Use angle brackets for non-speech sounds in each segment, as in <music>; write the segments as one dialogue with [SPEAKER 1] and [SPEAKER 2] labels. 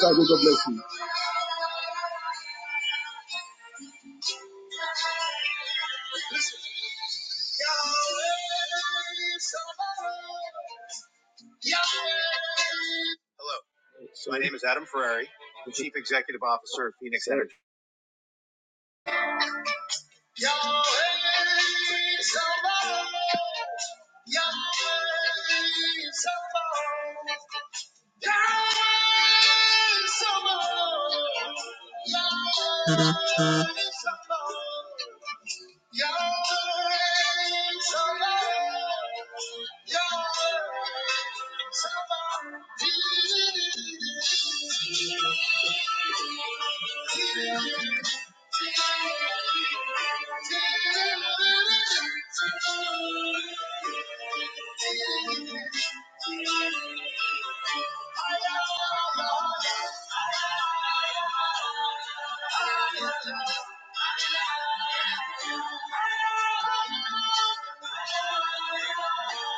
[SPEAKER 1] God bless you. Hello, my name is Adam Ferrari, the Chief Executive Officer of Phoenix Energy. Yahweh Sabaoth, Yahweh Sabaoth. Yahweh, you. Thank you.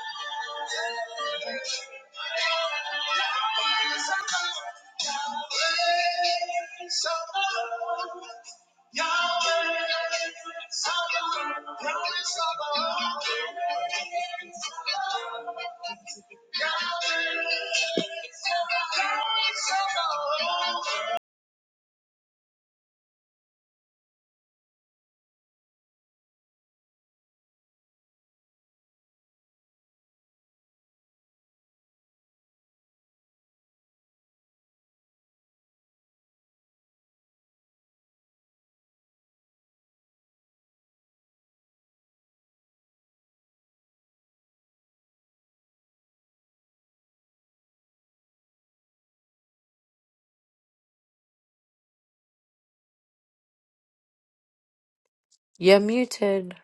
[SPEAKER 2] You're muted.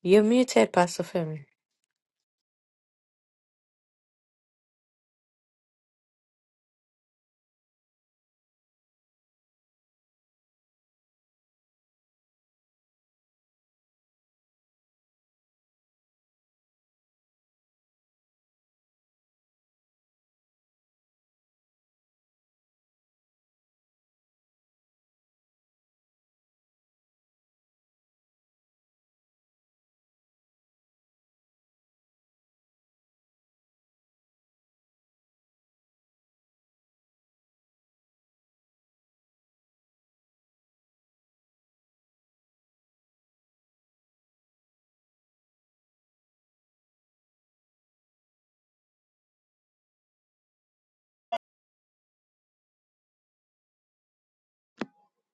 [SPEAKER 2] You're muted, Pastor Femi.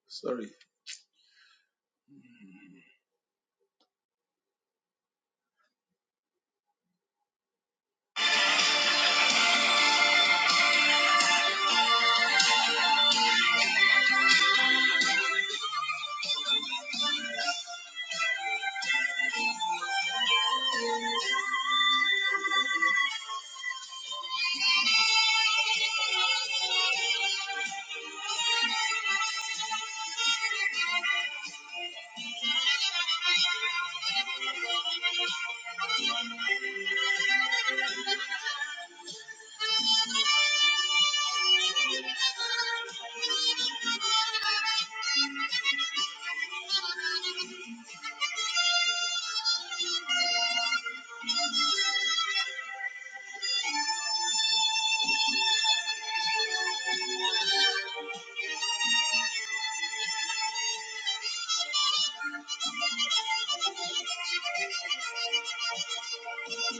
[SPEAKER 1] Sorry.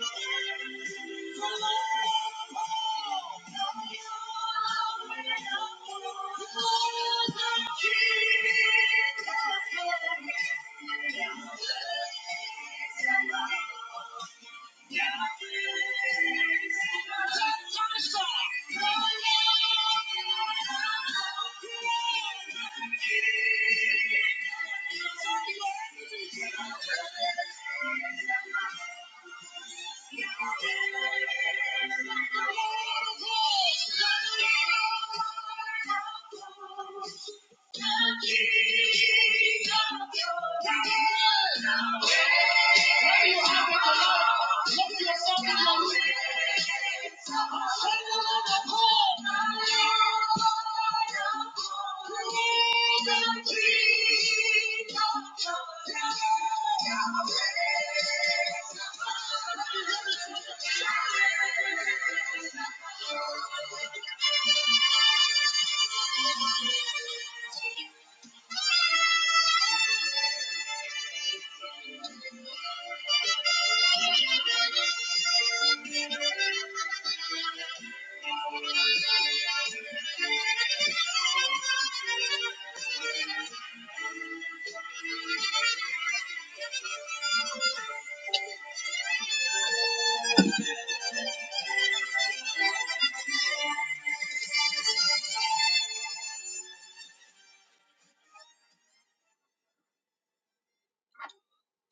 [SPEAKER 1] Thank you. Thank you. The stars are falling. When you are with the Lord, look yourself in the mirror. Sing along the call. Freedom, freedom, freedom.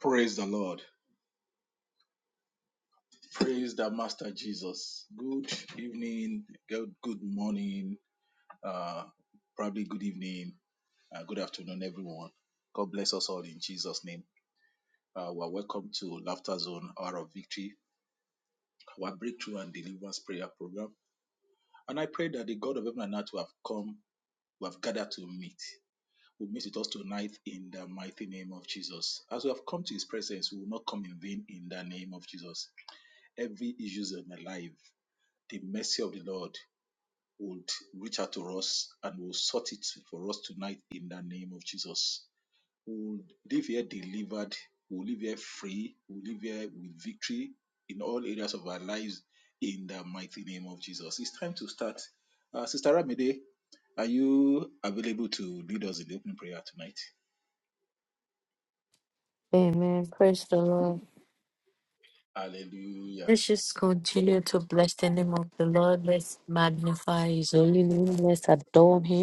[SPEAKER 1] Praise the Lord. Praise the Master Jesus. Good evening. Good, good morning. Uh, probably good evening. Uh, good afternoon, everyone. God bless us all in Jesus' name. Uh, we're welcome to Laughter Zone Hour of Victory, our breakthrough and deliverance prayer program. And I pray that the God of heaven and earth who have come, who have gathered to meet, will meet with us tonight in the mighty name of Jesus. As we have come to his presence, we will not come in vain in the name of Jesus. Every issue in my life, the mercy of the Lord would reach out to us and will sort it for us tonight in the name of Jesus. We'll live here delivered. We'll live here free. We'll live here with victory in all areas of our lives in the mighty name of Jesus. It's time to start. Uh, Sister Ramide, are you available to lead us in the opening prayer tonight?
[SPEAKER 2] Amen. Praise the Lord.
[SPEAKER 1] Hallelujah.
[SPEAKER 2] Let's just continue to bless the name of the Lord. Let's magnify his holy name. Let's adore him.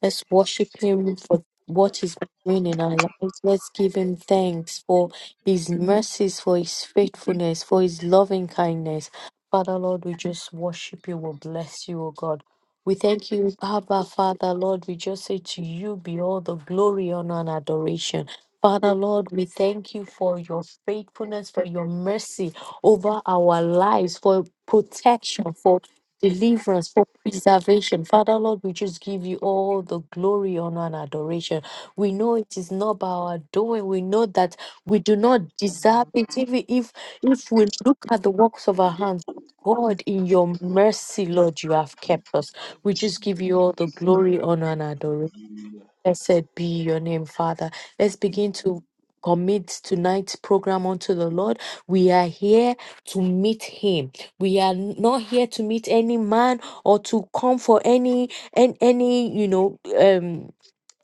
[SPEAKER 2] Let's worship Him for what He's been doing in our lives. Let's give Him thanks for His mercies, for His faithfulness, for His loving kindness. Father, Lord, we just worship you. We bless you, O God. We thank you, Abba, Father, Lord. We just say to you be all the glory, honor, and adoration. Father, Lord, we thank you for your faithfulness, for your mercy over our lives, for protection, for deliverance, for preservation. Father, Lord, we just give you all the glory, honor, and adoration. We know it is not by our doing. We know that we do not deserve it. Even if if we look at the works of our hands, God, in your mercy, Lord, you have kept us. We just give you all the glory, honor, and adoration. Blessed be your name, Father. Let's begin to commit tonight's program unto the Lord. We are here to meet him. We are not here to meet any man or to come for any and any, you know, Um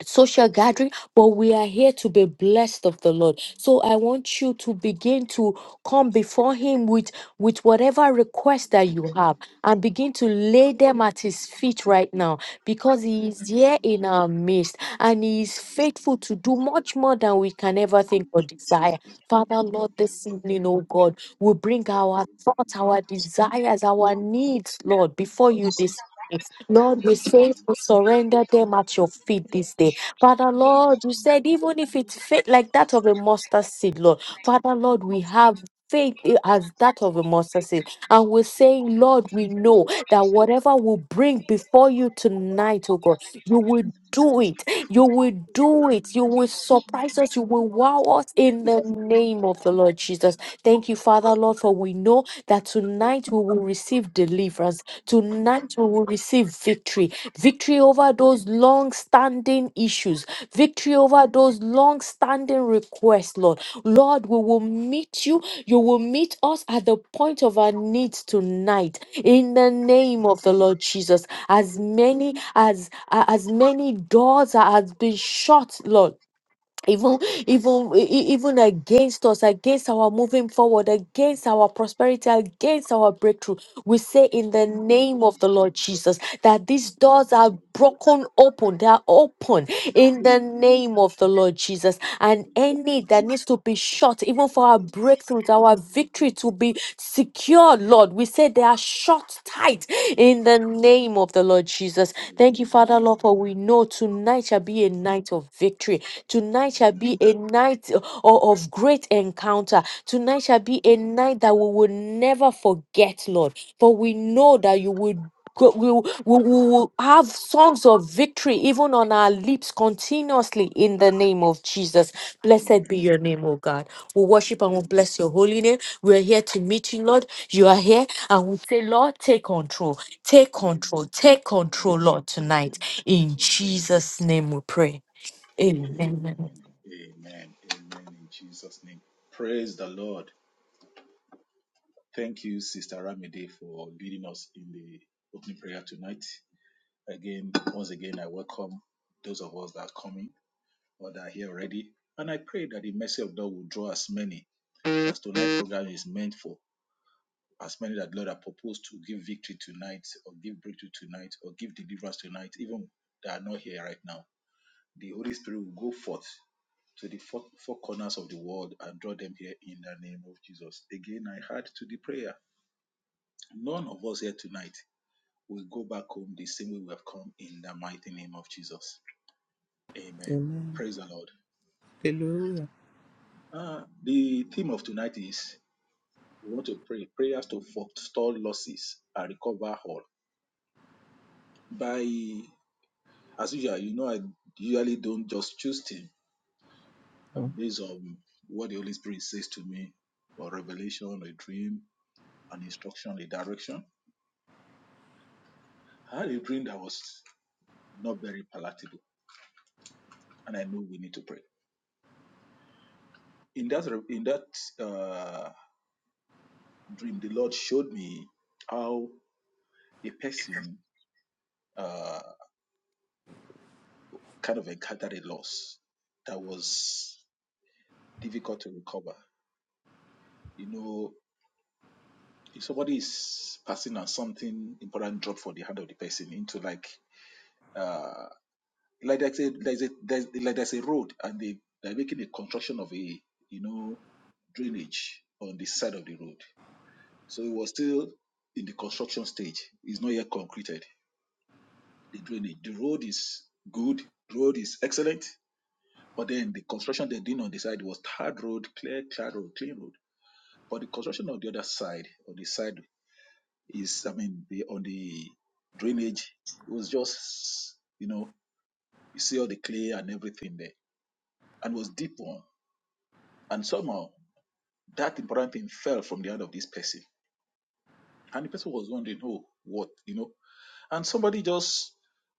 [SPEAKER 2] social gathering, but we are here to be blessed of the Lord. So I want you to begin to come before Him with, with whatever request that you have and begin to lay them at His feet right now because He is here in our midst and He is faithful to do much more than we can ever think or desire. Father, Lord, this evening, oh God, we bring our thoughts, our desires, our needs, Lord, before you this. evening. Lord, we say we surrender them at your feet this day.
[SPEAKER 1] Amen. Amen. Amen. Amen.
[SPEAKER 2] Father Lord, you said even
[SPEAKER 1] Amen.
[SPEAKER 2] if it's faith like that of a mustard seed, Lord, Father Lord, we have faith i- as that of a mustard seed. And we're saying, Lord, we know that whatever we bring before you tonight, oh God, you will do it. You will do it. You will surprise us. You will wow us in the name of the Lord Jesus. Thank you, Father Lord, for we know that tonight we will receive deliverance. Tonight we will receive victory victory over those long standing issues, victory over those long standing requests, Lord. Lord, we will meet you. You will meet us at the point of our needs tonight in the name of the Lord Jesus. As many as a- as many doors as been shut, Lord even even e- e- even against us against our moving forward against our prosperity against our breakthrough we say in the name of the lord jesus that these doors are broken open they are open in the name of the lord jesus and any that needs to be shut even for our breakthroughs our victory to be secure lord we say they are shut tight in the name of the lord jesus thank you father lord for we know tonight shall be a night of victory Tonight shall be a night o- of great encounter. Tonight shall be a night that we will never forget, Lord. For we know that you will, go- we will, we will will have songs of victory even on our lips continuously in the name of Jesus. Blessed be your name, O God. We worship and we bless your holy name. We are here to meet you, Lord. You are here and we say, Lord, take control, take control, take control, Lord, tonight. In Jesus' name we pray. Amen.
[SPEAKER 1] Amen. In Jesus' name. Praise the Lord. Thank you, Sister Ramide, for leading us in the opening prayer tonight. Again, once again, I welcome those of us that are coming or that are here already. And I pray that the mercy of God will draw as many as tonight's program is meant for, as many that Lord have proposed to give victory tonight, or give breakthrough tonight, or give deliverance tonight, even that are not here right now. The Holy Spirit will go forth to the four, four corners of the world and draw them here in the name of Jesus. Again, I add to the prayer. None of us here tonight we go back home the same way we have come in the mighty name of Jesus. Amen.
[SPEAKER 3] Amen.
[SPEAKER 1] Praise the Lord.
[SPEAKER 3] Hallelujah.
[SPEAKER 1] Uh, the theme of tonight is we want to pray prayers to forestall losses and recover all. By as usual, you know, I usually don't just choose theme
[SPEAKER 3] Mm.
[SPEAKER 1] I'm based on what the Holy Spirit says to me or revelation, a dream, an instruction, a direction. I had a dream that was not very palatable, and I know we need to pray. In that, in that, uh, dream, the Lord showed me how a person uh, kind of encountered a loss that was difficult to recover. You know, if somebody is passing on something important, drop for the hand of the person into like uh, like there's a there's a there's, like there's a road and they they're making a construction of a you know drainage on the side of the road. So it was still in the construction stage. It's not yet concreted the drainage. The road is good, road is excellent, but then the construction they're doing on the side was hard road, clear, clear road, clean road. But the construction on the other side, on the side is, I mean, the, on the drainage, it was just, you know, you see all the clay and everything there, and was deep one. And somehow that important thing fell from the hand of this person, and the person was wondering, oh, what, you know. and somebody just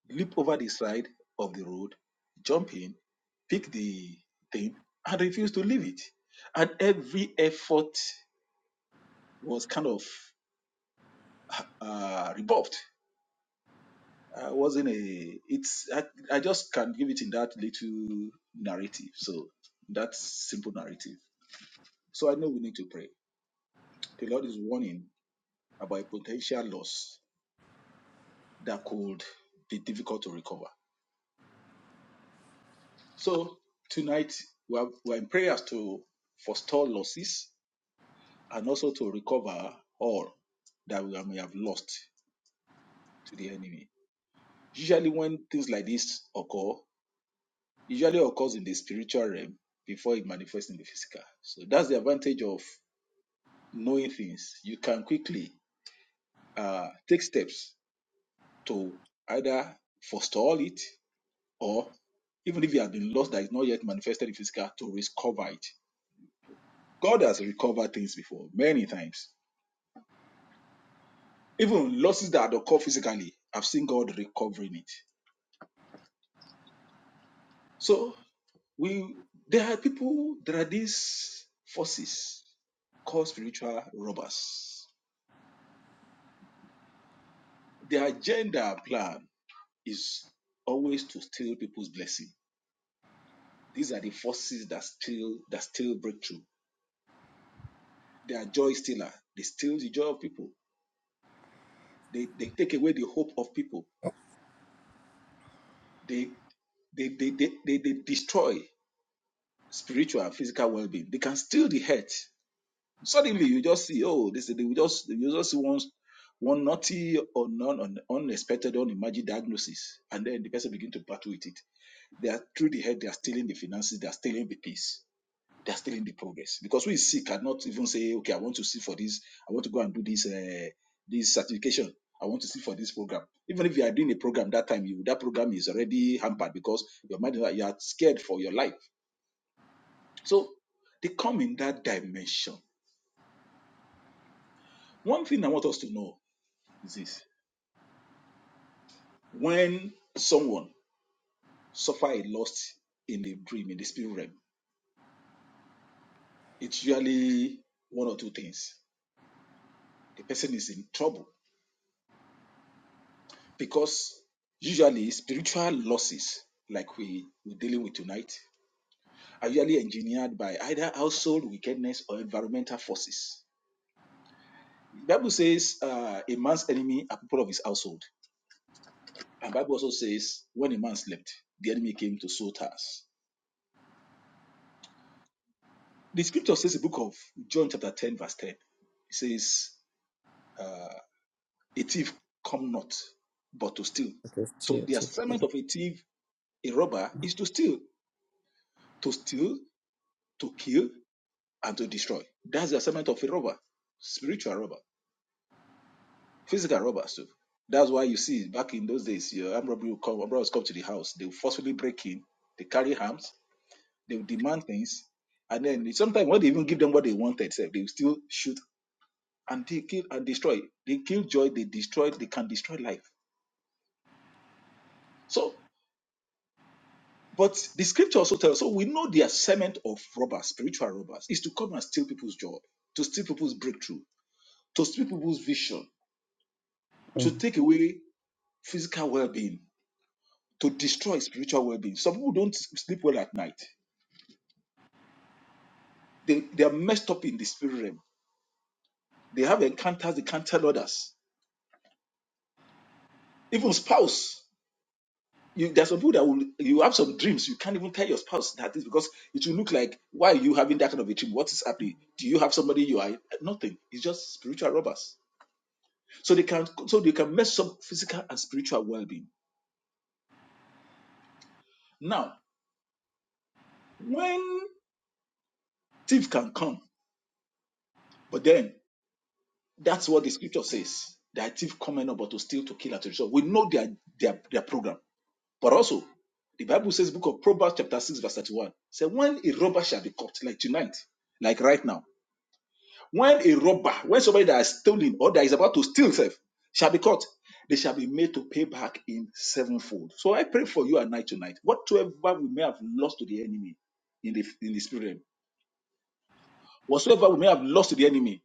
[SPEAKER 1] leap over the side of the road, jump in, pick the thing, and refuse to leave it. And every effort was kind of uh, rebuffed. I wasn't a. It's I, I just can give it in that little narrative. So that simple narrative. So I know we need to pray. The Lord is warning about a potential loss that could be difficult to recover. So tonight we are, we are in prayers to forestall losses and also to recover all that we may have lost to the enemy. Usually, when things like this occur, usually occurs in the spiritual realm before it manifests in the physical. So that's the advantage of knowing things. You can quickly uh, take steps to either forestall it or even if it has been lost that is not yet manifested in physical, to recover it. God has recovered things before many times. Even losses that occur physically, I've seen God recovering it. So we there are people, there are these forces called spiritual robbers. Their agenda and plan is always to steal people's blessing. These are the forces that steal that steal breakthrough. They are joy stealer. They steal the joy of people. They, they take away the hope of people. They they, they, they, they, they destroy. spiritual and physical well-being they can steal the health suddenly you just see oh this they will just you just see one one naughty or non un- unexpected unimagined diagnosis and then the person begin to battle with it they are through the head they are stealing the finances they are stealing the peace they are stealing the progress because we see cannot even say okay i want to see for this i want to go and do this uh, this certification i want to see for this program even if you are doing a program that time you that program is already hampered because your mind you are scared for your life so they come in that dimension. One thing I want us to know is this when someone suffers a loss in the dream, in the spirit realm, it's usually one or two things. The person is in trouble because usually spiritual losses, like we, we're dealing with tonight, are usually engineered by either household wickedness or environmental forces. The Bible says uh, a man's enemy are people of his household. And Bible also says when a man slept, the enemy came to sow tares. The scripture says the book of John chapter 10 verse 10. It says, uh, a thief come not, but to steal.
[SPEAKER 3] I just
[SPEAKER 1] So
[SPEAKER 3] tell
[SPEAKER 1] the
[SPEAKER 3] to the
[SPEAKER 1] assignment
[SPEAKER 3] King.
[SPEAKER 1] of a thief, a robber, is to steal, to steal, to kill, and to destroy. That's the assignment of a robber, spiritual robber, physical robber too. That's why you see back in those days, your armed robbery will come, robbers come to the house, they will forcefully break in, they carry arms, they will demand things, and then sometimes when they even give them what they wanted, they will still shoot and they kill and destroy. They kill joy, they destroy, they can destroy life. So, but the scripture also tells us, so we know the assignment of robbers, spiritual robbers, is to come and steal people's joy, to steal people's breakthrough, to steal people's vision, to
[SPEAKER 3] Mm.
[SPEAKER 1] take away physical well-being, to destroy spiritual well-being. Some people don't sleep well at night. They they are messed up in the spirit realm. They have encounters, they can't tell others. Even spouse. you there's some people that will you have some dreams you can't even tell your spouse that is because it will look like why are you having that kind of a dream what is happening do you have somebody you are nothing it's just spiritual robbers so they can so they can mess up physical and spiritual well-being now when thief can come but then that's what the scripture says that thief coming up but to steal to kill and to destroy we know their their their program but also the bible says book of proverbs chapter 6 verse 31 say when a robber shall be caught like tonight like right now When a robber, when somebody that has stolen or that is about to steal self shall be caught, they shall be made to pay back in sevenfold. So I pray for you at night tonight. Whatsoever we may have lost to the enemy in the in the spirit realm, whatsoever we may have lost to the enemy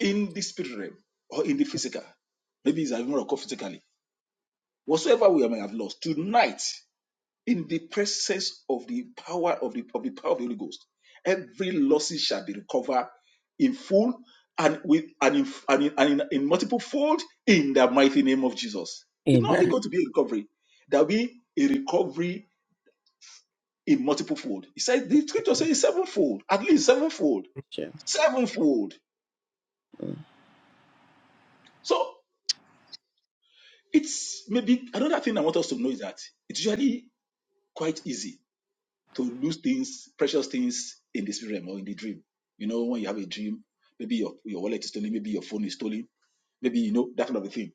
[SPEAKER 1] in the spirit realm or in the physical, maybe it's even occurred physically, whatsoever we may have lost tonight. in the presence of the power of the, of the power of the Holy Ghost, every losses shall be recovered in full and with and in and, in, and in, in multiple fold in the mighty name of Jesus. It's not only
[SPEAKER 3] Amen.
[SPEAKER 1] going to be a recovery, there'll be a recovery in multiple fold. He said the scripture says sevenfold, at least sevenfold,
[SPEAKER 3] Sure.
[SPEAKER 1] sevenfold.
[SPEAKER 3] Mm,
[SPEAKER 1] So it's maybe another thing I want us to know is that it's usually quite easy to lose things, precious things in the spirit realm or in the dream. You know, when you have a dream, maybe your, your wallet is stolen, maybe your phone is stolen, maybe you know that kind of a thing.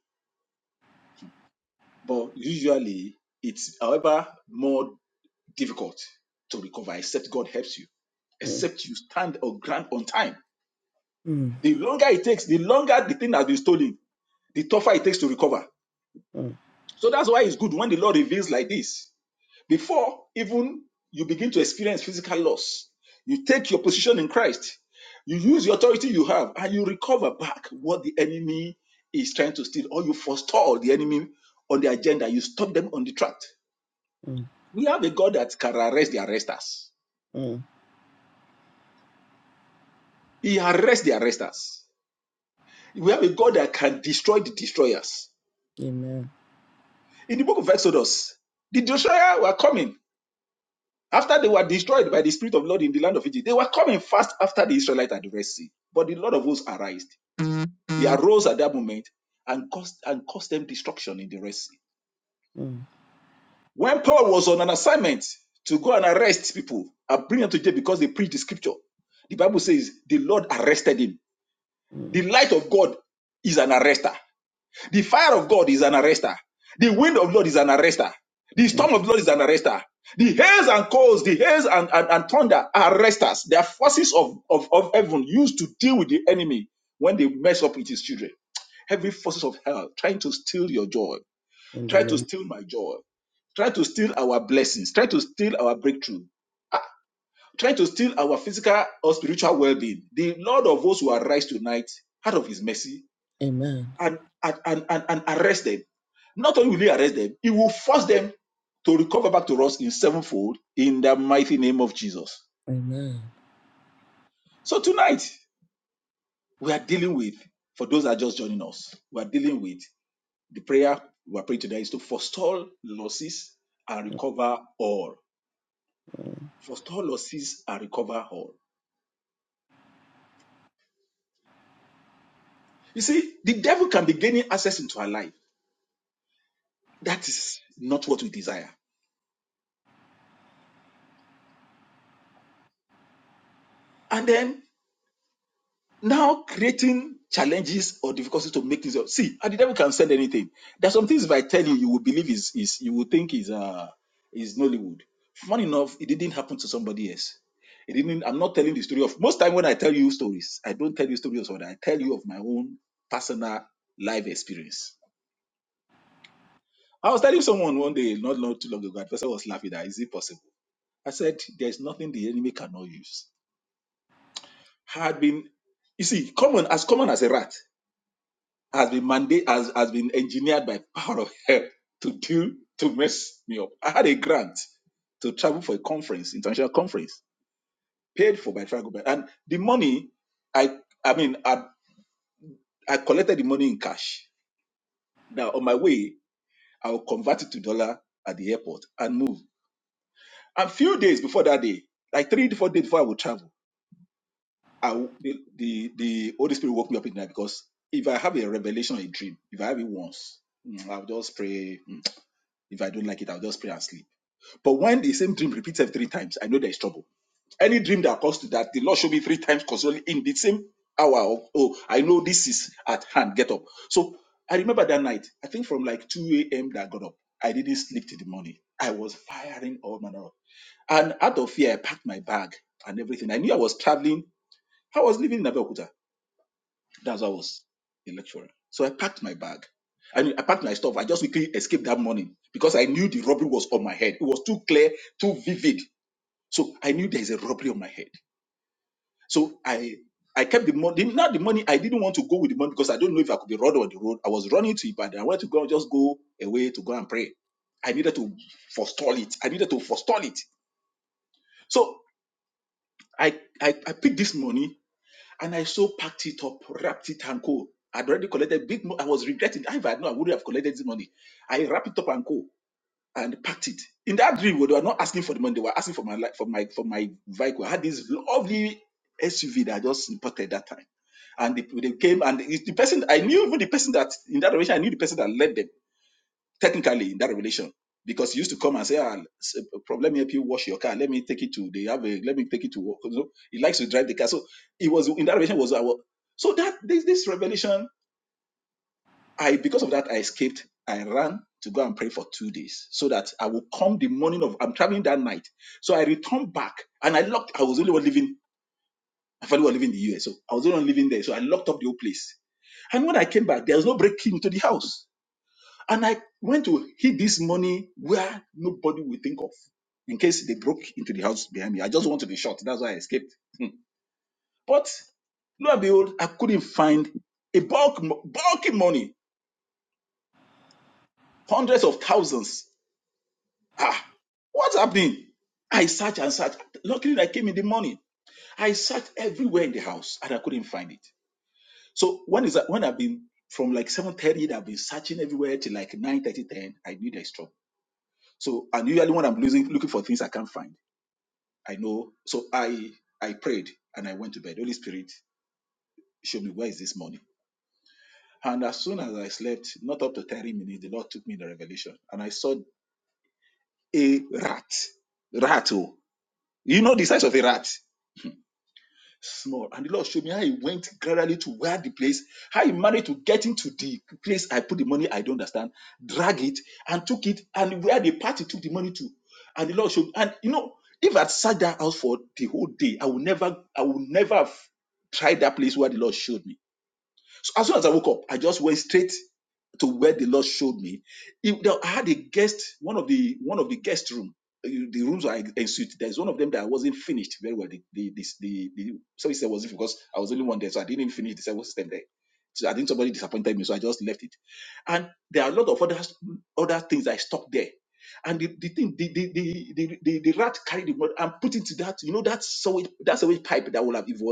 [SPEAKER 1] But usually it's however more difficult to recover except God helps you,
[SPEAKER 3] mm,
[SPEAKER 1] except you stand or grant on time.
[SPEAKER 3] mm,
[SPEAKER 1] The longer it takes, the longer the thing has been stolen, the tougher it takes to recover.
[SPEAKER 3] mm,
[SPEAKER 1] So that's why it's good when the Lord reveals like this. Before even you begin to experience physical loss, you take your position in Christ, you use the authority you have, and you recover back what the enemy is trying to steal, or you forestall the enemy on the agenda, you stop them on the track.
[SPEAKER 3] mm,
[SPEAKER 1] We have a God that can arrest the arresters,
[SPEAKER 3] mm.
[SPEAKER 1] He arrests the arresters. We have a God that can destroy the destroyers.
[SPEAKER 3] Amen.
[SPEAKER 1] In the book of Exodus, the destroyer were coming After they were destroyed by the Spirit of the Lord in the land of Egypt, they were coming fast after the Israelites at the Red Sea. But the Lord of hosts arose. He arose at that moment and caused, and caused them destruction in the Red Sea.
[SPEAKER 3] Mm,
[SPEAKER 1] When Paul was on an assignment to go and arrest people and bring them to jail because they preached the scripture, the Bible says the Lord arrested him.
[SPEAKER 3] mm,
[SPEAKER 1] The light of God is an arrester. The fire of God is an arrester. The wind of Lord is an arrester. The
[SPEAKER 3] mm.
[SPEAKER 1] storm of Lord is an arrester. The hails and coals, the hails and, and, and thunder are arresters. They are forces of, of, of heaven used to deal with the enemy when they mess up with his children. Heavy forces of hell trying to steal your joy,
[SPEAKER 3] In the
[SPEAKER 1] try to
[SPEAKER 3] name.
[SPEAKER 1] steal my joy, try to steal our blessings, try to steal our breakthrough, try to steal our physical or spiritual well being. The Lord of hosts will arise tonight out of his mercy
[SPEAKER 3] Amen.
[SPEAKER 1] and, and, and, and, and arrest them. Not only will he arrest them, he will force them to recover back to us in sevenfold in the mighty name of Jesus.
[SPEAKER 3] Amen.
[SPEAKER 1] So tonight, we are dealing with, for those that are just joining us, we are dealing with the prayer we are praying today is to forestall losses and
[SPEAKER 3] Mm,
[SPEAKER 1] recover all. Forestall losses and recover all. You see, the devil can be gaining access into our life. That is not what we desire. And then now creating challenges or difficulties to make things up. See, and the devil can send anything. There's some things if I tell you, you will believe is is you will think is uh is Nollywood. Fun enough, it didn't happen to somebody else. It didn't. I'm not telling the story of most time when I tell you stories, I don't tell you stories of other. I tell you of my own personal life experience. I was telling someone one day, not long too long ago, the person was laughing at, is it possible? I said, there's nothing the enemy cannot use. I Had been, you see, common as common as a rat has been mandate has, has been engineered by power of hell to do to mess me up. I had a grant to travel for a conference, international conference, paid for by travel bank. And the money I I mean I, I collected the money in cash. Now on my way, I will convert it to dollar at the airport and move. And few days before that day, like three to four days before I would travel, I w- the, the the Holy Spirit woke me up in the night because if I have a revelation or a dream, if I have it once, mm, I'll just pray. If I don't like it, I'll just pray and sleep. But when the same dream repeats every three times, I know there is trouble. Any dream that comes to that, the Lord showed me three times concerning in the same hour. Of, oh, I know this is at hand. Get up. So I remember that night. I think from like 2 a.m. that I got up. I didn't sleep till the morning. I was firing all manner of. And out of fear, I packed my bag and everything. I knew I was traveling. I was living in Abeokuta. That's why I was a lecturer. So I packed my bag. I mean, I packed my stuff. I just quickly escaped that morning because I knew the robbery was on my head. It was too clear, too vivid. So I knew there's a robbery on my head. So I I kept the money. Not the money. I didn't want to go with the money because I don't know if I could be robbed on the road. I was running to Ibadan. I wanted to go just go away to go and pray. I needed to forestall it. I needed to forestall it. So I I, I picked this money And I so packed it up, wrapped it and go. I'd already collected big money. I was regretting. If I had known, I wouldn't have collected this money. I wrapped it up and go and packed it. In that dream, they were not asking for the money. They were asking for my li- for my for my vehicle. I had this lovely SUV that I just imported that time. And they, they came and it's the person I knew even the person that in that relation, I knew the person that led them technically in that revelation because he used to come and say, ah, s- uh, prof, let me help you wash your car. Let me take it to they have a, let me take it to work. You know, he likes to drive the car. So it was in that revelation was our so that this this revelation, I because of that I escaped. I ran to go and pray for two days so that I will come the morning of I'm traveling that night. So I returned back and I locked. I was only one living. My family was living in the US, so I was only one living there. So I locked up the whole place. And when I came back, there was no breaking into the house. And I went to hid this money where nobody will think of in case they broke into the house behind me. I just wanted to be shot. That's why I escaped. Hmm. But lo and behold, I couldn't find a bulk, bulky money, hundreds of thousands. Ah, what's happening? I searched and searched. Luckily, I came in the morning. I searched everywhere in the house and I couldn't find it. So when is that? When I've been from like 7:30, I've been searching everywhere till like nine thirty ten. I knew there's trouble. So and usually when I'm losing, looking for things I can't find. I know. So I I prayed and I went to bed. Holy Spirit, show me where is this money. And as soon as I slept, not up to 30 minutes, the Lord took me in the revelation and I saw a rat. Rat, oh. You know the size of a rat. small. And the Lord showed me how he went gradually to where the place, how he managed to get into the place I put the money, I don't understand, drag it and took it, and where the party took the money to. And the Lord showed me. and you know, if i sat that house for the whole day, I would never, I would never have tried that place where the Lord showed me. So as soon as I woke up, I just went straight to where the Lord showed me. If there- I had a guest, one of the one of the guest room, uh, the rooms I ensuite. There's one of them that I wasn't finished very well. The the the, the, the service there wasn't because I was the only one there, so I didn't even finish the service system there. So I think somebody disappointed me, so I just left it. And there are a lot of other other things I stopped there. And the, the thing, the the, the the the the rat carried the blood and put it to that, you know, that sewage that sewage pipe that will have evolved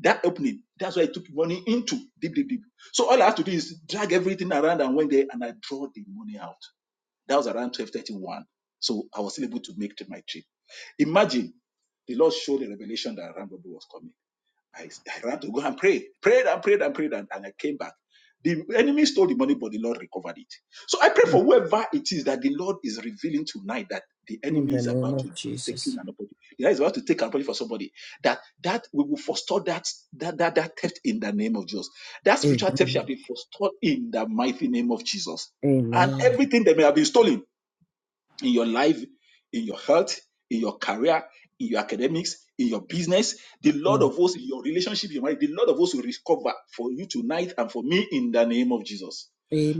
[SPEAKER 1] that opening, that's why I took money into deep, deep, deep. So all I have to do is drag everything around and went there and I draw the money out. That was around 1231. So I was still able to make to my trip. Imagine the Lord showed a revelation that Rambo was coming. I, I ran to go and pray, prayed and prayed and prayed, and, and I came back. The enemy stole the money, but the Lord recovered it. So I pray
[SPEAKER 3] mm.
[SPEAKER 1] for whoever it is that the Lord is revealing tonight that the
[SPEAKER 3] In
[SPEAKER 1] enemy
[SPEAKER 3] the
[SPEAKER 1] is
[SPEAKER 3] name
[SPEAKER 1] about to
[SPEAKER 3] of
[SPEAKER 1] take an
[SPEAKER 3] Jesus.
[SPEAKER 1] opportunity. The Lord is about to take an opportunity for somebody. That that we will forestall that that that, that theft in the name of Jesus. That spiritual theft
[SPEAKER 3] Amen.
[SPEAKER 1] shall be forestalled in the mighty name of Jesus. And
[SPEAKER 3] Amen.
[SPEAKER 1] everything that may have been stolen in your life, in your health, in your career, in your academics, in your business. The Lord
[SPEAKER 3] Mm.
[SPEAKER 1] of hosts, in your relationship, your marriage, the Lord of hosts will recover for you tonight and for me in the name of Jesus.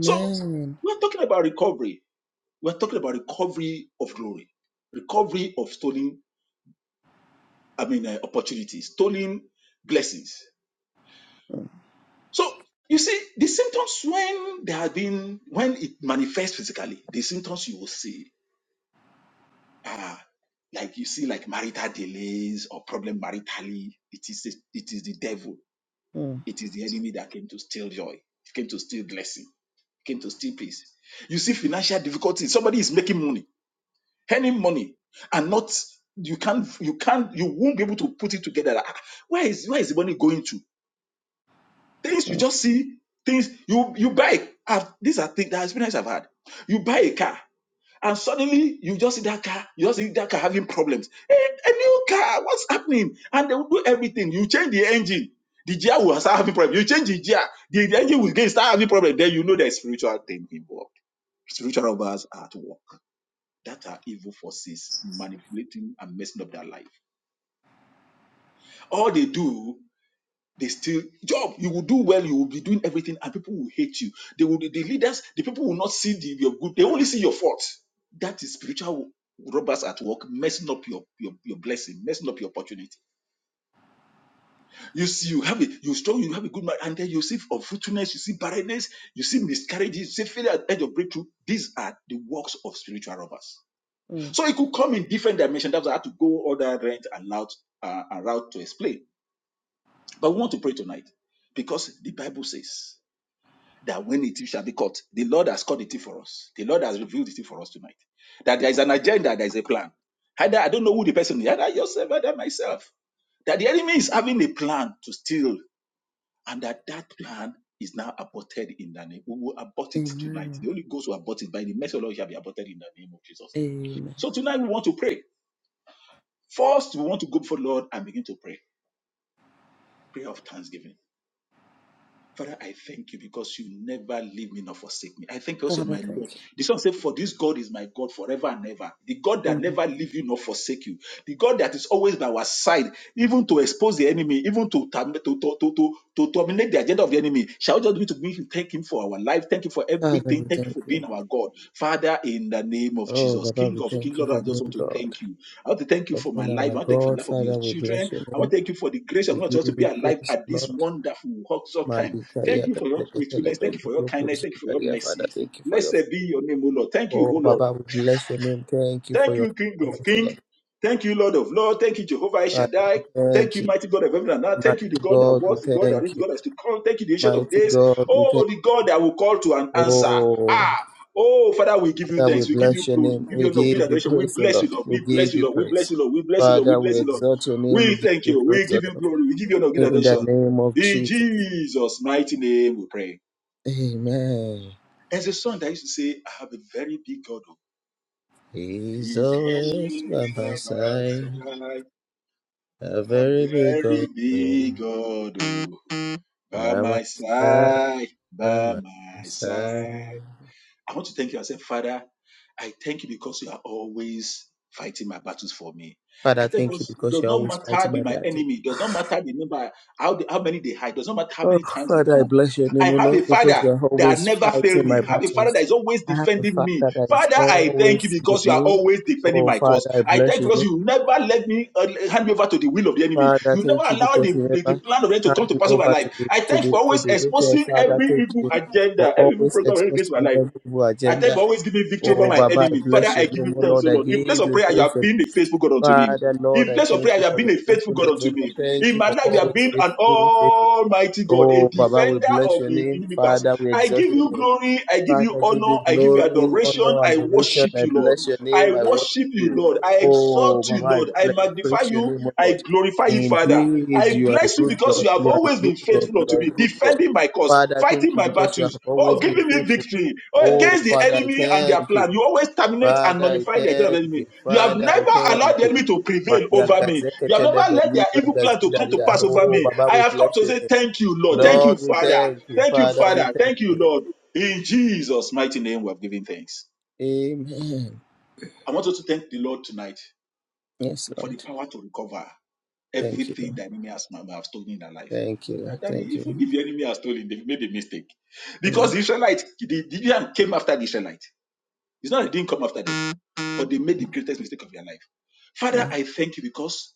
[SPEAKER 1] So we're talking about recovery. We're talking about recovery of glory, recovery of stolen, I mean, uh, opportunities, stolen blessings.
[SPEAKER 3] Mm,
[SPEAKER 1] So you see, the symptoms when they have been, when it manifests physically, the symptoms you will see Ah, like you see, like marital delays or problem maritally, it is it is the devil.
[SPEAKER 3] mm,
[SPEAKER 1] It is the enemy that came to steal joy, came to steal blessing, came to steal peace. You see financial difficulties. Somebody is making money, earning money, and not you can't you can't you won't be able to put it together. Like, ah, where is where is the money going to? Things you
[SPEAKER 3] mm,
[SPEAKER 1] just see things you you buy. I've, these are things that experience I've had. You buy a car and suddenly you just see that car, you just see that car having problems. A, a new car, what's happening? And they will do everything. You change the engine, the gear will start having problems. You change the gear, the, the engine will get start having problems. Then you know there's spiritual thing involved. Spiritual robbers are at work. That are evil forces manipulating and messing up their life. All they do they still job you will do well you will be doing everything and people will hate you they will the leaders the people will not see the, your good they only see your fault that is spiritual robbers at work messing up your your, your blessing messing up your opportunity you see you have it. you strong you have a good mind and then you see unfruitfulness you see barrenness you see miscarriages you see failure at the edge of breakthrough these are the works of spiritual robbers
[SPEAKER 3] mm.
[SPEAKER 1] so it could come in different dimensions that's why i had to go all that rent and route uh, and route to explain but we want to pray tonight because the bible says that when the thief shall be caught, the Lord has caught the thief for us. The Lord has revealed the thief for us tonight. That there is an agenda, there is a plan. Either I don't know who the person is, either yourself, either myself. That the enemy is having a plan to steal, and that that plan is now aborted in the name. We will abort it tonight.
[SPEAKER 3] Amen.
[SPEAKER 1] The Holy Ghost will abort it by the mercy of the Lord it shall be aborted in the name of Jesus.
[SPEAKER 3] Amen.
[SPEAKER 1] So tonight we want to pray. First, we want to go before the Lord and begin to pray. Prayer of thanksgiving Father, I thank you because you never leave me nor forsake me. I thank you because you're
[SPEAKER 3] Father,
[SPEAKER 1] my Lord.
[SPEAKER 3] thank you.
[SPEAKER 1] The song says, For this God is my God forever and ever. The God that
[SPEAKER 3] Mm.
[SPEAKER 1] never leave you nor forsake you. The God that is always by our side, even to expose the enemy, even to term- to to to to, to terminate the agenda of the enemy. Shall we just begin to begin to thank Him for our life? Thank you for
[SPEAKER 3] Father,
[SPEAKER 1] everything.
[SPEAKER 3] we
[SPEAKER 1] Thank you
[SPEAKER 3] thank
[SPEAKER 1] for being
[SPEAKER 3] you.
[SPEAKER 1] our God, Father, in the name of
[SPEAKER 3] Oh,
[SPEAKER 1] Jesus,
[SPEAKER 3] Baba,
[SPEAKER 1] King
[SPEAKER 3] we
[SPEAKER 1] of King,
[SPEAKER 3] thank you
[SPEAKER 1] Lord.
[SPEAKER 3] for
[SPEAKER 1] I just
[SPEAKER 3] being
[SPEAKER 1] want to
[SPEAKER 3] God.
[SPEAKER 1] thank you. I want to thank you
[SPEAKER 3] For
[SPEAKER 1] for my
[SPEAKER 3] being
[SPEAKER 1] life.
[SPEAKER 3] our
[SPEAKER 1] I want to thank you for the
[SPEAKER 3] God,
[SPEAKER 1] life of your
[SPEAKER 3] Father, we bless
[SPEAKER 1] children.
[SPEAKER 3] your
[SPEAKER 1] I want
[SPEAKER 3] name.
[SPEAKER 1] to thank you for the grace
[SPEAKER 3] We
[SPEAKER 1] of God to us to
[SPEAKER 3] give
[SPEAKER 1] be
[SPEAKER 3] you
[SPEAKER 1] alive
[SPEAKER 3] praise,
[SPEAKER 1] at this
[SPEAKER 3] Lord.
[SPEAKER 1] wonderful, awesome time.
[SPEAKER 3] Malika
[SPEAKER 1] Thank you
[SPEAKER 3] yaka
[SPEAKER 1] for your
[SPEAKER 3] zeketele
[SPEAKER 1] faithfulness. Thank you for your
[SPEAKER 3] benduku
[SPEAKER 1] kindness. Thank you for your
[SPEAKER 3] zindaria. Father,
[SPEAKER 1] mercy.
[SPEAKER 3] thank you for your faith.
[SPEAKER 1] Blessed be your name, O Lord. Thank you,
[SPEAKER 3] Oh,
[SPEAKER 1] O Lord.
[SPEAKER 3] Baba, we bless your name. Thank you for
[SPEAKER 1] Thank
[SPEAKER 3] your
[SPEAKER 1] you, King of
[SPEAKER 3] faithfulness,
[SPEAKER 1] King.
[SPEAKER 3] Lord.
[SPEAKER 1] Thank you, Lord of Lord. Thank you, Jehovah El
[SPEAKER 3] Father,
[SPEAKER 1] Shaddai.
[SPEAKER 3] we
[SPEAKER 1] Thank
[SPEAKER 3] thank
[SPEAKER 1] you,
[SPEAKER 3] you.
[SPEAKER 1] mighty God of heaven and earth. Thank you, the
[SPEAKER 3] Mighty
[SPEAKER 1] God that
[SPEAKER 3] God, we
[SPEAKER 1] was, the God that is,
[SPEAKER 3] thank
[SPEAKER 1] the
[SPEAKER 3] you.
[SPEAKER 1] God that is to come. Thank you, the ancient of
[SPEAKER 3] Mighty
[SPEAKER 1] days.
[SPEAKER 3] God, we
[SPEAKER 1] Oh,
[SPEAKER 3] thank
[SPEAKER 1] the God that will call to an
[SPEAKER 3] you.
[SPEAKER 1] answer.
[SPEAKER 3] Oh,
[SPEAKER 1] Ah, oh, Father, we give you
[SPEAKER 3] Father, we
[SPEAKER 1] thanks. We give
[SPEAKER 3] bless
[SPEAKER 1] you
[SPEAKER 3] your
[SPEAKER 1] glory. We
[SPEAKER 3] name.
[SPEAKER 1] give
[SPEAKER 3] We
[SPEAKER 1] you honor. We give you
[SPEAKER 3] give you
[SPEAKER 1] adoration. We
[SPEAKER 3] praise,
[SPEAKER 1] bless you,
[SPEAKER 3] Lord.
[SPEAKER 1] Lord.
[SPEAKER 3] We
[SPEAKER 1] We bless
[SPEAKER 3] give
[SPEAKER 1] you,
[SPEAKER 3] you
[SPEAKER 1] Lord. We bless
[SPEAKER 3] praise.
[SPEAKER 1] you, Lord. We bless you, Lord. We
[SPEAKER 3] Father, we
[SPEAKER 1] bless you, Lord.
[SPEAKER 3] exalt your name.
[SPEAKER 1] We
[SPEAKER 3] We give
[SPEAKER 1] thank
[SPEAKER 3] you
[SPEAKER 1] you. We
[SPEAKER 3] praise,
[SPEAKER 1] give you
[SPEAKER 3] Lord.
[SPEAKER 1] glory. We give you honor. We give you
[SPEAKER 3] In the
[SPEAKER 1] adoration.
[SPEAKER 3] name of
[SPEAKER 1] In
[SPEAKER 3] Jesus.
[SPEAKER 1] Jesus' mighty name we pray.
[SPEAKER 3] Amen.
[SPEAKER 1] As a song that used to say, I have a very big God.
[SPEAKER 3] He's
[SPEAKER 1] He's
[SPEAKER 3] always by
[SPEAKER 1] always
[SPEAKER 3] my
[SPEAKER 1] by my
[SPEAKER 3] side,
[SPEAKER 1] side,
[SPEAKER 3] a
[SPEAKER 1] a
[SPEAKER 3] very big God,
[SPEAKER 1] very big
[SPEAKER 3] by
[SPEAKER 1] God oh. by
[SPEAKER 3] my
[SPEAKER 1] my
[SPEAKER 3] side,
[SPEAKER 1] side,
[SPEAKER 3] by
[SPEAKER 1] by
[SPEAKER 3] my
[SPEAKER 1] my
[SPEAKER 3] side.
[SPEAKER 1] side. I want to thank you. I said, Father, I thank you because you are always fighting my battles for me. I
[SPEAKER 3] Father,
[SPEAKER 1] thank you
[SPEAKER 3] thank you
[SPEAKER 1] because it
[SPEAKER 3] because
[SPEAKER 1] does
[SPEAKER 3] you're
[SPEAKER 1] not
[SPEAKER 3] always
[SPEAKER 1] matter
[SPEAKER 3] fighting
[SPEAKER 1] the,
[SPEAKER 3] my
[SPEAKER 1] my
[SPEAKER 3] battle.
[SPEAKER 1] enemy, it does not matter the number, how, the, how many they hide, it does not matter how
[SPEAKER 3] Oh,
[SPEAKER 1] many times they
[SPEAKER 3] Father, I
[SPEAKER 1] come.
[SPEAKER 3] bless your name,
[SPEAKER 1] I
[SPEAKER 3] O
[SPEAKER 1] have a
[SPEAKER 3] Lord, because
[SPEAKER 1] father
[SPEAKER 3] you're
[SPEAKER 1] that
[SPEAKER 3] always
[SPEAKER 1] never failed
[SPEAKER 3] fighting
[SPEAKER 1] me.
[SPEAKER 3] my
[SPEAKER 1] I have a father
[SPEAKER 3] battles.
[SPEAKER 1] that is always
[SPEAKER 3] I have a
[SPEAKER 1] defending me.
[SPEAKER 3] Father that is
[SPEAKER 1] Father, I thank you
[SPEAKER 3] always
[SPEAKER 1] because
[SPEAKER 3] with
[SPEAKER 1] you are
[SPEAKER 3] me.
[SPEAKER 1] always defending
[SPEAKER 3] Oh,
[SPEAKER 1] my cause.
[SPEAKER 3] Father, I
[SPEAKER 1] I
[SPEAKER 3] bless
[SPEAKER 1] thank you
[SPEAKER 3] your name.
[SPEAKER 1] because you never let me uh, hand me over to the will of the enemy.
[SPEAKER 3] Father,
[SPEAKER 1] You never
[SPEAKER 3] thank you
[SPEAKER 1] allow
[SPEAKER 3] because
[SPEAKER 1] the,
[SPEAKER 3] you
[SPEAKER 1] the, the
[SPEAKER 3] never
[SPEAKER 1] plan of the enemy to come
[SPEAKER 3] hand
[SPEAKER 1] to
[SPEAKER 3] me
[SPEAKER 1] pass over my
[SPEAKER 3] over to
[SPEAKER 1] life.
[SPEAKER 3] the
[SPEAKER 1] I
[SPEAKER 3] to
[SPEAKER 1] thank you
[SPEAKER 3] the
[SPEAKER 1] for
[SPEAKER 3] to
[SPEAKER 1] always
[SPEAKER 3] the wicked.
[SPEAKER 1] exposing
[SPEAKER 3] Father,
[SPEAKER 1] every
[SPEAKER 3] thank
[SPEAKER 1] evil
[SPEAKER 3] you for
[SPEAKER 1] agenda, every evil
[SPEAKER 3] always
[SPEAKER 1] program against my
[SPEAKER 3] exposing
[SPEAKER 1] life.
[SPEAKER 3] every evil
[SPEAKER 1] I thank you
[SPEAKER 3] agenda.
[SPEAKER 1] for always give victory over
[SPEAKER 3] Oh,
[SPEAKER 1] my
[SPEAKER 3] Baba, I
[SPEAKER 1] enemy. Father,
[SPEAKER 3] bless
[SPEAKER 1] I
[SPEAKER 3] your
[SPEAKER 1] give
[SPEAKER 3] name,
[SPEAKER 1] you
[SPEAKER 3] oh
[SPEAKER 1] thanks,
[SPEAKER 3] Lord.
[SPEAKER 1] O
[SPEAKER 3] I
[SPEAKER 1] Lord. In place
[SPEAKER 3] give
[SPEAKER 1] of
[SPEAKER 3] you
[SPEAKER 1] prayer, you
[SPEAKER 3] praise,
[SPEAKER 1] have
[SPEAKER 3] and
[SPEAKER 1] been a faithful God unto me.
[SPEAKER 3] Father, Lord.
[SPEAKER 1] In
[SPEAKER 3] I
[SPEAKER 1] place of
[SPEAKER 3] thank
[SPEAKER 1] prayer,
[SPEAKER 3] you
[SPEAKER 1] you have
[SPEAKER 3] for
[SPEAKER 1] been
[SPEAKER 3] your
[SPEAKER 1] a faithful God
[SPEAKER 3] faithfulness, oh
[SPEAKER 1] unto
[SPEAKER 3] Lord.
[SPEAKER 1] me.
[SPEAKER 3] Thank
[SPEAKER 1] In
[SPEAKER 3] you
[SPEAKER 1] my
[SPEAKER 3] for
[SPEAKER 1] life, you have
[SPEAKER 3] always
[SPEAKER 1] been an
[SPEAKER 3] faithful, being faithful.
[SPEAKER 1] almighty God, a
[SPEAKER 3] Oh, Baba, we
[SPEAKER 1] defender
[SPEAKER 3] bless
[SPEAKER 1] of
[SPEAKER 3] your
[SPEAKER 1] the
[SPEAKER 3] name,
[SPEAKER 1] universe.
[SPEAKER 3] Father. We
[SPEAKER 1] I
[SPEAKER 3] exalt
[SPEAKER 1] give
[SPEAKER 3] your
[SPEAKER 1] you
[SPEAKER 3] name,
[SPEAKER 1] glory, I give you
[SPEAKER 3] Father. I give
[SPEAKER 1] honor,
[SPEAKER 3] you
[SPEAKER 1] I give you
[SPEAKER 3] glory,
[SPEAKER 1] adoration,
[SPEAKER 3] honor,
[SPEAKER 1] I
[SPEAKER 3] adoration.
[SPEAKER 1] worship
[SPEAKER 3] I
[SPEAKER 1] you, Lord.
[SPEAKER 3] bless your name.
[SPEAKER 1] I
[SPEAKER 3] I worship
[SPEAKER 1] worship you,
[SPEAKER 3] you.
[SPEAKER 1] Lord. I
[SPEAKER 3] Oh,
[SPEAKER 1] exalt
[SPEAKER 3] Baba,
[SPEAKER 1] you,
[SPEAKER 3] I
[SPEAKER 1] Lord. I
[SPEAKER 3] pla-
[SPEAKER 1] magnify
[SPEAKER 3] praise your
[SPEAKER 1] you.
[SPEAKER 3] name, oh
[SPEAKER 1] I
[SPEAKER 3] Lord.
[SPEAKER 1] glorify you, Father.
[SPEAKER 3] Indeed,
[SPEAKER 1] I
[SPEAKER 3] you are a
[SPEAKER 1] bless you
[SPEAKER 3] good
[SPEAKER 1] because
[SPEAKER 3] God.
[SPEAKER 1] you have
[SPEAKER 3] You are a
[SPEAKER 1] always
[SPEAKER 3] good
[SPEAKER 1] been
[SPEAKER 3] God.
[SPEAKER 1] faithful
[SPEAKER 3] You
[SPEAKER 1] unto
[SPEAKER 3] are a
[SPEAKER 1] me,
[SPEAKER 3] good God.
[SPEAKER 1] defending my cause,
[SPEAKER 3] Father,
[SPEAKER 1] fighting
[SPEAKER 3] thank you
[SPEAKER 1] my
[SPEAKER 3] because you
[SPEAKER 1] battles,
[SPEAKER 3] have
[SPEAKER 1] oh,
[SPEAKER 3] always been
[SPEAKER 1] giving me
[SPEAKER 3] faithful.
[SPEAKER 1] victory, oh,
[SPEAKER 3] Oh,
[SPEAKER 1] against the
[SPEAKER 3] Father, I
[SPEAKER 1] enemy and their
[SPEAKER 3] thank you.
[SPEAKER 1] plan. You always terminate and
[SPEAKER 3] Father, I
[SPEAKER 1] nullify the agenda of the
[SPEAKER 3] thank
[SPEAKER 1] enemy.
[SPEAKER 3] you.
[SPEAKER 1] You have
[SPEAKER 3] Father, I
[SPEAKER 1] never
[SPEAKER 3] thank
[SPEAKER 1] allowed the
[SPEAKER 3] you.
[SPEAKER 1] enemy to prevail
[SPEAKER 3] Maria
[SPEAKER 1] over me.
[SPEAKER 3] Gazeke
[SPEAKER 1] You have never
[SPEAKER 3] Telebe
[SPEAKER 1] let their
[SPEAKER 3] Libra
[SPEAKER 1] evil plan to come to
[SPEAKER 3] Gazindaria.
[SPEAKER 1] pass over
[SPEAKER 3] Oh,
[SPEAKER 1] me.
[SPEAKER 3] Baba,
[SPEAKER 1] I
[SPEAKER 3] we
[SPEAKER 1] have come
[SPEAKER 3] bless
[SPEAKER 1] to
[SPEAKER 3] your
[SPEAKER 1] say
[SPEAKER 3] name.
[SPEAKER 1] thank you, Lord. Thank you,
[SPEAKER 3] Lord, we
[SPEAKER 1] Father.
[SPEAKER 3] thank you.
[SPEAKER 1] Thank you,
[SPEAKER 3] Father, we
[SPEAKER 1] Father.
[SPEAKER 3] thank
[SPEAKER 1] Thank you,
[SPEAKER 3] you.
[SPEAKER 1] Lord. In Jesus' mighty name, we have given thanks.
[SPEAKER 3] Amen.
[SPEAKER 1] I want us to thank the Lord tonight
[SPEAKER 3] Yes,
[SPEAKER 1] for the
[SPEAKER 3] Lord.
[SPEAKER 1] power to recover
[SPEAKER 3] Thank you,
[SPEAKER 1] everything
[SPEAKER 3] Lord.
[SPEAKER 1] the enemy has might have stolen in their life.
[SPEAKER 3] Thank you, Lord.
[SPEAKER 1] That- that
[SPEAKER 3] Thank you.
[SPEAKER 1] even if the enemy has stolen, they've made a mistake. Because
[SPEAKER 3] Mm.
[SPEAKER 1] the Israelites, the Gideon came after the Israelites. It's not they didn't come after them, but they made the greatest mistake of their life. Father,
[SPEAKER 3] Mm.
[SPEAKER 1] I thank you because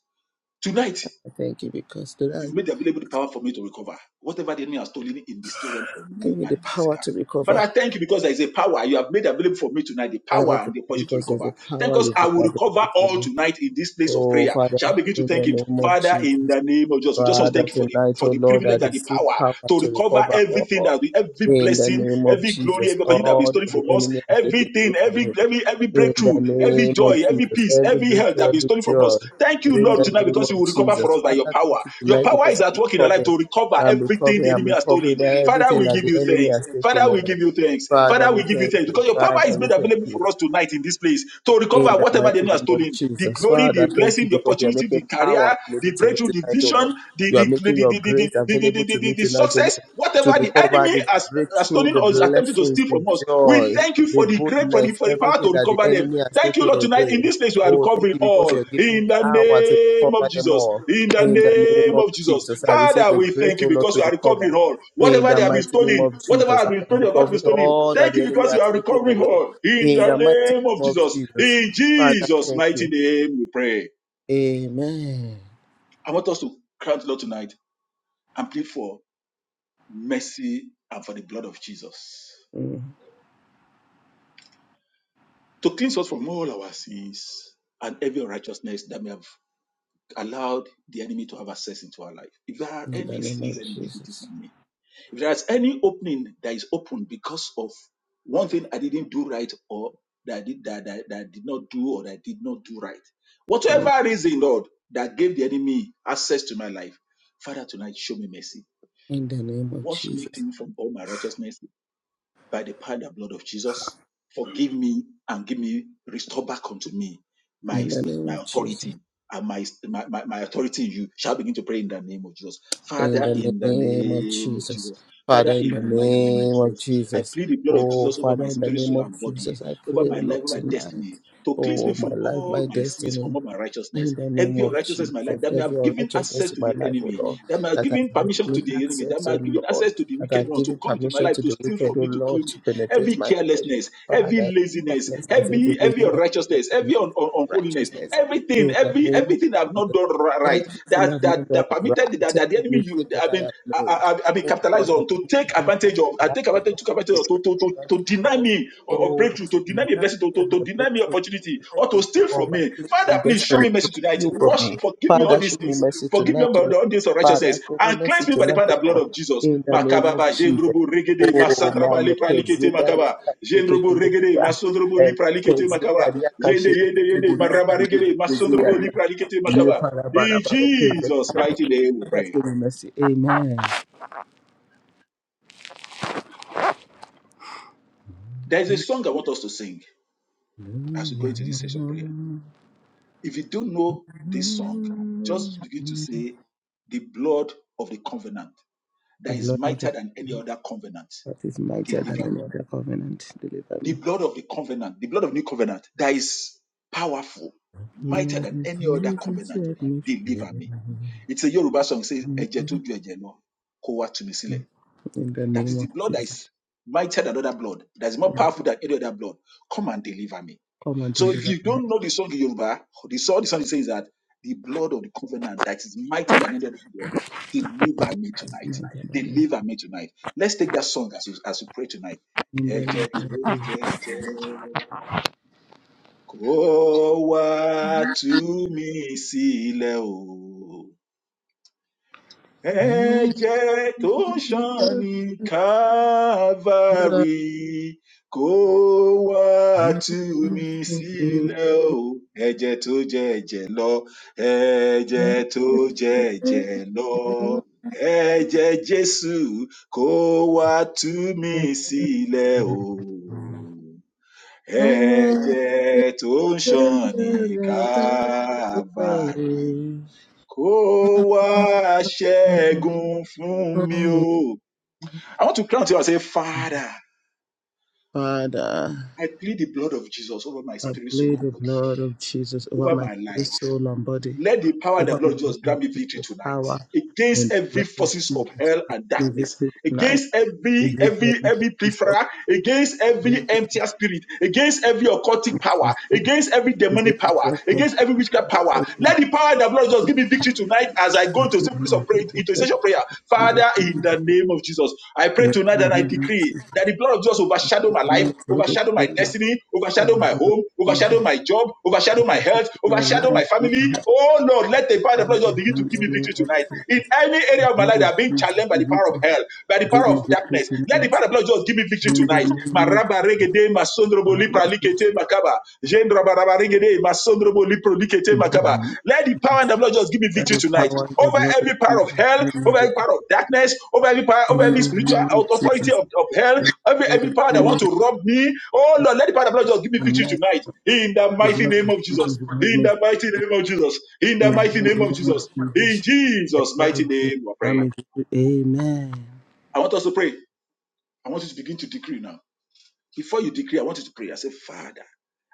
[SPEAKER 1] tonight
[SPEAKER 3] I Thank you because
[SPEAKER 1] You've
[SPEAKER 3] tonight
[SPEAKER 1] made available the power for me to recover whatever the enemy has stolen in the spirit realm from
[SPEAKER 3] you give
[SPEAKER 1] me
[SPEAKER 3] me the
[SPEAKER 1] and in the
[SPEAKER 3] power
[SPEAKER 1] physical.
[SPEAKER 3] to
[SPEAKER 1] Father,
[SPEAKER 3] recover.
[SPEAKER 1] I thank you because there is a power you have made available for me tonight, the power
[SPEAKER 3] Father,
[SPEAKER 1] and
[SPEAKER 3] thank
[SPEAKER 1] the
[SPEAKER 3] you
[SPEAKER 1] opportunity to
[SPEAKER 3] because there's
[SPEAKER 1] recover.
[SPEAKER 3] a
[SPEAKER 1] Thank
[SPEAKER 3] power
[SPEAKER 1] us.
[SPEAKER 3] you've
[SPEAKER 1] I
[SPEAKER 3] made
[SPEAKER 1] will
[SPEAKER 3] available
[SPEAKER 1] recover
[SPEAKER 3] to
[SPEAKER 1] all
[SPEAKER 3] me.
[SPEAKER 1] tonight in this place of
[SPEAKER 3] Oh,
[SPEAKER 1] prayer.
[SPEAKER 3] Father,
[SPEAKER 1] Shall I begin to
[SPEAKER 3] in the
[SPEAKER 1] thank Him?
[SPEAKER 3] name of
[SPEAKER 1] Father, in
[SPEAKER 3] Jesus.
[SPEAKER 1] the name of Jesus, we just want to
[SPEAKER 3] Father,
[SPEAKER 1] thank you for the,
[SPEAKER 3] tonight,
[SPEAKER 1] for
[SPEAKER 3] O
[SPEAKER 1] the
[SPEAKER 3] Lord, that
[SPEAKER 1] privilege and the
[SPEAKER 3] receive
[SPEAKER 1] power
[SPEAKER 3] power
[SPEAKER 1] to
[SPEAKER 3] to
[SPEAKER 1] recover
[SPEAKER 3] recover
[SPEAKER 1] everything
[SPEAKER 3] all.
[SPEAKER 1] that we, every
[SPEAKER 3] In the
[SPEAKER 1] blessing,
[SPEAKER 3] name of
[SPEAKER 1] every glory,
[SPEAKER 3] Jesus,
[SPEAKER 1] every opportunity that has been
[SPEAKER 3] all that
[SPEAKER 1] stolen
[SPEAKER 3] the
[SPEAKER 1] from us,
[SPEAKER 3] enemy has taken away
[SPEAKER 1] everything,
[SPEAKER 3] from
[SPEAKER 1] every,
[SPEAKER 3] me,
[SPEAKER 1] every, every
[SPEAKER 3] In
[SPEAKER 1] breakthrough
[SPEAKER 3] the
[SPEAKER 1] breakthrough, every
[SPEAKER 3] name of
[SPEAKER 1] joy, every
[SPEAKER 3] Jesus,
[SPEAKER 1] peace,
[SPEAKER 3] every
[SPEAKER 1] every health that have
[SPEAKER 3] breakthrough,
[SPEAKER 1] been
[SPEAKER 3] every
[SPEAKER 1] stolen from
[SPEAKER 3] joy.
[SPEAKER 1] us. Thank you,
[SPEAKER 3] In
[SPEAKER 1] Lord,
[SPEAKER 3] the
[SPEAKER 1] tonight
[SPEAKER 3] name
[SPEAKER 1] because
[SPEAKER 3] of
[SPEAKER 1] you will recover
[SPEAKER 3] Jesus.
[SPEAKER 1] for us by
[SPEAKER 3] Father,
[SPEAKER 1] your power.
[SPEAKER 3] thank you
[SPEAKER 1] Your
[SPEAKER 3] tonight
[SPEAKER 1] power
[SPEAKER 3] because
[SPEAKER 1] is at
[SPEAKER 3] I'm
[SPEAKER 1] work in our life
[SPEAKER 3] recovering.
[SPEAKER 1] to recover
[SPEAKER 3] I'm
[SPEAKER 1] everything the
[SPEAKER 3] recovering. I'm
[SPEAKER 1] enemy has
[SPEAKER 3] recovering
[SPEAKER 1] stolen. Father,
[SPEAKER 3] everything
[SPEAKER 1] we
[SPEAKER 3] that
[SPEAKER 1] give
[SPEAKER 3] the
[SPEAKER 1] you
[SPEAKER 3] enemy
[SPEAKER 1] thanks.
[SPEAKER 3] has taken
[SPEAKER 1] Father, we
[SPEAKER 3] over.
[SPEAKER 1] give you thanks.
[SPEAKER 3] Father,
[SPEAKER 1] Father, we
[SPEAKER 3] we
[SPEAKER 1] give you
[SPEAKER 3] thank
[SPEAKER 1] thanks
[SPEAKER 3] you.
[SPEAKER 1] because your power
[SPEAKER 3] Father,
[SPEAKER 1] is
[SPEAKER 3] we
[SPEAKER 1] made
[SPEAKER 3] thank
[SPEAKER 1] available
[SPEAKER 3] you.
[SPEAKER 1] for us tonight in this place to
[SPEAKER 3] In
[SPEAKER 1] recover
[SPEAKER 3] the
[SPEAKER 1] whatever the
[SPEAKER 3] mighty
[SPEAKER 1] enemy has
[SPEAKER 3] name of
[SPEAKER 1] stolen the
[SPEAKER 3] Jesus.
[SPEAKER 1] glory,
[SPEAKER 3] Father,
[SPEAKER 1] the
[SPEAKER 3] thank you
[SPEAKER 1] blessing, the
[SPEAKER 3] because you are
[SPEAKER 1] opportunity,
[SPEAKER 3] making
[SPEAKER 1] the career,
[SPEAKER 3] power available
[SPEAKER 1] the
[SPEAKER 3] to me
[SPEAKER 1] breakthrough, the
[SPEAKER 3] tonight, O Lord.
[SPEAKER 1] vision, the,
[SPEAKER 3] You are
[SPEAKER 1] the, the,
[SPEAKER 3] making
[SPEAKER 1] the,
[SPEAKER 3] your
[SPEAKER 1] the,
[SPEAKER 3] grace
[SPEAKER 1] the, the, the,
[SPEAKER 3] available
[SPEAKER 1] the,
[SPEAKER 3] to me
[SPEAKER 1] the, the
[SPEAKER 3] tonight, O
[SPEAKER 1] success,
[SPEAKER 3] Lord, to
[SPEAKER 1] whatever the
[SPEAKER 3] recover
[SPEAKER 1] enemy
[SPEAKER 3] the
[SPEAKER 1] has, has
[SPEAKER 3] breakthrough,
[SPEAKER 1] stolen
[SPEAKER 3] the
[SPEAKER 1] or is attempting to
[SPEAKER 3] blessings,
[SPEAKER 1] steal
[SPEAKER 3] the
[SPEAKER 1] from us, we
[SPEAKER 3] joy,
[SPEAKER 1] thank you
[SPEAKER 3] the
[SPEAKER 1] for the great, for the,
[SPEAKER 3] goodness,
[SPEAKER 1] for the power
[SPEAKER 3] everything
[SPEAKER 1] to
[SPEAKER 3] that the
[SPEAKER 1] recover them.
[SPEAKER 3] enemy has
[SPEAKER 1] Thank you,
[SPEAKER 3] taken
[SPEAKER 1] Lord, tonight.
[SPEAKER 3] away.
[SPEAKER 1] In this place, we are
[SPEAKER 3] Oh, thank
[SPEAKER 1] recovering
[SPEAKER 3] you because
[SPEAKER 1] all.
[SPEAKER 3] you are giving
[SPEAKER 1] In the
[SPEAKER 3] power to
[SPEAKER 1] name
[SPEAKER 3] recover
[SPEAKER 1] of
[SPEAKER 3] them
[SPEAKER 1] Jesus.
[SPEAKER 3] all.
[SPEAKER 1] In the
[SPEAKER 3] In the name
[SPEAKER 1] name
[SPEAKER 3] of
[SPEAKER 1] of Jesus.
[SPEAKER 3] Jesus, I receive
[SPEAKER 1] Father,
[SPEAKER 3] the
[SPEAKER 1] we
[SPEAKER 3] grace,
[SPEAKER 1] thank you
[SPEAKER 3] O Lord,
[SPEAKER 1] because
[SPEAKER 3] to
[SPEAKER 1] we are recovering
[SPEAKER 3] recover.
[SPEAKER 1] all.
[SPEAKER 3] In
[SPEAKER 1] Whatever
[SPEAKER 3] the
[SPEAKER 1] they have been
[SPEAKER 3] mighty name
[SPEAKER 1] stolen,
[SPEAKER 3] of
[SPEAKER 1] whatever
[SPEAKER 3] Jesus,
[SPEAKER 1] has
[SPEAKER 3] I
[SPEAKER 1] been
[SPEAKER 3] am
[SPEAKER 1] stolen or not been
[SPEAKER 3] recovering
[SPEAKER 1] stolen,
[SPEAKER 3] all that
[SPEAKER 1] thank
[SPEAKER 3] the
[SPEAKER 1] you
[SPEAKER 3] enemy
[SPEAKER 1] because
[SPEAKER 3] has
[SPEAKER 1] we are
[SPEAKER 3] taken
[SPEAKER 1] recovering
[SPEAKER 3] away.
[SPEAKER 1] all. In
[SPEAKER 3] In
[SPEAKER 1] the
[SPEAKER 3] the mighty
[SPEAKER 1] name of
[SPEAKER 3] name of
[SPEAKER 1] Jesus.
[SPEAKER 3] Jesus.
[SPEAKER 1] In
[SPEAKER 3] Father,
[SPEAKER 1] Jesus'
[SPEAKER 3] thank
[SPEAKER 1] mighty
[SPEAKER 3] you.
[SPEAKER 1] name, we pray.
[SPEAKER 3] Amen.
[SPEAKER 1] I want us to cry out, Lord, tonight and plead for mercy and for the blood of Jesus.
[SPEAKER 3] Mm.
[SPEAKER 1] to cleanse us from all our sins and every righteousness that may have allowed the enemy to have access into our life. If there are
[SPEAKER 3] In the
[SPEAKER 1] any
[SPEAKER 3] name
[SPEAKER 1] sins
[SPEAKER 3] of
[SPEAKER 1] and iniquities
[SPEAKER 3] Jesus.
[SPEAKER 1] in me, if there is any opening that is open because of one thing I didn't do right or that I did that, that, that I did not do or that I did not do right,
[SPEAKER 3] Mm.
[SPEAKER 1] whatever reason, Lord, that gave the enemy access to my life, Father, tonight show me mercy.
[SPEAKER 3] In the name of
[SPEAKER 1] Wash me
[SPEAKER 3] Jesus.
[SPEAKER 1] clean from all my righteousness by the power and the blood of Jesus. Forgive me and give me, restore back unto me my,
[SPEAKER 3] In the name
[SPEAKER 1] my
[SPEAKER 3] of Jesus.
[SPEAKER 1] authority and my, my, my, my authority in you. Shall I begin to pray in the name of Jesus.
[SPEAKER 3] In
[SPEAKER 1] Father,
[SPEAKER 3] the
[SPEAKER 1] in the
[SPEAKER 3] name of
[SPEAKER 1] name of
[SPEAKER 3] Jesus.
[SPEAKER 1] Jesus.
[SPEAKER 3] Father,
[SPEAKER 1] Father,
[SPEAKER 3] in
[SPEAKER 1] in
[SPEAKER 3] the
[SPEAKER 1] the mighty name of
[SPEAKER 3] name of
[SPEAKER 1] Jesus. I
[SPEAKER 3] Jesus.
[SPEAKER 1] plead the blood of
[SPEAKER 3] Oh,
[SPEAKER 1] Jesus over my
[SPEAKER 3] Father, in the
[SPEAKER 1] spirit,
[SPEAKER 3] name
[SPEAKER 1] soul,
[SPEAKER 3] of
[SPEAKER 1] and body,
[SPEAKER 3] Jesus, I
[SPEAKER 1] over
[SPEAKER 3] pray, oh
[SPEAKER 1] my life,
[SPEAKER 3] Lord,
[SPEAKER 1] over my destiny,
[SPEAKER 3] tonight.
[SPEAKER 1] to cleanse me
[SPEAKER 3] Oh, my
[SPEAKER 1] from
[SPEAKER 3] life,
[SPEAKER 1] all
[SPEAKER 3] my
[SPEAKER 1] my sins,
[SPEAKER 3] destiny.
[SPEAKER 1] from all my
[SPEAKER 3] In
[SPEAKER 1] righteousness,
[SPEAKER 3] the name
[SPEAKER 1] envy,
[SPEAKER 3] of
[SPEAKER 1] unrighteousness in my life,
[SPEAKER 3] Jesus,
[SPEAKER 1] that may
[SPEAKER 3] every
[SPEAKER 1] have given access
[SPEAKER 3] unrighteousness in
[SPEAKER 1] to
[SPEAKER 3] my
[SPEAKER 1] the
[SPEAKER 3] life, O
[SPEAKER 1] enemy
[SPEAKER 3] Lord,
[SPEAKER 1] that might have
[SPEAKER 3] that has
[SPEAKER 1] given
[SPEAKER 3] blocked
[SPEAKER 1] permission
[SPEAKER 3] me
[SPEAKER 1] to the enemy, that
[SPEAKER 3] access,
[SPEAKER 1] might
[SPEAKER 3] O
[SPEAKER 1] have given
[SPEAKER 3] Lord,
[SPEAKER 1] access to the
[SPEAKER 3] that
[SPEAKER 1] wicked
[SPEAKER 3] has
[SPEAKER 1] one to
[SPEAKER 3] given
[SPEAKER 1] come into my
[SPEAKER 3] permission
[SPEAKER 1] life
[SPEAKER 3] to
[SPEAKER 1] to
[SPEAKER 3] the
[SPEAKER 1] steal
[SPEAKER 3] wicked,
[SPEAKER 1] from
[SPEAKER 3] O
[SPEAKER 1] me, to kill
[SPEAKER 3] Lord, to
[SPEAKER 1] me. Every
[SPEAKER 3] penetrate my life.
[SPEAKER 1] carelessness, every
[SPEAKER 3] Father,
[SPEAKER 1] laziness,
[SPEAKER 3] carelessness, every
[SPEAKER 1] every every
[SPEAKER 3] laziness, O Lord,
[SPEAKER 1] unrighteousness, every un-
[SPEAKER 3] tonight,
[SPEAKER 1] un- unholiness,
[SPEAKER 3] righteousness,
[SPEAKER 1] everything,
[SPEAKER 3] in the
[SPEAKER 1] every
[SPEAKER 3] name of
[SPEAKER 1] everything I've not
[SPEAKER 3] Jesus.
[SPEAKER 1] done ri- right,
[SPEAKER 3] Everything
[SPEAKER 1] that
[SPEAKER 3] I've not
[SPEAKER 1] that that
[SPEAKER 3] done
[SPEAKER 1] permitted
[SPEAKER 3] right,
[SPEAKER 1] that, that the
[SPEAKER 3] every
[SPEAKER 1] enemy you
[SPEAKER 3] mistake that
[SPEAKER 1] I
[SPEAKER 3] I
[SPEAKER 1] mean
[SPEAKER 3] have
[SPEAKER 1] I,
[SPEAKER 3] made,
[SPEAKER 1] I, I- I've been
[SPEAKER 3] O
[SPEAKER 1] capitalized
[SPEAKER 3] Lord, that
[SPEAKER 1] on
[SPEAKER 3] the
[SPEAKER 1] to take
[SPEAKER 3] enemy has
[SPEAKER 1] advantage of, I take advantage, took advantage of
[SPEAKER 3] capitalized on,
[SPEAKER 1] to, to, to,
[SPEAKER 3] the thing
[SPEAKER 1] to deny
[SPEAKER 3] call,
[SPEAKER 1] me or, or
[SPEAKER 3] oh,
[SPEAKER 1] breakthrough, to deny
[SPEAKER 3] the
[SPEAKER 1] me a blessing to,
[SPEAKER 3] night
[SPEAKER 1] to,
[SPEAKER 3] of
[SPEAKER 1] to
[SPEAKER 3] my
[SPEAKER 1] deny me
[SPEAKER 3] breakthrough,
[SPEAKER 1] opportunity
[SPEAKER 3] the
[SPEAKER 1] or to
[SPEAKER 3] night
[SPEAKER 1] steal
[SPEAKER 3] of
[SPEAKER 1] from
[SPEAKER 3] my
[SPEAKER 1] me.
[SPEAKER 3] place
[SPEAKER 1] Father,
[SPEAKER 3] and
[SPEAKER 1] please show
[SPEAKER 3] destiny
[SPEAKER 1] me mercy tonight.
[SPEAKER 3] you from
[SPEAKER 1] Wash,
[SPEAKER 3] me.
[SPEAKER 1] forgive me all
[SPEAKER 3] Father, show
[SPEAKER 1] these
[SPEAKER 3] me
[SPEAKER 1] things.
[SPEAKER 3] mercy
[SPEAKER 1] Forgive me
[SPEAKER 3] tonight,
[SPEAKER 1] all
[SPEAKER 3] O Lord.
[SPEAKER 1] the audience of
[SPEAKER 3] Father,
[SPEAKER 1] righteousness
[SPEAKER 3] show me
[SPEAKER 1] and
[SPEAKER 3] mercy
[SPEAKER 1] cleanse me by the
[SPEAKER 3] tonight,
[SPEAKER 1] power
[SPEAKER 3] O
[SPEAKER 1] and the blood
[SPEAKER 3] Lord.
[SPEAKER 1] of Jesus.
[SPEAKER 3] In the name of
[SPEAKER 1] Makababa,
[SPEAKER 3] Jesus.
[SPEAKER 1] Jendrobo, Regede,
[SPEAKER 3] Oh, my
[SPEAKER 1] Masantraba,
[SPEAKER 3] Lord,
[SPEAKER 1] Lipra, Likete,
[SPEAKER 3] Zinda
[SPEAKER 1] Makaba,
[SPEAKER 3] Yaka, shake it to
[SPEAKER 1] Jendrobo,
[SPEAKER 3] me,
[SPEAKER 1] Regede,
[SPEAKER 3] Buddha.
[SPEAKER 1] Masondrobo,
[SPEAKER 3] And
[SPEAKER 1] Lipra,
[SPEAKER 3] Lord,
[SPEAKER 1] Likete, Makaba,
[SPEAKER 3] Zinda Yaka,
[SPEAKER 1] Yende,
[SPEAKER 3] shake it
[SPEAKER 1] Yende,
[SPEAKER 3] to me,
[SPEAKER 1] Yende,
[SPEAKER 3] Buddha.
[SPEAKER 1] Maraba,
[SPEAKER 3] And Lord,
[SPEAKER 1] Regede,
[SPEAKER 3] Zinda
[SPEAKER 1] Masondrobo,
[SPEAKER 3] Yaka,
[SPEAKER 1] Lipra, Likete,
[SPEAKER 3] you
[SPEAKER 1] Makaba.
[SPEAKER 3] para bara
[SPEAKER 1] In
[SPEAKER 3] bara, praise the
[SPEAKER 1] Jesus' mighty
[SPEAKER 3] Lord.
[SPEAKER 1] name we
[SPEAKER 3] Father, show
[SPEAKER 1] pray.
[SPEAKER 3] me mercy. Amen.
[SPEAKER 1] There is a song I want us to sing as we go into this session of prayer. If you don't know this song, just begin to
[SPEAKER 3] Hallelujah.
[SPEAKER 1] say, The blood of the covenant
[SPEAKER 3] The
[SPEAKER 1] that is
[SPEAKER 3] blood of the
[SPEAKER 1] mightier than any other covenant,
[SPEAKER 3] that is mightier than
[SPEAKER 1] deliver
[SPEAKER 3] any
[SPEAKER 1] me.
[SPEAKER 3] other covenant. Deliver me.
[SPEAKER 1] The blood of the covenant, the blood of new covenant that is powerful,
[SPEAKER 3] Lord Jesus, let
[SPEAKER 1] mightier than
[SPEAKER 3] me
[SPEAKER 1] any
[SPEAKER 3] free.
[SPEAKER 1] other covenant, deliver me. It's a Yoruba song, says, Eje to ju eje lo, ko wa tu mi sile.
[SPEAKER 3] In the
[SPEAKER 1] That
[SPEAKER 3] name
[SPEAKER 1] is the
[SPEAKER 3] of
[SPEAKER 1] blood that
[SPEAKER 3] Jesus,
[SPEAKER 1] is mightier than other blood, that is more
[SPEAKER 3] Lord,
[SPEAKER 1] powerful than any other blood. Come and deliver me
[SPEAKER 3] come and
[SPEAKER 1] so if
[SPEAKER 3] deliver
[SPEAKER 1] you
[SPEAKER 3] me right
[SPEAKER 1] don't know the song in Yoruba, the song the song says that the blood of the covenant that is mightier than any other blood, deliver me tonight.
[SPEAKER 3] now, God, my Lord.
[SPEAKER 1] Deliver me tonight. Let's take that song as you, as we pray tonight.
[SPEAKER 3] In the name
[SPEAKER 1] Ẹ̀jẹ̀ tó jẹ́ ẹ̀jẹ̀ lọ, kó wá tú mi sílẹ̀ o. Ẹ̀jẹ̀ tó ń ṣàn ní Calvary kó wá tú mi sílẹ̀ o. Ẹ̀jẹ̀ tó jẹ́ ẹ̀jẹ̀ lọ, ẹ̀jẹ̀ tó jẹ́ ẹ̀jẹ̀ lọ. Ẹ̀jẹ̀ Jésù kó wá tú mi
[SPEAKER 3] of Jesus.
[SPEAKER 1] sílẹ̀ o. Ẹ̀jẹ̀ tó ń ṣàn ní Calvary Kó wá ṣẹ́gun fún mi o. I want to crown to you and say, Father,
[SPEAKER 3] Father,
[SPEAKER 1] I plead the blood of Jesus over my
[SPEAKER 3] I
[SPEAKER 1] spirit, soul,
[SPEAKER 3] plead
[SPEAKER 1] and
[SPEAKER 3] the
[SPEAKER 1] body,
[SPEAKER 3] blood of Jesus over
[SPEAKER 1] over
[SPEAKER 3] my
[SPEAKER 1] my
[SPEAKER 3] spirit,
[SPEAKER 1] life.
[SPEAKER 3] soul, and body.
[SPEAKER 1] Let the power of the
[SPEAKER 3] over my
[SPEAKER 1] blood of Jesus
[SPEAKER 3] life
[SPEAKER 1] grant me
[SPEAKER 3] with
[SPEAKER 1] victory
[SPEAKER 3] the
[SPEAKER 1] tonight
[SPEAKER 3] power and
[SPEAKER 1] against every
[SPEAKER 3] love of
[SPEAKER 1] forces of
[SPEAKER 3] Jesus.
[SPEAKER 1] hell and
[SPEAKER 3] Give
[SPEAKER 1] darkness,
[SPEAKER 3] victory tonight.
[SPEAKER 1] against
[SPEAKER 3] We
[SPEAKER 1] every
[SPEAKER 3] give every
[SPEAKER 1] every every
[SPEAKER 3] practice of
[SPEAKER 1] plethora, against every empty spirit, against every occultic power,
[SPEAKER 3] righteousness.
[SPEAKER 1] against every
[SPEAKER 3] We give
[SPEAKER 1] demonic
[SPEAKER 3] you
[SPEAKER 1] power,
[SPEAKER 3] that perfection
[SPEAKER 1] against every witchcraft power.
[SPEAKER 3] in
[SPEAKER 1] Let the power of the blood of Jesus give me victory tonight as I go into
[SPEAKER 3] the
[SPEAKER 1] the place of
[SPEAKER 3] name
[SPEAKER 1] prayer, into
[SPEAKER 3] of
[SPEAKER 1] essential prayer.
[SPEAKER 3] Jesus.
[SPEAKER 1] Father, in the name of Jesus, I
[SPEAKER 3] Let Jesus in
[SPEAKER 1] pray tonight
[SPEAKER 3] the
[SPEAKER 1] and I
[SPEAKER 3] name of
[SPEAKER 1] decree
[SPEAKER 3] Jesus.
[SPEAKER 1] that the blood of Jesus
[SPEAKER 3] Tonight,
[SPEAKER 1] overshadow
[SPEAKER 3] Let
[SPEAKER 1] my
[SPEAKER 3] the
[SPEAKER 1] life,
[SPEAKER 3] night know the
[SPEAKER 1] overshadow my
[SPEAKER 3] freedom
[SPEAKER 1] destiny, overshadow
[SPEAKER 3] of
[SPEAKER 1] my
[SPEAKER 3] the
[SPEAKER 1] home
[SPEAKER 3] Lord
[SPEAKER 1] home, overshadow
[SPEAKER 3] Jesus.
[SPEAKER 1] my job,
[SPEAKER 3] I
[SPEAKER 1] overshadow my
[SPEAKER 3] confess
[SPEAKER 1] health,
[SPEAKER 3] my life
[SPEAKER 1] overshadow my
[SPEAKER 3] in
[SPEAKER 1] family.
[SPEAKER 3] the heart
[SPEAKER 1] Oh Lord, let the power
[SPEAKER 3] of
[SPEAKER 1] of the
[SPEAKER 3] the
[SPEAKER 1] blood
[SPEAKER 3] Lord
[SPEAKER 1] begin
[SPEAKER 3] in the
[SPEAKER 1] to give me
[SPEAKER 3] name
[SPEAKER 1] victory
[SPEAKER 3] of
[SPEAKER 1] tonight. In
[SPEAKER 3] Jesus.
[SPEAKER 1] any
[SPEAKER 3] The
[SPEAKER 1] area of my life
[SPEAKER 3] blood of
[SPEAKER 1] that I've been
[SPEAKER 3] Jesus
[SPEAKER 1] challenged by
[SPEAKER 3] be
[SPEAKER 1] the power of
[SPEAKER 3] victory.
[SPEAKER 1] hell, by the
[SPEAKER 3] Give
[SPEAKER 1] power
[SPEAKER 3] me
[SPEAKER 1] of
[SPEAKER 3] victory
[SPEAKER 1] darkness, let the
[SPEAKER 3] tonight
[SPEAKER 1] power of the blood just give me victory
[SPEAKER 3] in the
[SPEAKER 1] tonight.
[SPEAKER 3] name of Jesus.
[SPEAKER 1] Maraba regede masondrobo
[SPEAKER 3] Let
[SPEAKER 1] lipra
[SPEAKER 3] it
[SPEAKER 1] likete makaba. Jendraba raba regede masondrobo lipro likete makaba.
[SPEAKER 3] be.
[SPEAKER 1] Let the power and the blood just give me
[SPEAKER 3] By
[SPEAKER 1] victory
[SPEAKER 3] the
[SPEAKER 1] tonight.
[SPEAKER 3] power and the
[SPEAKER 1] Over
[SPEAKER 3] blood of
[SPEAKER 1] every power of hell, over
[SPEAKER 3] Jesus.
[SPEAKER 1] every power of darkness, over every power,
[SPEAKER 3] In
[SPEAKER 1] over every
[SPEAKER 3] the
[SPEAKER 1] spiritual
[SPEAKER 3] name of
[SPEAKER 1] authority
[SPEAKER 3] Jesus,
[SPEAKER 1] of, of hell, Every
[SPEAKER 3] oh,
[SPEAKER 1] every power that want
[SPEAKER 3] amen.
[SPEAKER 1] to rob me, oh Lord, let the power of blood just give me
[SPEAKER 3] And
[SPEAKER 1] victory
[SPEAKER 3] let
[SPEAKER 1] tonight. In the
[SPEAKER 3] the
[SPEAKER 1] mighty
[SPEAKER 3] blood
[SPEAKER 1] name
[SPEAKER 3] of
[SPEAKER 1] of Jesus.
[SPEAKER 3] Jesus grant
[SPEAKER 1] In
[SPEAKER 3] me peace.
[SPEAKER 1] the mighty name of Jesus. In
[SPEAKER 3] In
[SPEAKER 1] the mighty
[SPEAKER 3] the
[SPEAKER 1] name of
[SPEAKER 3] name
[SPEAKER 1] Jesus.
[SPEAKER 3] of
[SPEAKER 1] In
[SPEAKER 3] Jesus, the
[SPEAKER 1] Jesus'
[SPEAKER 3] blood of
[SPEAKER 1] mighty
[SPEAKER 3] Jesus
[SPEAKER 1] name, we
[SPEAKER 3] grant
[SPEAKER 1] pray.
[SPEAKER 3] me peace. Amen.
[SPEAKER 1] I want us to pray. I want you to begin to decree now. Before you decree, I want you to pray. I say, Father,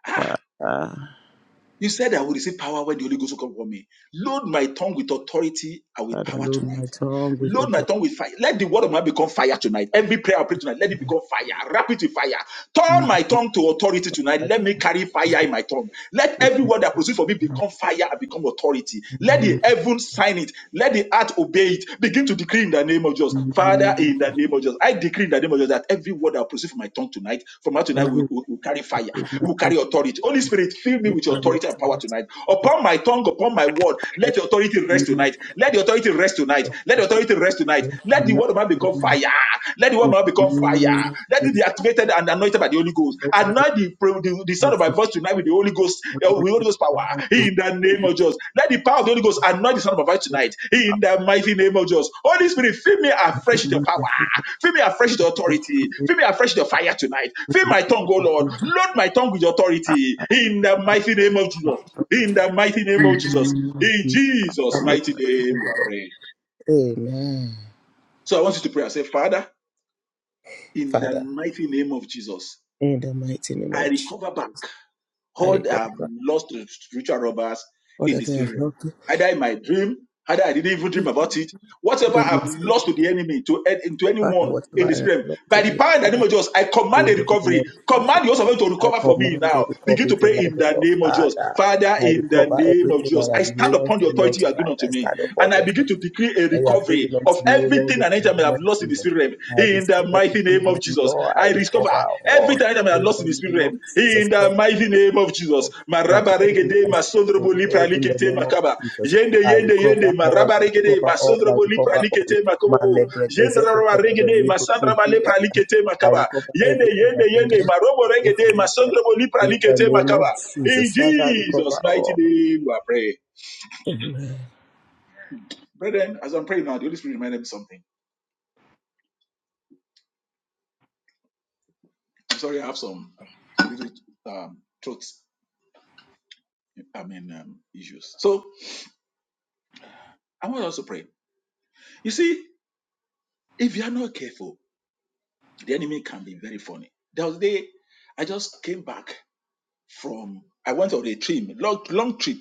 [SPEAKER 1] ah,
[SPEAKER 3] Father,
[SPEAKER 1] you said I will receive power when the Holy Ghost will come upon me. Load my tongue with authority and with
[SPEAKER 3] Father,
[SPEAKER 1] power
[SPEAKER 3] Lord, my
[SPEAKER 1] tonight.
[SPEAKER 3] tongue with
[SPEAKER 1] Load my
[SPEAKER 3] utter
[SPEAKER 1] tongue with fire. Let the word of my mouth become fire tonight. Every prayer I pray tonight, let it become fire. Wrap it with fire. Turn
[SPEAKER 3] anger
[SPEAKER 1] my tongue to authority tonight.
[SPEAKER 3] at
[SPEAKER 1] Let me carry fire in my tongue. Let every word that proceeds from me become fire and become authority.
[SPEAKER 3] in the
[SPEAKER 1] Let the
[SPEAKER 3] name
[SPEAKER 1] heavens sign it. Let the earth obey it. Begin to decree in the name of Jesus.
[SPEAKER 3] in the
[SPEAKER 1] Father,
[SPEAKER 3] name
[SPEAKER 1] in the name of Jesus. I decree in the name of Jesus that every word that proceeds from my tongue tonight, from now
[SPEAKER 3] of
[SPEAKER 1] tonight, will,
[SPEAKER 3] every
[SPEAKER 1] will, will carry fire.
[SPEAKER 3] with my
[SPEAKER 1] Will
[SPEAKER 3] tongue
[SPEAKER 1] carry authority. Holy Spirit, fill me
[SPEAKER 3] with
[SPEAKER 1] with your
[SPEAKER 3] your
[SPEAKER 1] authority and power
[SPEAKER 3] authority.
[SPEAKER 1] tonight.
[SPEAKER 3] It is
[SPEAKER 1] Upon my tongue, upon my word,
[SPEAKER 3] the
[SPEAKER 1] let your authority authority rest
[SPEAKER 3] name
[SPEAKER 1] tonight. Let the authority rest tonight.
[SPEAKER 3] of
[SPEAKER 1] Let the authority rest tonight.
[SPEAKER 3] the
[SPEAKER 1] Let the
[SPEAKER 3] Lord.
[SPEAKER 1] word of man become fire. Let the word of
[SPEAKER 3] In
[SPEAKER 1] man
[SPEAKER 3] the
[SPEAKER 1] become fire.
[SPEAKER 3] name of
[SPEAKER 1] Let it be
[SPEAKER 3] Jesus,
[SPEAKER 1] activated and anointed by the Holy Ghost.
[SPEAKER 3] let every
[SPEAKER 1] Anoint the, the, the sound of my
[SPEAKER 3] conflict,
[SPEAKER 1] voice tonight with the Holy Ghost, uh,
[SPEAKER 3] every
[SPEAKER 1] with Holy Ghost power. In
[SPEAKER 3] conflict,
[SPEAKER 1] the name of Jesus. Let the power of the Holy Ghost anoint the sound of my voice
[SPEAKER 3] let
[SPEAKER 1] tonight. In the mighty name of Jesus. Holy Spirit, fill me
[SPEAKER 3] it
[SPEAKER 1] afresh with your power.
[SPEAKER 3] be
[SPEAKER 1] Fill me afresh with your authority.
[SPEAKER 3] in
[SPEAKER 1] Fill me afresh with your fire tonight. Fill my tongue, O Lord. Load my tongue with your authority. In the mighty name of Jesus. In the mighty name of
[SPEAKER 3] the
[SPEAKER 1] Jesus.
[SPEAKER 3] name of
[SPEAKER 1] In
[SPEAKER 3] Jesus.
[SPEAKER 1] Jesus' mighty name, we are praying.
[SPEAKER 3] Amen.
[SPEAKER 1] So I want you to pray. I say, Father, in the
[SPEAKER 3] Father,
[SPEAKER 1] mighty name of Jesus,
[SPEAKER 3] in the mighty name
[SPEAKER 1] I
[SPEAKER 3] of Jesus,
[SPEAKER 1] recover back
[SPEAKER 3] I
[SPEAKER 1] all that I have
[SPEAKER 3] recover
[SPEAKER 1] lost to the spiritual robbers
[SPEAKER 3] all
[SPEAKER 1] in the
[SPEAKER 3] that I
[SPEAKER 1] spirit
[SPEAKER 3] have
[SPEAKER 1] realm.
[SPEAKER 3] lost. All
[SPEAKER 1] Either in my dream, either I didn't even dream about it. Whatever
[SPEAKER 3] that I
[SPEAKER 1] I've
[SPEAKER 3] must give.
[SPEAKER 1] lost to the enemy, to, an- to
[SPEAKER 3] Father,
[SPEAKER 1] anyone in
[SPEAKER 3] whatever
[SPEAKER 1] the
[SPEAKER 3] I have
[SPEAKER 1] spirit realm,
[SPEAKER 3] lost
[SPEAKER 1] by the
[SPEAKER 3] today,
[SPEAKER 1] power in the name of Jesus, I command
[SPEAKER 3] in
[SPEAKER 1] a
[SPEAKER 3] the name
[SPEAKER 1] recovery.
[SPEAKER 3] of Jesus,
[SPEAKER 1] Command the host of heaven to
[SPEAKER 3] I
[SPEAKER 1] recover for me
[SPEAKER 3] command the
[SPEAKER 1] now. Begin
[SPEAKER 3] recovery
[SPEAKER 1] to pray
[SPEAKER 3] tonight,
[SPEAKER 1] in
[SPEAKER 3] O
[SPEAKER 1] the
[SPEAKER 3] Lord.
[SPEAKER 1] name of Jesus.
[SPEAKER 3] Father,
[SPEAKER 1] Father,
[SPEAKER 3] I
[SPEAKER 1] in the
[SPEAKER 3] recover
[SPEAKER 1] name of
[SPEAKER 3] everything
[SPEAKER 1] Jesus,
[SPEAKER 3] I have
[SPEAKER 1] I stand upon
[SPEAKER 3] lost, O
[SPEAKER 1] the
[SPEAKER 3] Lord,
[SPEAKER 1] authority you have given
[SPEAKER 3] tonight.
[SPEAKER 1] unto
[SPEAKER 3] I
[SPEAKER 1] me
[SPEAKER 3] stand upon
[SPEAKER 1] and I
[SPEAKER 3] the
[SPEAKER 1] begin
[SPEAKER 3] authority
[SPEAKER 1] to decree a
[SPEAKER 3] that you have
[SPEAKER 1] recovery
[SPEAKER 3] given
[SPEAKER 1] of
[SPEAKER 3] unto me, O Lord,
[SPEAKER 1] Everything
[SPEAKER 3] in
[SPEAKER 1] an
[SPEAKER 3] the
[SPEAKER 1] angel may
[SPEAKER 3] name
[SPEAKER 1] have
[SPEAKER 3] of
[SPEAKER 1] lost in the
[SPEAKER 3] Jesus.
[SPEAKER 1] spirit realm,
[SPEAKER 3] I
[SPEAKER 1] in the
[SPEAKER 3] destroy
[SPEAKER 1] mighty name of
[SPEAKER 3] everything, O
[SPEAKER 1] Jesus,
[SPEAKER 3] Lord. I
[SPEAKER 1] I recover.
[SPEAKER 3] recover all
[SPEAKER 1] Everything an angel may have
[SPEAKER 3] in
[SPEAKER 1] lost in
[SPEAKER 3] the
[SPEAKER 1] the spirit
[SPEAKER 3] name of
[SPEAKER 1] realm, in the mighty
[SPEAKER 3] Jesus.
[SPEAKER 1] name of Jesus.
[SPEAKER 3] Lord, that
[SPEAKER 1] Maraba
[SPEAKER 3] every
[SPEAKER 1] regede,
[SPEAKER 3] blessing
[SPEAKER 1] masondrobo
[SPEAKER 3] today
[SPEAKER 1] lipra
[SPEAKER 3] in the
[SPEAKER 1] likete
[SPEAKER 3] name of
[SPEAKER 1] makaba.
[SPEAKER 3] Jesus,
[SPEAKER 1] Yende
[SPEAKER 3] I
[SPEAKER 1] yende
[SPEAKER 3] recover
[SPEAKER 1] yende,
[SPEAKER 3] all,
[SPEAKER 1] maraba
[SPEAKER 3] I
[SPEAKER 1] regede,
[SPEAKER 3] recover all, I
[SPEAKER 1] masondrobo lipra
[SPEAKER 3] recover all.
[SPEAKER 1] likete
[SPEAKER 3] My
[SPEAKER 1] makobobo.
[SPEAKER 3] lebre
[SPEAKER 1] Yende
[SPEAKER 3] gazette,
[SPEAKER 1] raba
[SPEAKER 3] the
[SPEAKER 1] regede,
[SPEAKER 3] libro,
[SPEAKER 1] masandraba lepra likete
[SPEAKER 3] I
[SPEAKER 1] makaba.
[SPEAKER 3] recover
[SPEAKER 1] Yende
[SPEAKER 3] everything
[SPEAKER 1] yende
[SPEAKER 3] that the
[SPEAKER 1] yende,
[SPEAKER 3] Lord
[SPEAKER 1] marobo
[SPEAKER 3] did
[SPEAKER 1] regede,
[SPEAKER 3] for me. Lord.
[SPEAKER 1] masondrobo lipra
[SPEAKER 3] In the
[SPEAKER 1] likete
[SPEAKER 3] name of
[SPEAKER 1] makaba. In
[SPEAKER 3] Jesus, Father, I recover
[SPEAKER 1] Jesus' mighty
[SPEAKER 3] all.
[SPEAKER 1] name, we are praying. Brethren, as I'm praying now, the Holy Spirit reminded me something. I'm sorry, I have some little um, throat, I mean, um, issues. So I want us to pray. You see, if you are not careful, the enemy can be very funny. There was a day I just came back from, I went on a trip, long, long trip.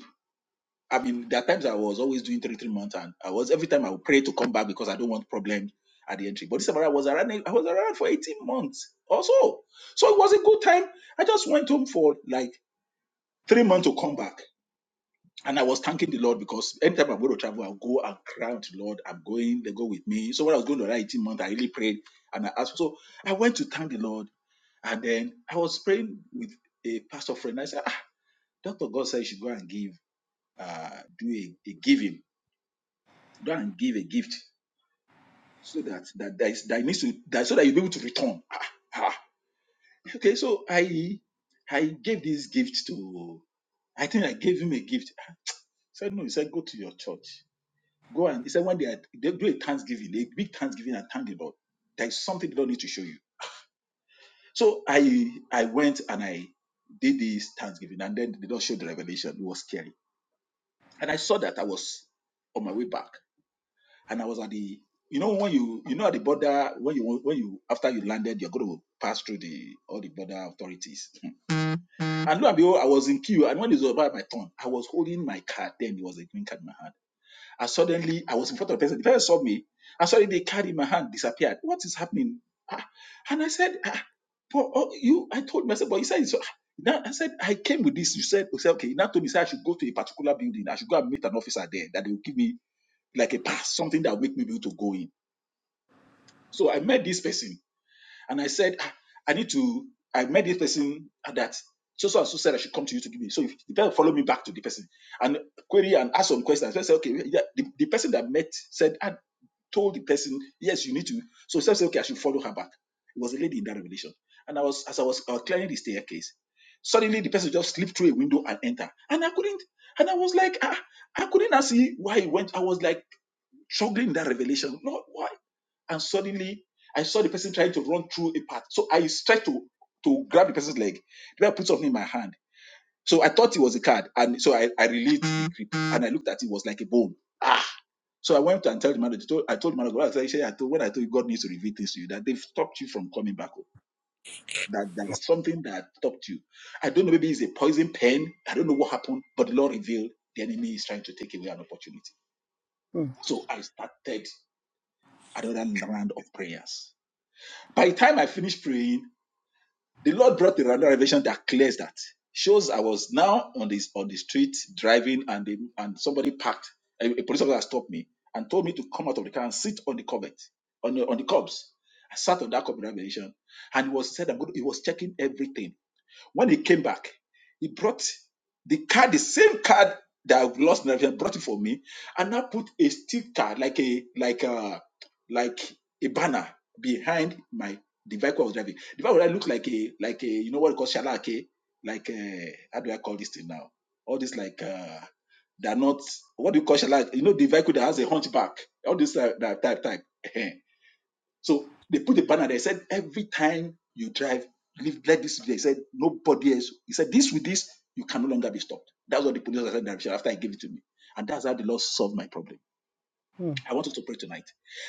[SPEAKER 1] I mean, there are times I was always doing three, three months, and I was every time I would pray to come back because I don't want problems at the entry. But this time around, I was around, I was around for 18 months or so. So it was a good time. I just went home for like three months to come back. And I was thanking the Lord because anytime I'm going to travel, I'll go and cry unto the Lord. I'm going, they go with me. So when I was going to that 18 month, I really prayed and I asked. So I went to thank the Lord. And then I was praying with a pastor friend. I said, ah, Dr. God said you should go and give, uh, do a, a giving, go and give a gift so that, that, that, is, that needs to, that, so that you'll be able to return. Ah, ah. Okay. So I, I gave this gift to, I think I gave him a gift. I said, no, he said, go to your church Go and he said when they, are, they do a thanksgiving, a big thanksgiving and thank the Lord. There is something the Lord needs to show you. So I I went and I did this thanksgiving, and then the Lord showed the revelation. It was scary, and I saw that I was on my way back, and I was at the you know when you you know at the border when you when you after you landed you're going to pass through the all the border authorities <laughs> and lo and behold i was in queue and when it was about my turn i was holding my card then it was a green card in my hand And suddenly I was in front of the person. The person saw me. And suddenly they carried my hand, disappeared. What is happening? Ah, And I said, ah, but oh, you, I told myself, but you said, so, now I said, I came with this. You said, you said, okay, you now told me, say I should go to a particular building. I should go and meet an officer there that they will give me like a pass, something that will make me be able to go in. So I met this person. And I said, "Ah, I need to, I met this person at that. So so and so said I should come to you to give me. So if the person follow me back to the person and query and ask some questions. So I said, okay, yeah, the, the person that met said, I told the person, yes, you need to. So she said, okay, I should follow her back. It was a lady in that revelation. And I was, as I was uh, clearing the staircase, suddenly the person just slipped through a window and entered. And I couldn't, and I was like, ah, I couldn't see why he went. I was like struggling in that revelation. Lord, why? and suddenly I saw the person trying to run through a path. So I tried to to grab the person's leg. Then I put something in my hand. So I thought it was a card, and so I, I released the grip and I looked at it, it was like a bone. Ah! So I went and told the manager. I told the manager, I said, I told, when I told you God needs to reveal this to you, that they've stopped you from coming back home. That there is something that stopped you. I don't know, maybe it's a poison pen. I don't know what happened, but the Lord revealed the enemy is trying to take away an opportunity.
[SPEAKER 3] Mm.
[SPEAKER 1] So I started another round of prayers. By the time I finished praying, The Lord brought a random revelation that clears that. Shows I was now on this on the street driving and the, and somebody parked. A, a police officer stopped me and told me to come out of the car and sit on the cobet, on the, on the cobs. I sat on that cobs revelation, and it was said I'm going. He was checking everything. When he came back, he brought the card, the same card that I've lost, and he brought it for me, and I put a sticker like a like a like a banner behind my the vehicle I was driving. The vehicle I looked like a like a you know what you call shalake, like a, how do I call this thing now? All this like uh they're not what do you call shalake? You know the vehicle that has a hunchback, all this uh, that type type. <laughs> So they put a banner there. They said, every time you drive, leave, let this. be. They said, nobody else. He said, this with this, you can no longer be stopped. That's what the police said in Arusha after he gave it to me. And that's how the Lord solved my problem. I want us to pray tonight.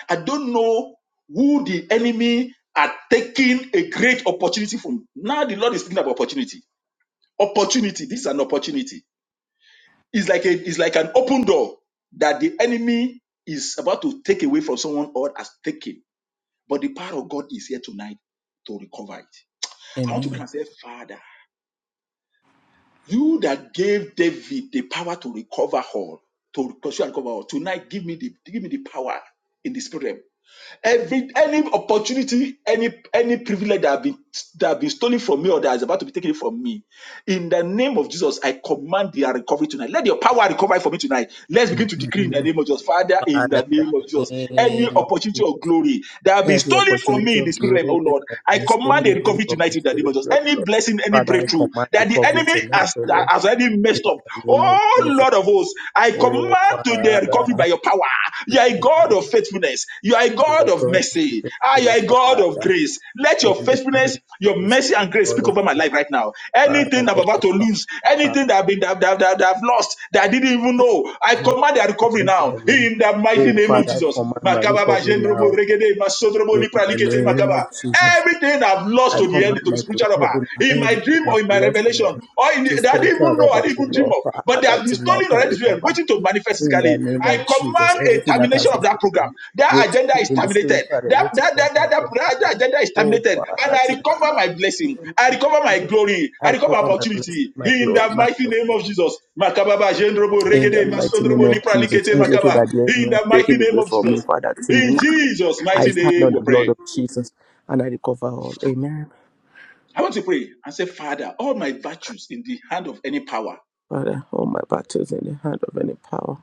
[SPEAKER 1] I don't know who the enemy are taking a great opportunity from. Now the Lord is speaking about opportunity. Opportunity. This is an opportunity. It's like a, it's like an open door that the enemy is about to take away from someone or has taken but the power of God is here tonight to recover it. I want to cry
[SPEAKER 3] Amen.
[SPEAKER 1] and say, Father, you that gave David the power to recover all, to pursue and recover all, tonight give me the give me the power in the spirit realm Every any opportunity, any any privilege that have been that have been stolen from me or that is about to be taken from me, in the name of Jesus, I command their recovery tonight. Let your power recover it for me tonight. Let's begin to decree in the
[SPEAKER 3] Mm.
[SPEAKER 1] name of Jesus, Father. In
[SPEAKER 3] Father,
[SPEAKER 1] the
[SPEAKER 3] in
[SPEAKER 1] name of
[SPEAKER 3] the
[SPEAKER 1] Jesus, any
[SPEAKER 3] name of
[SPEAKER 1] opportunity
[SPEAKER 3] Jesus,
[SPEAKER 1] of glory that have been
[SPEAKER 3] every
[SPEAKER 1] stolen from
[SPEAKER 3] opportunity
[SPEAKER 1] me in the
[SPEAKER 3] of
[SPEAKER 1] spirit realm, oh
[SPEAKER 3] glory
[SPEAKER 1] Lord,
[SPEAKER 3] that
[SPEAKER 1] I
[SPEAKER 3] is
[SPEAKER 1] command a
[SPEAKER 3] stolen away
[SPEAKER 1] recovery
[SPEAKER 3] from
[SPEAKER 1] tonight
[SPEAKER 3] the
[SPEAKER 1] in the name
[SPEAKER 3] Spirit,
[SPEAKER 1] of
[SPEAKER 3] of
[SPEAKER 1] Jesus.
[SPEAKER 3] the
[SPEAKER 1] Any
[SPEAKER 3] Lord.
[SPEAKER 1] blessing, any
[SPEAKER 3] Father, I
[SPEAKER 1] breakthrough
[SPEAKER 3] command
[SPEAKER 1] that the
[SPEAKER 3] recovery
[SPEAKER 1] enemy
[SPEAKER 3] tonight,
[SPEAKER 1] has
[SPEAKER 3] O Lord.
[SPEAKER 1] has already
[SPEAKER 3] In
[SPEAKER 1] messed up,
[SPEAKER 3] the name of
[SPEAKER 1] oh
[SPEAKER 3] Jesus,
[SPEAKER 1] Lord. Lord of hosts. I
[SPEAKER 3] oh
[SPEAKER 1] command to their recovery by
[SPEAKER 3] Father,
[SPEAKER 1] your power.
[SPEAKER 3] in
[SPEAKER 1] You are a
[SPEAKER 3] the name
[SPEAKER 1] God
[SPEAKER 3] of
[SPEAKER 1] of faithfulness. You are a God
[SPEAKER 3] your
[SPEAKER 1] of
[SPEAKER 3] God, in
[SPEAKER 1] mercy.
[SPEAKER 3] the
[SPEAKER 1] Ah, you
[SPEAKER 3] name
[SPEAKER 1] are a
[SPEAKER 3] of
[SPEAKER 1] God of
[SPEAKER 3] Father,
[SPEAKER 1] grace. Let your
[SPEAKER 3] in the name
[SPEAKER 1] faithfulness,
[SPEAKER 3] of
[SPEAKER 1] your
[SPEAKER 3] Jesus,
[SPEAKER 1] mercy,
[SPEAKER 3] the
[SPEAKER 1] and grace
[SPEAKER 3] God
[SPEAKER 1] speak
[SPEAKER 3] of
[SPEAKER 1] over my
[SPEAKER 3] your
[SPEAKER 1] life right now. Anything
[SPEAKER 3] Father,
[SPEAKER 1] I'm
[SPEAKER 3] let
[SPEAKER 1] about
[SPEAKER 3] the
[SPEAKER 1] to
[SPEAKER 3] Father,
[SPEAKER 1] lose,
[SPEAKER 3] Father,
[SPEAKER 1] anything that I've been that, that, that, that I've lost that I didn't even
[SPEAKER 3] let
[SPEAKER 1] know, I command their
[SPEAKER 3] the
[SPEAKER 1] recovery
[SPEAKER 3] let
[SPEAKER 1] now
[SPEAKER 3] the Lord.
[SPEAKER 1] in the mighty
[SPEAKER 3] Oh
[SPEAKER 1] name of
[SPEAKER 3] Father, I
[SPEAKER 1] Jesus.
[SPEAKER 3] command my
[SPEAKER 1] Makaba ba
[SPEAKER 3] recovery
[SPEAKER 1] jendrobo
[SPEAKER 3] now.
[SPEAKER 1] regede masodrobo
[SPEAKER 3] In the
[SPEAKER 1] lipralikete
[SPEAKER 3] name
[SPEAKER 1] makaba.
[SPEAKER 3] of Jesus,
[SPEAKER 1] Everything I've lost
[SPEAKER 3] I
[SPEAKER 1] to the end
[SPEAKER 3] command
[SPEAKER 1] to
[SPEAKER 3] my
[SPEAKER 1] the spiritual robber
[SPEAKER 3] recovery now.
[SPEAKER 1] in my
[SPEAKER 3] Everything
[SPEAKER 1] dream or
[SPEAKER 3] I've
[SPEAKER 1] in my
[SPEAKER 3] lost in
[SPEAKER 1] revelation
[SPEAKER 3] the
[SPEAKER 1] or in the,
[SPEAKER 3] to
[SPEAKER 1] that I didn't
[SPEAKER 3] spiritual
[SPEAKER 1] even know I
[SPEAKER 3] robbers,
[SPEAKER 1] didn't even dream
[SPEAKER 3] Lord
[SPEAKER 1] of, but they
[SPEAKER 3] Father,
[SPEAKER 1] have been
[SPEAKER 3] tonight
[SPEAKER 1] stolen
[SPEAKER 3] I
[SPEAKER 1] already this way and
[SPEAKER 3] recover.
[SPEAKER 1] waiting to manifest
[SPEAKER 3] in the
[SPEAKER 1] physically.
[SPEAKER 3] name of
[SPEAKER 1] I
[SPEAKER 3] Jesus.
[SPEAKER 1] command a
[SPEAKER 3] Everything that has
[SPEAKER 1] termination
[SPEAKER 3] been
[SPEAKER 1] of that program.
[SPEAKER 3] spoken
[SPEAKER 1] That
[SPEAKER 3] with
[SPEAKER 1] agenda is
[SPEAKER 3] in the
[SPEAKER 1] terminated.
[SPEAKER 3] spirit father
[SPEAKER 1] That
[SPEAKER 3] waiting
[SPEAKER 1] that
[SPEAKER 3] for
[SPEAKER 1] that that, that, that,
[SPEAKER 3] manifestation.
[SPEAKER 1] that agenda is
[SPEAKER 3] Oh
[SPEAKER 1] terminated, and
[SPEAKER 3] Father,
[SPEAKER 1] I recover
[SPEAKER 3] tonight
[SPEAKER 1] my
[SPEAKER 3] in the
[SPEAKER 1] blessing.
[SPEAKER 3] name
[SPEAKER 1] I
[SPEAKER 3] of
[SPEAKER 1] recover my
[SPEAKER 3] Jesus,
[SPEAKER 1] glory.
[SPEAKER 3] I
[SPEAKER 1] I recover
[SPEAKER 3] recover my blessing,
[SPEAKER 1] opportunity
[SPEAKER 3] my
[SPEAKER 1] in
[SPEAKER 3] glory,
[SPEAKER 1] the
[SPEAKER 3] my
[SPEAKER 1] mighty name of
[SPEAKER 3] blessing.
[SPEAKER 1] Jesus. Makaba ba jendrobo
[SPEAKER 3] In the
[SPEAKER 1] regede
[SPEAKER 3] mighty name
[SPEAKER 1] masodrobo
[SPEAKER 3] of Jesus,
[SPEAKER 1] lipralikete
[SPEAKER 3] everything
[SPEAKER 1] makaba
[SPEAKER 3] that the
[SPEAKER 1] in
[SPEAKER 3] enemy has
[SPEAKER 1] the mighty
[SPEAKER 3] taken
[SPEAKER 1] name
[SPEAKER 3] away
[SPEAKER 1] of
[SPEAKER 3] from
[SPEAKER 1] Jesus.
[SPEAKER 3] me, Father,
[SPEAKER 1] In
[SPEAKER 3] tonight
[SPEAKER 1] Jesus'
[SPEAKER 3] I
[SPEAKER 1] mighty
[SPEAKER 3] stand
[SPEAKER 1] name
[SPEAKER 3] on the
[SPEAKER 1] we
[SPEAKER 3] blood
[SPEAKER 1] pray.
[SPEAKER 3] of Jesus and I recover all. Amen.
[SPEAKER 1] I want to pray and say, Father, all my virtues in the hand of any power,
[SPEAKER 3] Father, all my battles in the hand of any power,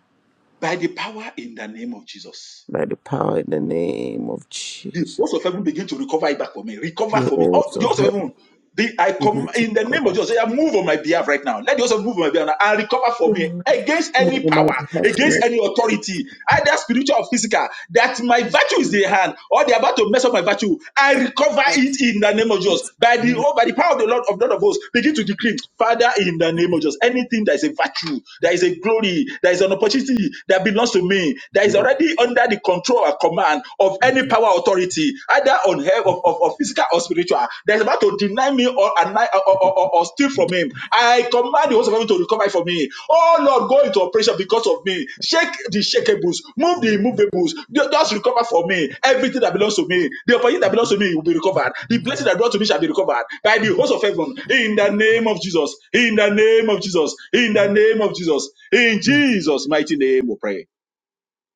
[SPEAKER 1] by the power in the name of Jesus.
[SPEAKER 3] by the power in the name of
[SPEAKER 1] the
[SPEAKER 3] Jesus,
[SPEAKER 1] host of heaven begin to recover it back for me. Recover
[SPEAKER 3] the
[SPEAKER 1] for me.
[SPEAKER 3] walls
[SPEAKER 1] Oh, the
[SPEAKER 3] of
[SPEAKER 1] host of
[SPEAKER 3] heaven,
[SPEAKER 1] heaven, the, I
[SPEAKER 3] you do
[SPEAKER 1] come in the
[SPEAKER 3] take
[SPEAKER 1] name of
[SPEAKER 3] over.
[SPEAKER 1] Jesus. I move on my behalf right now. Let the host of heaven move on my behalf now and recover for me against any
[SPEAKER 3] Mungu
[SPEAKER 1] power,
[SPEAKER 3] mighty helps me
[SPEAKER 1] against any authority, either spiritual or physical, that my virtue is
[SPEAKER 3] in
[SPEAKER 1] their hand or they're about to mess up my virtue. I recover
[SPEAKER 3] fact
[SPEAKER 1] it in the name of Jesus.
[SPEAKER 3] it's
[SPEAKER 1] By the
[SPEAKER 3] hand
[SPEAKER 1] oh, by the power of the Lord of Lord of hosts, begin to decree, Father, in the name of Jesus, anything that is a virtue, there is a glory, there is an opportunity that belongs to me, that is
[SPEAKER 3] glory
[SPEAKER 1] already under the the control or command of
[SPEAKER 3] and
[SPEAKER 1] any power authority, either on health of, of, of physical or spiritual, that is about to deny me or, anni- or, or, or, or steal from him. I command the host of heaven to recover it from me. Oh Lord, go into operation because of me. Shake the shakeables. move the
[SPEAKER 3] glory.
[SPEAKER 1] immovables. Ju- Just recover for me everything that belongs to me. The opportunity that belongs to me will be recovered. The blessing that brought to me shall be recovered by the host of heaven. In the name of Jesus. In the name of Jesus. In the name of Jesus. In
[SPEAKER 3] Mm,
[SPEAKER 1] Jesus' mighty name, we pray.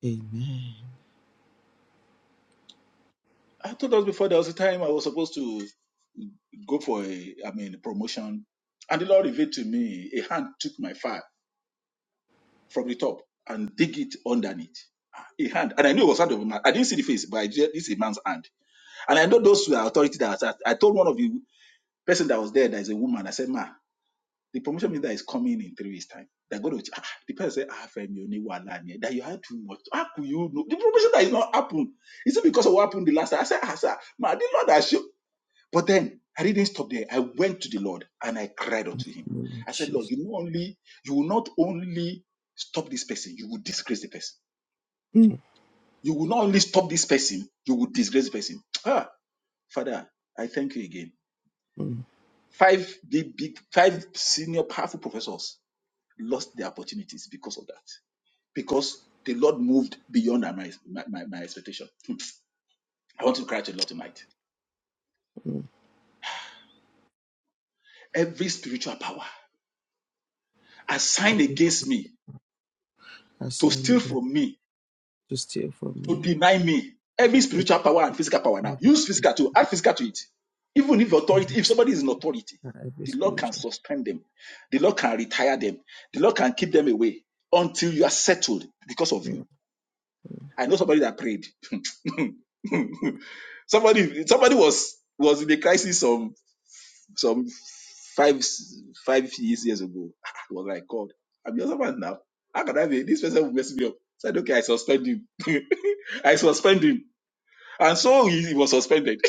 [SPEAKER 3] Amen.
[SPEAKER 1] I told us before there was a time I was supposed to go for a, I mean, promotion, and the Lord revealed to me a hand took my file from the top and dig it underneath. A hand, and I knew it was hand of a man. I didn't see the face, but I did, this is a man's hand. And I know those were authority that was at. I told one of the person that was there, that is a woman. I said, "Ma, the promotion minister is coming in three weeks' time. They're going to." Ah, the person said, "Ah, Femi, you need one line here. That you had too much. How could you know the promotion that is not happened? Is it because of what happened the last time?" I said, "Ah, sir, ma, the Lord has shown." But then I didn't stop there. I went to the Lord and I cried unto him.
[SPEAKER 3] Lord
[SPEAKER 1] I said, Lord,
[SPEAKER 3] Jesus.
[SPEAKER 1] you not only you will not only stop this person, you will disgrace the person.
[SPEAKER 3] Mm,
[SPEAKER 1] You will not only stop this person, you will disgrace the person. Ah, Father, I thank you again.
[SPEAKER 3] mm,
[SPEAKER 1] Five big, big, five senior powerful professors lost their opportunities because of that. Because the Lord moved beyond my, my, my, my expectation. Hmm. I want to cry to the Lord tonight.
[SPEAKER 3] mm.
[SPEAKER 1] Every spiritual power assigned
[SPEAKER 3] Every
[SPEAKER 1] against me to
[SPEAKER 3] assigned
[SPEAKER 1] steal
[SPEAKER 3] again
[SPEAKER 1] from me
[SPEAKER 3] to steal from
[SPEAKER 1] to
[SPEAKER 3] me.
[SPEAKER 1] deny me every
[SPEAKER 3] take
[SPEAKER 1] spiritual power and physical power now.
[SPEAKER 3] Every
[SPEAKER 1] Use physical
[SPEAKER 3] spirit-
[SPEAKER 1] to add physical to it. Even if authority, if somebody is in authority,
[SPEAKER 3] uh, every
[SPEAKER 1] the Lord can
[SPEAKER 3] spiritual.
[SPEAKER 1] suspend them, the Lord can retire them, the Lord can keep them away until you are settled because of you.
[SPEAKER 3] Mm,
[SPEAKER 1] I know somebody that prayed. <laughs> somebody, somebody was was in a crisis some some five five years years ago. I was like, God, I'm your servant now. How can I be? This person will mess me up. I said, okay, I suspend him. <laughs> I suspend him and so he, he was suspended.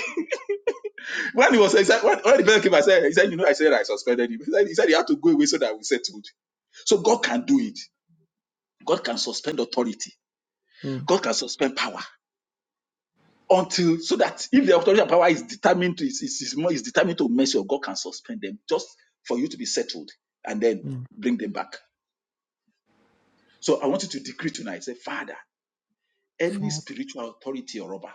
[SPEAKER 1] <laughs> when he was he said, when, when the person came, I said, he said, you know, I said I suspended him. He said, he said he had to go away so that we settled. So God can do it. God can suspend authority.
[SPEAKER 3] mm,
[SPEAKER 1] God can suspend power until so that if the authority and power is determined to is, is, is more is determined to mercy, or God can suspend them just for you to be settled and then
[SPEAKER 3] mm.
[SPEAKER 1] bring them back. So I want you to decree tonight. Say, Father, any
[SPEAKER 3] Father,
[SPEAKER 1] spiritual authority or rubber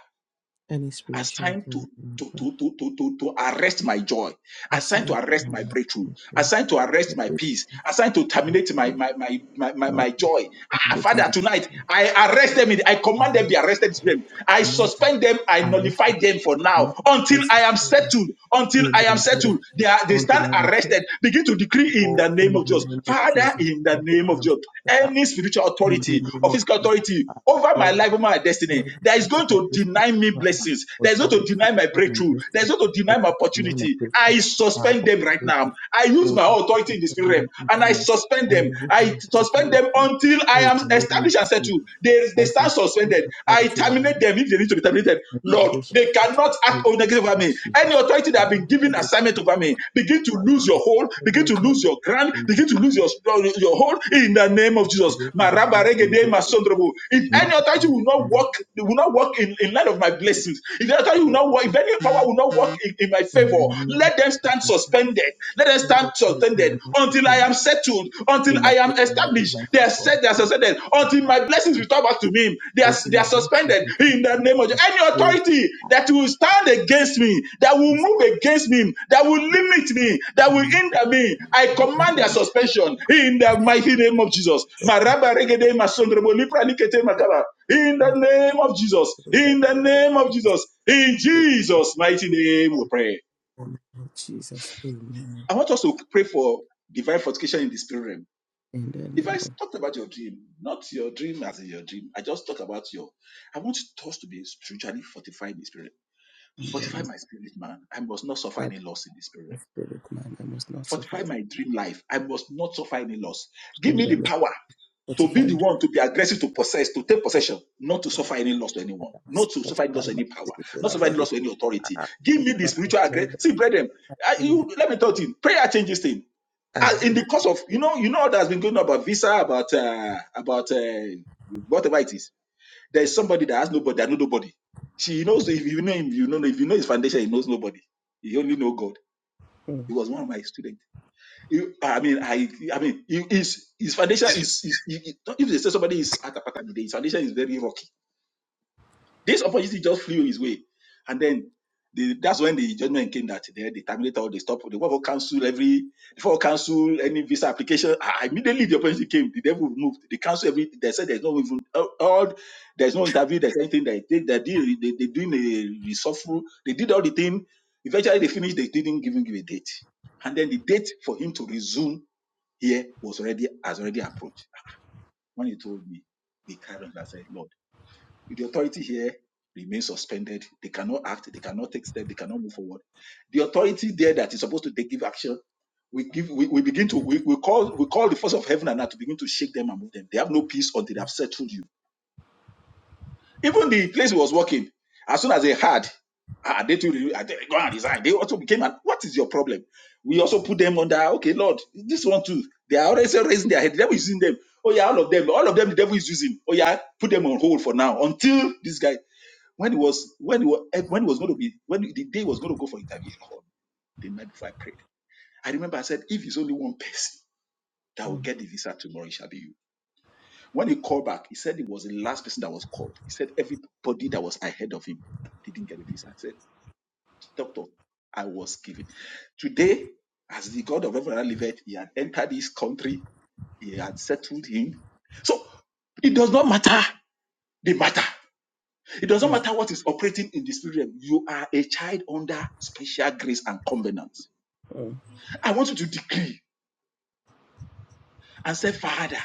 [SPEAKER 3] any spiritual
[SPEAKER 1] assigned
[SPEAKER 3] authority
[SPEAKER 1] to to,
[SPEAKER 3] Lord,
[SPEAKER 1] to, to, to, to, to arrest my joy, assigned to
[SPEAKER 3] assigned to
[SPEAKER 1] arrest my breakthrough,
[SPEAKER 3] me. Lord,
[SPEAKER 1] assigned to
[SPEAKER 3] I
[SPEAKER 1] arrest my
[SPEAKER 3] pray
[SPEAKER 1] peace, assigned to
[SPEAKER 3] for
[SPEAKER 1] terminate my
[SPEAKER 3] peace,
[SPEAKER 1] my, my, my, my,
[SPEAKER 3] My,
[SPEAKER 1] my joy. Ah,
[SPEAKER 3] with my
[SPEAKER 1] Father, tonight
[SPEAKER 3] children.
[SPEAKER 1] I arrest them, in- I command them be
[SPEAKER 3] Amen.
[SPEAKER 1] arrested. Them. I suspend them, I
[SPEAKER 3] Commander,
[SPEAKER 1] nullify them for
[SPEAKER 3] Now
[SPEAKER 1] now
[SPEAKER 3] I
[SPEAKER 1] until I am
[SPEAKER 3] sustain
[SPEAKER 1] settled. Until
[SPEAKER 3] in
[SPEAKER 1] I
[SPEAKER 3] the
[SPEAKER 1] am
[SPEAKER 3] name
[SPEAKER 1] settled,
[SPEAKER 3] of
[SPEAKER 1] they are
[SPEAKER 3] Jesus
[SPEAKER 1] they
[SPEAKER 3] until
[SPEAKER 1] stand
[SPEAKER 3] I am
[SPEAKER 1] arrested. Begin to decree in
[SPEAKER 3] faithful
[SPEAKER 1] the name
[SPEAKER 3] in
[SPEAKER 1] of
[SPEAKER 3] the
[SPEAKER 1] Jesus,
[SPEAKER 3] name of
[SPEAKER 1] Father,
[SPEAKER 3] Jesus
[SPEAKER 1] in the
[SPEAKER 3] until
[SPEAKER 1] name
[SPEAKER 3] I
[SPEAKER 1] of
[SPEAKER 3] am
[SPEAKER 1] Jesus,
[SPEAKER 3] set
[SPEAKER 1] any
[SPEAKER 3] out
[SPEAKER 1] spiritual
[SPEAKER 3] in the
[SPEAKER 1] authority
[SPEAKER 3] name
[SPEAKER 1] or
[SPEAKER 3] of
[SPEAKER 1] physical
[SPEAKER 3] Jesus.
[SPEAKER 1] authority
[SPEAKER 3] Father,
[SPEAKER 1] over my life, over my destiny,
[SPEAKER 3] Every every
[SPEAKER 1] that is going
[SPEAKER 3] physical
[SPEAKER 1] to deny deny me
[SPEAKER 3] restriction,
[SPEAKER 1] blessings. There's no to
[SPEAKER 3] authority
[SPEAKER 1] deny my
[SPEAKER 3] over my
[SPEAKER 1] breakthrough.
[SPEAKER 3] destiny,
[SPEAKER 1] There's no to
[SPEAKER 3] I
[SPEAKER 1] deny my
[SPEAKER 3] put it in my
[SPEAKER 1] opportunity.
[SPEAKER 3] destiny,
[SPEAKER 1] I
[SPEAKER 3] my
[SPEAKER 1] suspend them right
[SPEAKER 3] opportunity.
[SPEAKER 1] now. I use
[SPEAKER 3] Oh,
[SPEAKER 1] my
[SPEAKER 3] Father,
[SPEAKER 1] authority in the
[SPEAKER 3] protect
[SPEAKER 1] spirit realm
[SPEAKER 3] them
[SPEAKER 1] and
[SPEAKER 3] in
[SPEAKER 1] I
[SPEAKER 3] me.
[SPEAKER 1] suspend
[SPEAKER 3] I
[SPEAKER 1] them.
[SPEAKER 3] will
[SPEAKER 1] I
[SPEAKER 3] have
[SPEAKER 1] suspend them
[SPEAKER 3] authority
[SPEAKER 1] until I
[SPEAKER 3] in
[SPEAKER 1] am
[SPEAKER 3] the name of
[SPEAKER 1] established and settled.
[SPEAKER 3] Jesus.
[SPEAKER 1] They, they
[SPEAKER 3] I
[SPEAKER 1] start suspended.
[SPEAKER 3] sustain
[SPEAKER 1] I
[SPEAKER 3] until I
[SPEAKER 1] terminate
[SPEAKER 3] am
[SPEAKER 1] them if they need to be terminated. Lord,
[SPEAKER 3] established
[SPEAKER 1] they
[SPEAKER 3] and
[SPEAKER 1] cannot
[SPEAKER 3] settled in
[SPEAKER 1] act
[SPEAKER 3] the
[SPEAKER 1] negative
[SPEAKER 3] name
[SPEAKER 1] over
[SPEAKER 3] of
[SPEAKER 1] me. Any
[SPEAKER 3] Jesus.
[SPEAKER 1] authority that have been given assignment over me, begin to lose your hold, begin
[SPEAKER 3] Several
[SPEAKER 1] to
[SPEAKER 3] times
[SPEAKER 1] lose your ground,
[SPEAKER 3] they the
[SPEAKER 1] begin to lose your, your hold in the name of Jesus.
[SPEAKER 3] devil begins to
[SPEAKER 1] Marabaregede
[SPEAKER 3] hold
[SPEAKER 1] masondrobo. If
[SPEAKER 3] in
[SPEAKER 1] any
[SPEAKER 3] the
[SPEAKER 1] authority
[SPEAKER 3] mighty
[SPEAKER 1] will not
[SPEAKER 3] name
[SPEAKER 1] work they will not work in, in line of my
[SPEAKER 3] of
[SPEAKER 1] blessings. If the
[SPEAKER 3] the
[SPEAKER 1] authority will
[SPEAKER 3] Lord.
[SPEAKER 1] not work, if any power will not work in, in my
[SPEAKER 3] In
[SPEAKER 1] favor,
[SPEAKER 3] the name of
[SPEAKER 1] let them stand
[SPEAKER 3] Jesus,
[SPEAKER 1] suspended. Let them
[SPEAKER 3] every
[SPEAKER 1] stand
[SPEAKER 3] authority
[SPEAKER 1] suspended
[SPEAKER 3] will not be
[SPEAKER 1] until I
[SPEAKER 3] him.
[SPEAKER 1] am settled,
[SPEAKER 3] In
[SPEAKER 1] until
[SPEAKER 3] my
[SPEAKER 1] I
[SPEAKER 3] life,
[SPEAKER 1] am
[SPEAKER 3] in
[SPEAKER 1] established.
[SPEAKER 3] my
[SPEAKER 1] They are
[SPEAKER 3] people,
[SPEAKER 1] set, they are
[SPEAKER 3] in
[SPEAKER 1] suspended,
[SPEAKER 3] my
[SPEAKER 1] until
[SPEAKER 3] life,
[SPEAKER 1] my blessings return back to me. They are,
[SPEAKER 3] or to
[SPEAKER 1] they
[SPEAKER 3] my
[SPEAKER 1] are
[SPEAKER 3] destiny,
[SPEAKER 1] suspended
[SPEAKER 3] to stop
[SPEAKER 1] in the name of Jesus. Any
[SPEAKER 3] the whole
[SPEAKER 1] authority that will stand against me, that will
[SPEAKER 3] this
[SPEAKER 1] move against me, that will limit me, that
[SPEAKER 3] will
[SPEAKER 1] will
[SPEAKER 3] not be in
[SPEAKER 1] hinder
[SPEAKER 3] the
[SPEAKER 1] me, I command their suspension in the mighty name of Jesus. Maraba regede masondrobo lipra likete makaba. In the
[SPEAKER 3] mighty-
[SPEAKER 1] name of Jesus.
[SPEAKER 3] in the
[SPEAKER 1] In the
[SPEAKER 3] name of
[SPEAKER 1] name of
[SPEAKER 3] Jesus.
[SPEAKER 1] Jesus. In
[SPEAKER 3] In the
[SPEAKER 1] Jesus' mighty name, we pray.
[SPEAKER 3] name of Jesus, amen.
[SPEAKER 1] I want us to pray for divine fortification in the spirit realm.
[SPEAKER 3] In the
[SPEAKER 1] If I
[SPEAKER 3] name of
[SPEAKER 1] talked about your dream, not your dream as in your dream, I just talked about your. I want us to be spiritually fortified in the spirit.
[SPEAKER 3] in
[SPEAKER 1] realm.
[SPEAKER 3] the name
[SPEAKER 1] Fortify
[SPEAKER 3] of
[SPEAKER 1] my spirit, man. I must not suffer
[SPEAKER 3] God,
[SPEAKER 1] any loss in the spirit.
[SPEAKER 3] the
[SPEAKER 1] realm.
[SPEAKER 3] Spirit, man, I must not
[SPEAKER 1] Fortify
[SPEAKER 3] survive.
[SPEAKER 1] my dream life. I must not suffer any loss.
[SPEAKER 3] In
[SPEAKER 1] Give
[SPEAKER 3] the
[SPEAKER 1] me the
[SPEAKER 3] name
[SPEAKER 1] power.
[SPEAKER 3] of
[SPEAKER 1] to be the
[SPEAKER 3] 45.
[SPEAKER 1] one to be aggressive to possess to take possession not to
[SPEAKER 3] Lord,
[SPEAKER 1] suffer any loss to anyone
[SPEAKER 3] I am
[SPEAKER 1] not to suffer any loss to
[SPEAKER 3] Spotify, my
[SPEAKER 1] any power not
[SPEAKER 3] spiritual
[SPEAKER 1] suffer any
[SPEAKER 3] body.
[SPEAKER 1] loss to any authority
[SPEAKER 3] Ah,
[SPEAKER 1] give me
[SPEAKER 3] Lord,
[SPEAKER 1] the
[SPEAKER 3] I
[SPEAKER 1] spiritual
[SPEAKER 3] turn
[SPEAKER 1] aggression
[SPEAKER 3] the
[SPEAKER 1] see brethren
[SPEAKER 3] ah,
[SPEAKER 1] I,
[SPEAKER 3] give me the
[SPEAKER 1] you let me tell you prayer changes things
[SPEAKER 3] ah,
[SPEAKER 1] and in the
[SPEAKER 3] Lord.
[SPEAKER 1] course of you know you know that's been going on about visa about uh about uh whatever it is there is somebody that has nobody that know nobody she knows if you know him you know if you know his foundation he knows nobody he only know god
[SPEAKER 3] Mm,
[SPEAKER 1] he was one of my students you, I mean, I, I mean, you, his his foundation is, is, is- if they say somebody is at a pattern, his foundation is very rocky. This opportunity just flew his way, and then the, that's when the judgment came that they, they terminate all the stop, they want to cancel every, before cancel any visa application. Ah, immediately the opportunity came, the devil moved. They cancel every. They said there's no even all, all- there's no interview, there's anything that they They did, they, they doing a resourceful. They did all the thing. Eventually they finished. They didn't even give a date, and then the date for him to resume here was already has already approached. When he told me, we carried on. and said, Lord, if the authority here remains suspended, they cannot act, they cannot take steps, they cannot move forward. The authority there that is supposed to take give action, we give we, we begin to we, we call we call the force of heaven and earth to begin to shake them and move them. They have no peace until they have settled you. Even the place he was working, as soon as they had, ah, they too, they go and resign. They also became an, what is your problem? We also put them under, okay, Lord, this one too. They are already raising their head. The devil is using them. Oh, yeah, all of them. All of them, the devil is using. Oh, yeah, put them on hold for now until this guy, when it was, when it was, when it was going to be, when the day was going to go for interview, he called me the night before I prayed. I remember I said, if it's only one person that will
[SPEAKER 3] mm,
[SPEAKER 1] get the visa tomorrow, it shall be you when he called back, he said he was the last person that was called. He said everybody that was ahead of him didn't get a visa. He said, Doctor, I was given. Today, as the God of heaven and earth liveth, he had entered this country, he had settled him. So it does not matter the matter. It does not
[SPEAKER 3] mm,
[SPEAKER 1] matter what is operating in the spirit realm. You are a child under special grace and covenant.
[SPEAKER 3] mm.
[SPEAKER 1] I want you to decree and say, Father,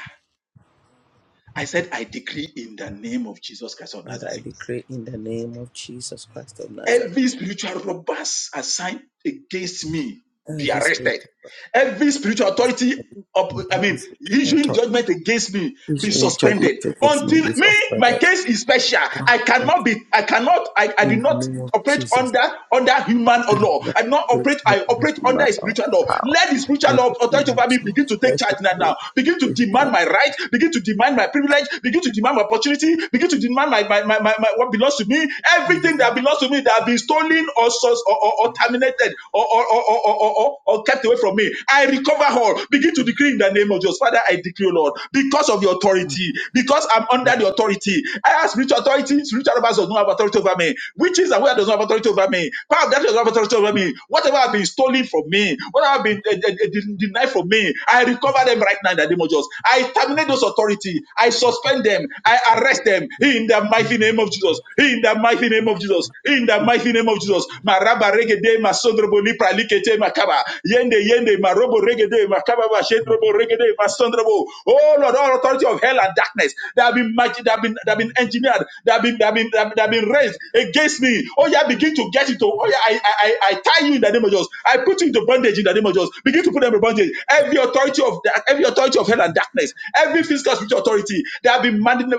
[SPEAKER 1] I said, I decree in the name of Jesus Christ of
[SPEAKER 3] Father, I
[SPEAKER 1] Nazareth.
[SPEAKER 3] decree in the name of Jesus Christ of Nazareth,
[SPEAKER 1] Every spiritual robbers assigned against me be
[SPEAKER 3] every spirit
[SPEAKER 1] arrested.
[SPEAKER 3] of
[SPEAKER 1] Every spiritual authority, of,
[SPEAKER 3] judgment,
[SPEAKER 1] I
[SPEAKER 3] every
[SPEAKER 1] mean,
[SPEAKER 3] spirit of
[SPEAKER 1] issuing
[SPEAKER 3] thought,
[SPEAKER 1] judgment against me
[SPEAKER 3] which
[SPEAKER 1] be
[SPEAKER 3] may judgment
[SPEAKER 1] suspended
[SPEAKER 3] against me
[SPEAKER 1] until
[SPEAKER 3] is
[SPEAKER 1] me. My
[SPEAKER 3] offended.
[SPEAKER 1] case is special.
[SPEAKER 3] Ah,
[SPEAKER 1] I
[SPEAKER 3] but
[SPEAKER 1] cannot be. I cannot. I, I do
[SPEAKER 3] in the
[SPEAKER 1] not
[SPEAKER 3] name of
[SPEAKER 1] operate
[SPEAKER 3] Jesus,
[SPEAKER 1] under under human
[SPEAKER 3] I will
[SPEAKER 1] law.
[SPEAKER 3] not
[SPEAKER 1] I do not
[SPEAKER 3] operate
[SPEAKER 1] operate. I
[SPEAKER 3] under
[SPEAKER 1] operate under
[SPEAKER 3] human
[SPEAKER 1] a
[SPEAKER 3] or
[SPEAKER 1] spiritual law.
[SPEAKER 3] power.
[SPEAKER 1] Let the spiritual
[SPEAKER 3] In
[SPEAKER 1] law
[SPEAKER 3] the name
[SPEAKER 1] authority
[SPEAKER 3] of
[SPEAKER 1] over me begin
[SPEAKER 3] Jesus,
[SPEAKER 1] to take
[SPEAKER 3] that's the
[SPEAKER 1] charge now. now. Begin to
[SPEAKER 3] spirit of
[SPEAKER 1] demand my right. Begin to demand my privilege begin to demand my opportunity, begin to demand my, my, my, my, my what belongs to me, everything that belongs to me that has been stolen or or, or, or terminated or or, or, or, or, or or kept away from me. I recover all. Begin to decree in the name of Jesus. Father, I decree, Lord, because of your authority, because I'm under the authority. I have spiritual authority, spiritual robbers does not have authority over me. Witches and wizards does not have authority over me. Power of darkness does not have authority over me. Whatever has been stolen from me, whatever has been uh, uh, uh, denied from me, I recover them right now in the name of Jesus. I terminate those authority. I suspend them. I arrest them in the mighty name of Jesus. In the mighty name of Jesus. In the mighty name of Jesus. Maraba regede masondrobo lipra likete makaba. Yende yende marobo regede makaba ba shedrobo regede masondrobo. Oh Lord, all authority of hell and darkness that have been that have been that have been engineered, that have been that have been that have been, that have been raised against me. Oh yeah, begin to get get into oh yeah, I, I I tie you in the name of Jesus. I put you into bondage in the name of Jesus. Begin to put them in bondage. Every authority of da- every authority of hell and darkness, every physical spiritual authority that have been mandated,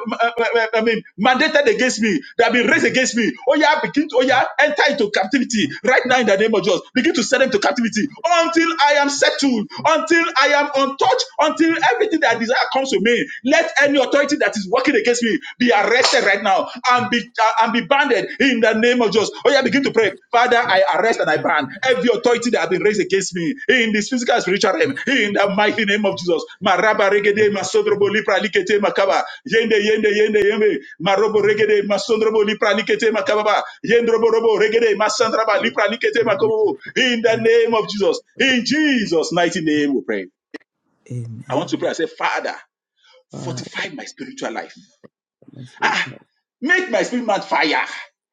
[SPEAKER 1] I mean, mandated against me, that have been raised against me. Oh yeah, begin to oh yeah, enter into captivity right now in the name of Jesus. Begin to send them to captivity until I am settled, until I am untouched, until everything that I desire comes to me. Let any authority that is working against be, be arrested right now and be uh, and be banned in the name of Jesus. Oh, yeah, begin to pray. Father, I arrest and I ban every authority that have been raised against me in this physical and spiritual realm in the mighty name of Jesus. Maraba regede masodrobo lipra likete makaba. Yende yende yende yende. Marobo regede masodrobo lipra likete makaba. Yendrobo robo regede masandraba lipra likete makobo. In the
[SPEAKER 3] But
[SPEAKER 1] name of Jesus. In Jesus' mighty name we pray. I
[SPEAKER 3] amen.
[SPEAKER 1] want to pray. I say, Father,
[SPEAKER 3] Father,
[SPEAKER 1] fortify my spiritual life.
[SPEAKER 3] let's reach
[SPEAKER 1] Ah,
[SPEAKER 3] out.
[SPEAKER 1] Make my spirit man fire.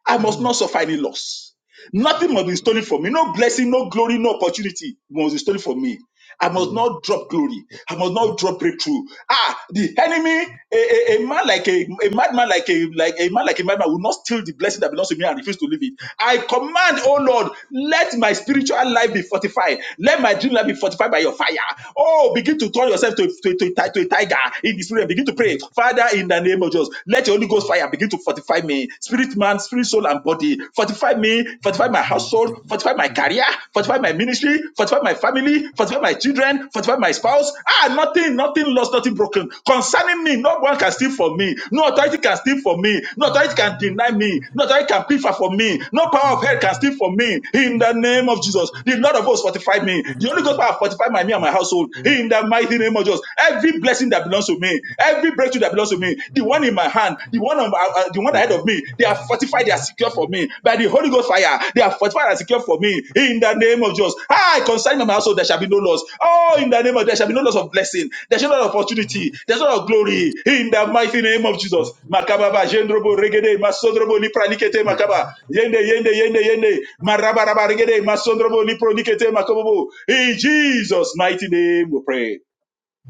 [SPEAKER 1] I
[SPEAKER 3] And
[SPEAKER 1] must
[SPEAKER 3] I'm
[SPEAKER 1] not suffer any loss.
[SPEAKER 3] grateful
[SPEAKER 1] Nothing
[SPEAKER 3] for
[SPEAKER 1] must be stolen from me. No blessing, no glory, no opportunity must be stolen from me. I must
[SPEAKER 3] you.
[SPEAKER 1] not drop glory. I must not drop breakthrough. Ah, the enemy, a, a, a man like a, a madman like a like a man like a madman will not steal the blessing that belongs to me and refuse to leave it. I command, oh Lord, let my spiritual life be fortified. Let my dream life be fortified by your fire. Oh, begin to turn yourself to, to, to, to a tiger in the spirit. Begin to pray, Father, in the name of Jesus, let your Holy Ghost fire begin to fortify me. Spirit spirit, man, spirit, soul, and body. Fortify me, fortify my household, fortify my career, fortify my ministry, fortify my family, fortify my children, fortify my spouse. Ah, nothing, nothing lost, nothing broken. Concerning me, no one can steal from me. No authority can steal from me. No authority can deny me. No authority can prefer from me. No power of hell can steal from me. In the name of Jesus, the Lord of hosts fortify me. The Holy Ghost power fortify my me and my household. In in the mighty name of Jesus. Every blessing that belongs to me, every breakthrough that belongs to me, the one in my hand, the one on, uh, uh, the one ahead of me, they are fortified, they are secure for me by the Holy Ghost fire. They are fortified and secure for me in the name of Jesus. I consign my household, there shall be no loss. Oh, in the name of there shall be no loss of blessing. There shall be no opportunity. There shall be no glory in the mighty name of Jesus. Makababa, Jendrobo, Regede, Masodrobo, Lipra, Makaba. Yende, yende, yende, yende. Marabarabarigede, masondrobo, liprodikete, makobobo. In Jesus' mighty name we pray.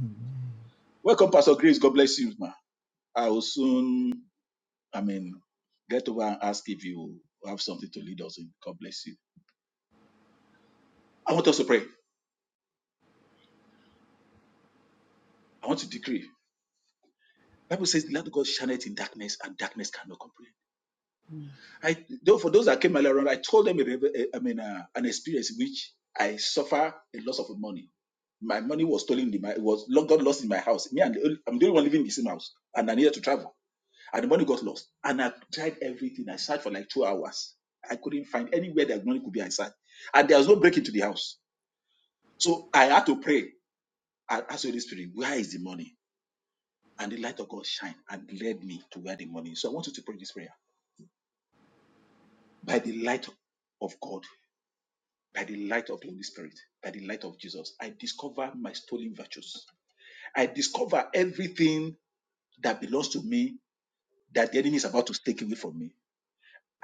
[SPEAKER 3] Amen.
[SPEAKER 1] Welcome, Pastor Grace. God bless you, ma. I will soon, I mean, get over and ask if you have something to lead us in. God bless you. I want us to pray. I want to decree. Bible says, "Let God shine it in darkness, and darkness cannot comprehend." I, though for those that came earlier on, I told them, a, reve- a- I mean, uh, an experience in which I suffer a loss of money. My money was stolen. In my, it was God lost in my house. Me and the only- I'm the only one living in the same house, and I needed to travel. And the money got lost. And I tried everything. I searched for like two hours. I couldn't find anywhere that money could be inside. And there was no break into the house. So I had to pray. I asked the Holy Spirit, where is the money? And the light of God shined and led me to where the money is. So I want you to pray this prayer. By the light of God, by the light of the Holy Spirit, by the light of Jesus, I discover my stolen virtues. I discover everything that belongs to me that the enemy is about to take away from me.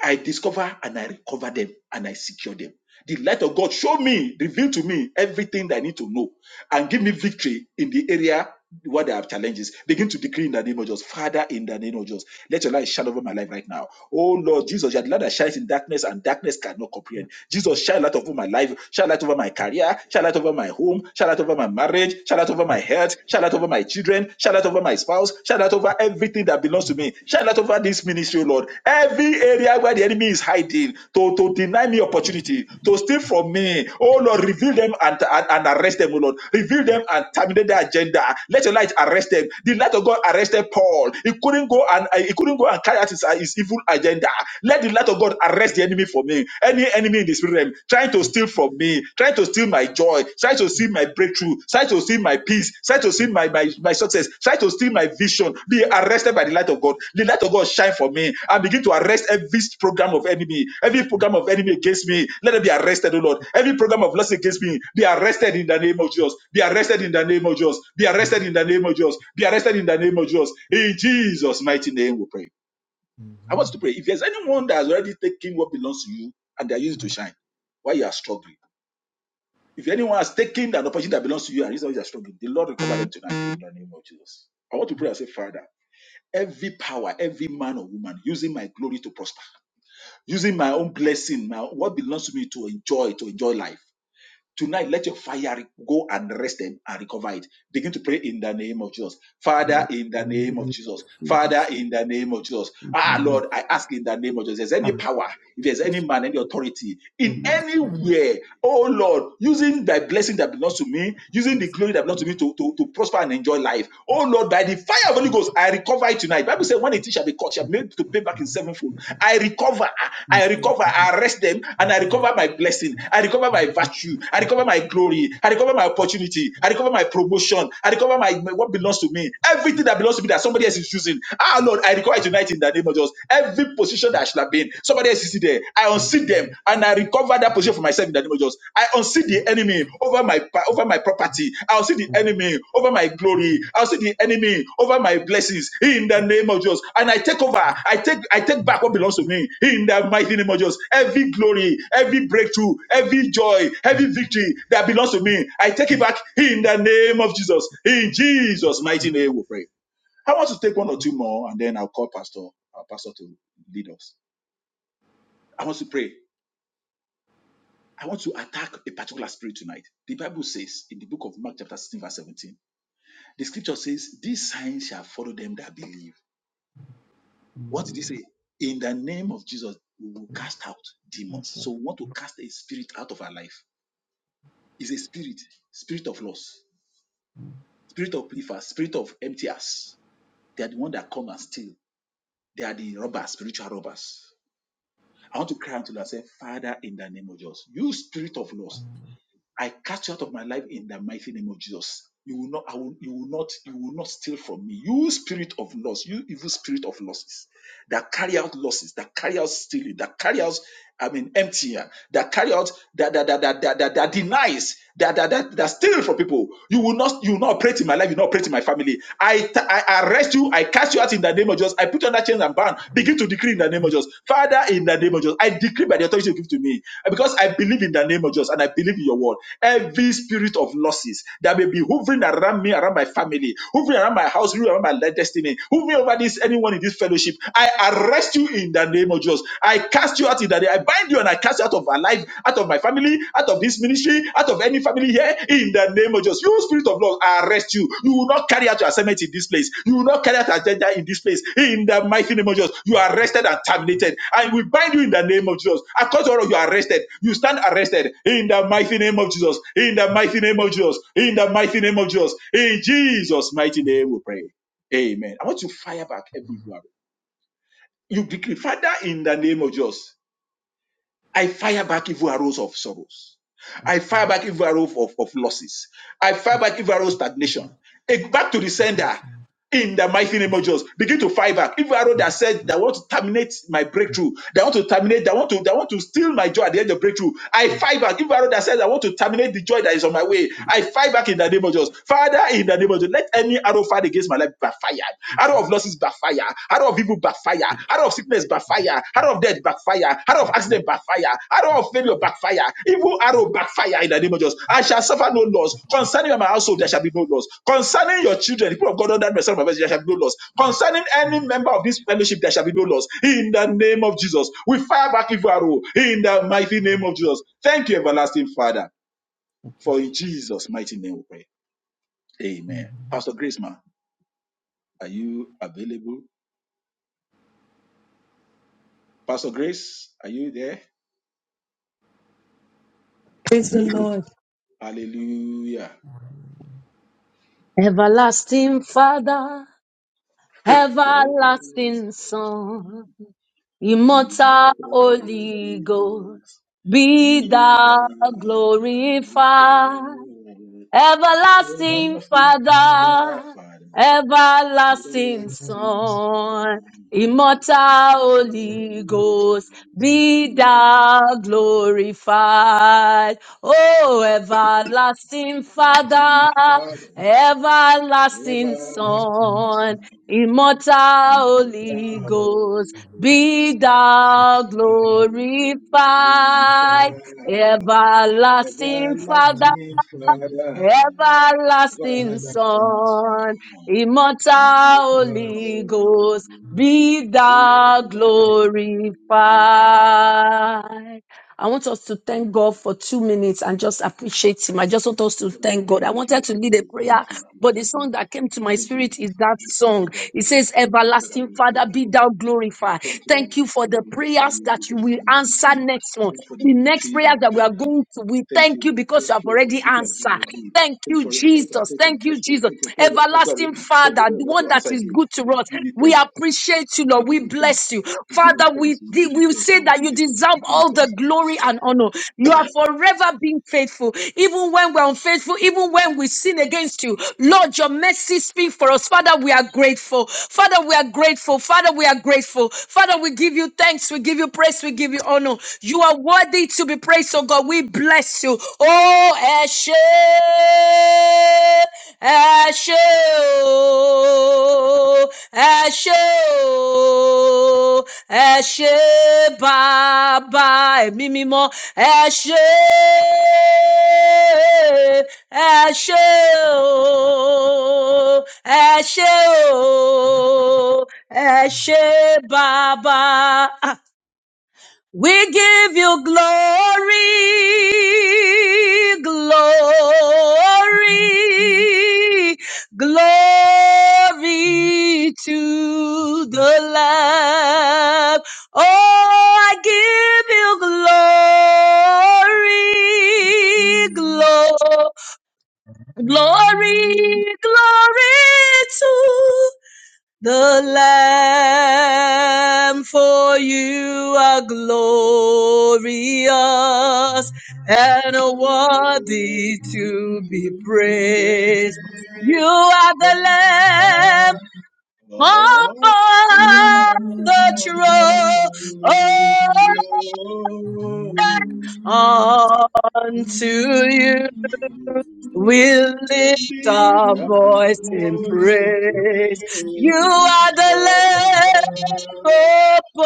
[SPEAKER 1] I discover and I recover them and I secure them. The light of God show me, reveal to me everything that I need to know and give me victory in the area where there are challenges. Begin to decree in the name of Jesus. Father, in the name of Jesus, let your light shine over my life right now. Oh Lord Jesus, you are the light that shines in darkness and darkness cannot comprehend. Jesus, shine light over my life, shine light over my career, shine light over my home, shine light over my marriage, shine light over my health, shine light over my children, shine light over my spouse, shine light over every everything that belongs to me. Shine light over this ministry, O Lord. Every area where the enemy is hiding to, to deny me opportunity, to steal from me. Oh Lord, reveal them and, and, and arrest them, O Lord. Reveal them and terminate their agenda. Let your light arrest them. The light of God arrested Paul. He couldn't go and uh, he couldn't go and carry out his, uh, his evil agenda. Let the light of God arrest the enemy for me. Any enemy in the spirit realm trying to steal from me, trying to steal my joy, try to steal my breakthrough, try to steal my peace, try to steal my, my, my success, try to steal my vision, be arrested by the light of God. The light of God shine for me and begin to arrest every program of enemy, every program of enemy against me. Let them be arrested, O Lord. Every program of lust against me, be arrested in the name of Jesus. Be arrested in the name of Jesus. Be arrested in the name of Jesus. Be arrested in the name of Jesus. In Jesus' mighty name we pray. I want you to pray. If there's anyone that has already taken what belongs to you and they are using it to shine, why you are struggling if anyone has taken that opportunity that belongs to you and reasons you are struggling, the Lord recover them tonight in the name of Jesus. I want to pray and say, Father, every power, every man or woman using my glory to prosper, using my own blessing, my, what belongs to me to enjoy, to enjoy life. Tonight, let your fire go and rest them and recover it. Begin to pray in the name of Jesus. Father,
[SPEAKER 3] Lord,
[SPEAKER 1] in the name of
[SPEAKER 3] hallelujah.
[SPEAKER 1] Jesus. Father,
[SPEAKER 3] Jesus,
[SPEAKER 1] in the name of Jesus.
[SPEAKER 3] thank
[SPEAKER 1] Ah,
[SPEAKER 3] you.
[SPEAKER 1] Lord, I ask in the name of Jesus. If there's any
[SPEAKER 3] Ah,
[SPEAKER 1] power, if there's any
[SPEAKER 3] Jesus,
[SPEAKER 1] man, any authority
[SPEAKER 3] thank
[SPEAKER 1] in
[SPEAKER 3] you. Lord,
[SPEAKER 1] anywhere, oh Lord, using thy blessing that belongs to me, using the
[SPEAKER 3] bless you.
[SPEAKER 1] glory that belongs to me to, to, to prosper and enjoy life. Oh Lord, by the fire of the Holy Ghost, I recover it tonight. Bible said, when a thief shall be caught, shall be made to pay back in sevenfold. I recover,
[SPEAKER 3] And
[SPEAKER 1] I
[SPEAKER 3] then,
[SPEAKER 1] recover, I arrest them, and I recover my blessing. I recover my virtue. I recover my glory. I recover my opportunity. I recover my promotion. I recover my, my- what belongs to me. Everything that belongs to me that somebody else is using. Ah, Lord, I recover it tonight in the name of Jesus. Every position that I should have been, somebody else is there. I unseat them, and I recover that position for myself myself in the name of Jesus. I unsee the enemy over my pa- over my property. I unsee the enemy over my glory. I unsee the enemy over my blessings in the name of Jesus. And I take over. I take I take back what belongs to me in the mighty name of Jesus. Every glory, every breakthrough, every joy, every victory that belongs to me, I take it back in the name of Jesus. In Jesus' mighty name, we pray. I want to take one or two more, and then I'll call Pastor, our Pastor, to lead us. I want to pray. I want to attack a particular spirit tonight. The Bible says in the book of Mark, chapter 16, verse 17, the scripture says, These signs shall follow them that believe.
[SPEAKER 3] my
[SPEAKER 1] What did he
[SPEAKER 3] Lord,
[SPEAKER 1] say? In the name of Jesus, we will cast out demons.
[SPEAKER 3] after,
[SPEAKER 1] So we want to cast a spirit out of our life. It's a spirit, spirit of loss, spirit of believers, spirit of emptiers. They are the one that come and steal. They are the robbers, spiritual robbers. I want to cry unto Lord say, Father, in the name of Jesus, you spirit of loss, I cast you out of my life in the mighty name of Jesus. You will not, I will, you will not, you will not steal from me. You spirit of loss, you evil spirit of losses that carry out losses, that carry out stealing, that carry out, I mean, empty, uh, that carry out, that that that that that, that, that denies, that that that, that steals from people. You will not, you will not operate in my life. You will not operate in my family. I, I arrest you. I cast you out in that in the name of Jesus. I put on that chains and bound. Begin to decree in the name of Jesus. Father, in the name of Jesus, I decree by the authority you give to me because I believe in the name of Jesus and I believe in your word. Every spirit of losses that may be hovering around me, around my family, hovering around my house, hovering around my destiny, hovering over this anyone in this fellowship, I arrest you in the name of Jesus. I cast you out in the name. I bind you and I cast you out of my life, out of my family, out of this ministry, out of any family here, in the name of Jesus. You, Spirit of Lord, I arrest you. You will not carry out your assignment in this place. You will not carry out agenda in this place. In the mighty name of Jesus, you are arrested and terminated. And we bind you in the name of Jesus. According to all of you, are arrested. You stand arrested in the mighty name of Jesus. In the mighty name of Jesus. In the mighty name of Jesus. In Jesus' mighty name, we pray. Amen. I want you to fire back every one. You decree, Father, in the name of Jesus. I fire back evil arrows of sorrows. I fire back evil arrows of, of losses. I fire
[SPEAKER 3] after
[SPEAKER 1] back evil arrows of stagnation. Eh, Back to the sender
[SPEAKER 3] admission,
[SPEAKER 1] in the mighty
[SPEAKER 3] I
[SPEAKER 1] name of
[SPEAKER 3] said,
[SPEAKER 1] Jesus. Begin to fire back. Evil arrow that said
[SPEAKER 3] oh,
[SPEAKER 1] that want to terminate my
[SPEAKER 3] oh,
[SPEAKER 1] breakthrough, that want to terminate, that want to, that want to steal my joy at the end of breakthrough. I
[SPEAKER 3] oh,
[SPEAKER 1] fire back. Evil arrow that says I want to terminate the joy that is on my way. I fire back in the name of Jesus. Father, in the name of Jesus, let any arrow fired against my life backfire. Arrow of losses backfire out of evil backfire, out of sickness backfire, out of death backfire, out of accident backfire, out of failure backfire, evil arrow backfire in the name of Jesus. I shall suffer no loss. Concerning my household, there shall be no loss. Concerning your children, the people of God under the sound of my voice, there shall be no loss. Concerning any
[SPEAKER 3] oh,
[SPEAKER 1] member of this fellowship, there shall be no loss. In the name of Jesus, we fire back evil arrow in the mighty name of Jesus. Thank you, everlasting Father,
[SPEAKER 3] thank you,
[SPEAKER 1] for in
[SPEAKER 3] Jesus.
[SPEAKER 1] Jesus' mighty name we pray. Amen.
[SPEAKER 3] Amen.
[SPEAKER 1] Pastor Grace, ma, are you available? Pastor Grace, are you there?
[SPEAKER 4] Praise the Lord.
[SPEAKER 1] Hallelujah.
[SPEAKER 4] Everlasting Father,
[SPEAKER 1] Jehovah,
[SPEAKER 4] everlasting Son, immortal
[SPEAKER 1] immortal
[SPEAKER 4] Holy
[SPEAKER 1] Holy
[SPEAKER 4] Ghost,
[SPEAKER 1] Ghost,
[SPEAKER 4] be
[SPEAKER 1] be thou
[SPEAKER 4] thou
[SPEAKER 1] glorified.
[SPEAKER 4] glorified Everlasting
[SPEAKER 1] thou,
[SPEAKER 4] Father,
[SPEAKER 1] Father,
[SPEAKER 4] everlasting
[SPEAKER 1] everlasting Son,
[SPEAKER 4] Son, immortal
[SPEAKER 1] immortal
[SPEAKER 4] Holy
[SPEAKER 1] Holy
[SPEAKER 4] Ghost,
[SPEAKER 1] Ghost,
[SPEAKER 4] be
[SPEAKER 1] be
[SPEAKER 4] thou
[SPEAKER 1] thou
[SPEAKER 4] glorified. Oh, everlasting
[SPEAKER 1] everlasting
[SPEAKER 4] Father,
[SPEAKER 1] Father,
[SPEAKER 4] everlasting
[SPEAKER 1] everlasting
[SPEAKER 4] Son,
[SPEAKER 1] Son,
[SPEAKER 4] immortal
[SPEAKER 1] immortal
[SPEAKER 4] Holy Ghost,
[SPEAKER 1] Holy Ghost.
[SPEAKER 4] be thou
[SPEAKER 1] Lord
[SPEAKER 4] glorified.
[SPEAKER 1] glorified,
[SPEAKER 4] Everlasting Father,
[SPEAKER 1] everlasting Father.
[SPEAKER 4] Everlasting
[SPEAKER 1] Everlasting Son,
[SPEAKER 4] Son, immortal
[SPEAKER 1] immortal
[SPEAKER 4] Holy
[SPEAKER 1] Holy
[SPEAKER 4] Ghost, be
[SPEAKER 1] Ghost,
[SPEAKER 4] thou
[SPEAKER 1] without
[SPEAKER 4] glorified. I want us to thank God for two minutes and just appreciate Him. I just want us to
[SPEAKER 1] Father, we
[SPEAKER 4] thank God. I
[SPEAKER 1] thank you.
[SPEAKER 4] wanted to
[SPEAKER 1] Father,
[SPEAKER 4] lead a
[SPEAKER 1] we thank
[SPEAKER 4] prayer,
[SPEAKER 1] you. We
[SPEAKER 4] but the
[SPEAKER 1] thank you.
[SPEAKER 4] song that came to
[SPEAKER 1] We
[SPEAKER 4] my
[SPEAKER 1] thank you.
[SPEAKER 4] spirit is that
[SPEAKER 1] We thank
[SPEAKER 4] song.
[SPEAKER 1] you, Lord.
[SPEAKER 4] It
[SPEAKER 1] We
[SPEAKER 4] says,
[SPEAKER 1] thank you, Father.
[SPEAKER 4] Everlasting
[SPEAKER 1] We
[SPEAKER 4] Father,
[SPEAKER 1] thank you,
[SPEAKER 4] be
[SPEAKER 1] Lord.
[SPEAKER 4] thou
[SPEAKER 1] We
[SPEAKER 4] glorified.
[SPEAKER 1] thank you,
[SPEAKER 4] Thank
[SPEAKER 1] Lord.
[SPEAKER 4] you for
[SPEAKER 1] We
[SPEAKER 4] the
[SPEAKER 1] glorify
[SPEAKER 4] prayers
[SPEAKER 1] you. We
[SPEAKER 4] that you
[SPEAKER 1] thank you for
[SPEAKER 4] will
[SPEAKER 1] the
[SPEAKER 4] answer
[SPEAKER 1] victory.
[SPEAKER 4] next month.
[SPEAKER 1] Thank you for the
[SPEAKER 4] The next
[SPEAKER 1] victory,
[SPEAKER 4] prayers
[SPEAKER 1] Lord.
[SPEAKER 4] that we
[SPEAKER 1] Thank
[SPEAKER 4] are
[SPEAKER 1] you.
[SPEAKER 4] going to, we
[SPEAKER 1] Thank you,
[SPEAKER 4] thank you
[SPEAKER 1] Lord.
[SPEAKER 4] because
[SPEAKER 1] Thank
[SPEAKER 4] you have
[SPEAKER 1] you for the
[SPEAKER 4] already
[SPEAKER 1] victory of God
[SPEAKER 4] answered.
[SPEAKER 1] already.
[SPEAKER 4] Thank
[SPEAKER 1] Thank you
[SPEAKER 4] you,
[SPEAKER 1] for your answer.
[SPEAKER 4] Jesus.
[SPEAKER 1] Thank you for the
[SPEAKER 4] Thank you,
[SPEAKER 1] next prayer.
[SPEAKER 4] Jesus.
[SPEAKER 1] Thank you for prayer of answer
[SPEAKER 4] Everlasting
[SPEAKER 1] already. Thank you for
[SPEAKER 4] Father,
[SPEAKER 1] prayer
[SPEAKER 4] the
[SPEAKER 1] about to
[SPEAKER 4] one that
[SPEAKER 1] answer
[SPEAKER 4] is
[SPEAKER 1] again.
[SPEAKER 4] good to
[SPEAKER 1] We
[SPEAKER 4] us.
[SPEAKER 1] give you
[SPEAKER 4] We
[SPEAKER 1] thanks.
[SPEAKER 4] appreciate you,
[SPEAKER 1] We
[SPEAKER 4] Lord.
[SPEAKER 1] give
[SPEAKER 4] We
[SPEAKER 1] you thanks.
[SPEAKER 4] bless you.
[SPEAKER 1] We give you
[SPEAKER 4] Father,
[SPEAKER 1] thanks.
[SPEAKER 4] we,
[SPEAKER 1] We
[SPEAKER 4] de-
[SPEAKER 1] give you
[SPEAKER 4] we
[SPEAKER 1] thanks,
[SPEAKER 4] say
[SPEAKER 1] Lord. We
[SPEAKER 4] that
[SPEAKER 1] give
[SPEAKER 4] you
[SPEAKER 1] you thanks. We
[SPEAKER 4] deserve
[SPEAKER 1] give you
[SPEAKER 4] all the
[SPEAKER 1] thanks, Lord.
[SPEAKER 4] glory and honor. You are forever being faithful. Even when we're unfaithful, even when we sin against you, Lord, your mercy speaks for us. Father, we are grateful. Father, we are grateful. Father, we are grateful. Father, we give you thanks. We give you praise. We give you honor. You are worthy to be praised, oh God. We bless you. Oh, Eshe, Eshe, Eshe, Eshe, Baba, Mimimo, Eshe, Eshe, Eshe, Eshe, Baba. Ah, we give you glory, glory, glory to the Lamb. Oh, I give you glory, glory, glory, glory to the Lamb, for you are glorious and
[SPEAKER 1] I'm
[SPEAKER 4] worthy
[SPEAKER 1] worthy
[SPEAKER 4] to be
[SPEAKER 1] to be
[SPEAKER 4] praised. You
[SPEAKER 1] praised.
[SPEAKER 4] are
[SPEAKER 1] The man
[SPEAKER 4] the Lamb
[SPEAKER 1] of
[SPEAKER 4] upon the
[SPEAKER 1] wonderful
[SPEAKER 4] throne.
[SPEAKER 1] flow.
[SPEAKER 4] Oh, Unto you we
[SPEAKER 1] Lift
[SPEAKER 4] lift our
[SPEAKER 1] our
[SPEAKER 4] voice in
[SPEAKER 1] voice in
[SPEAKER 4] praise. You
[SPEAKER 1] praise,
[SPEAKER 4] are the
[SPEAKER 1] Lord and
[SPEAKER 4] Lamb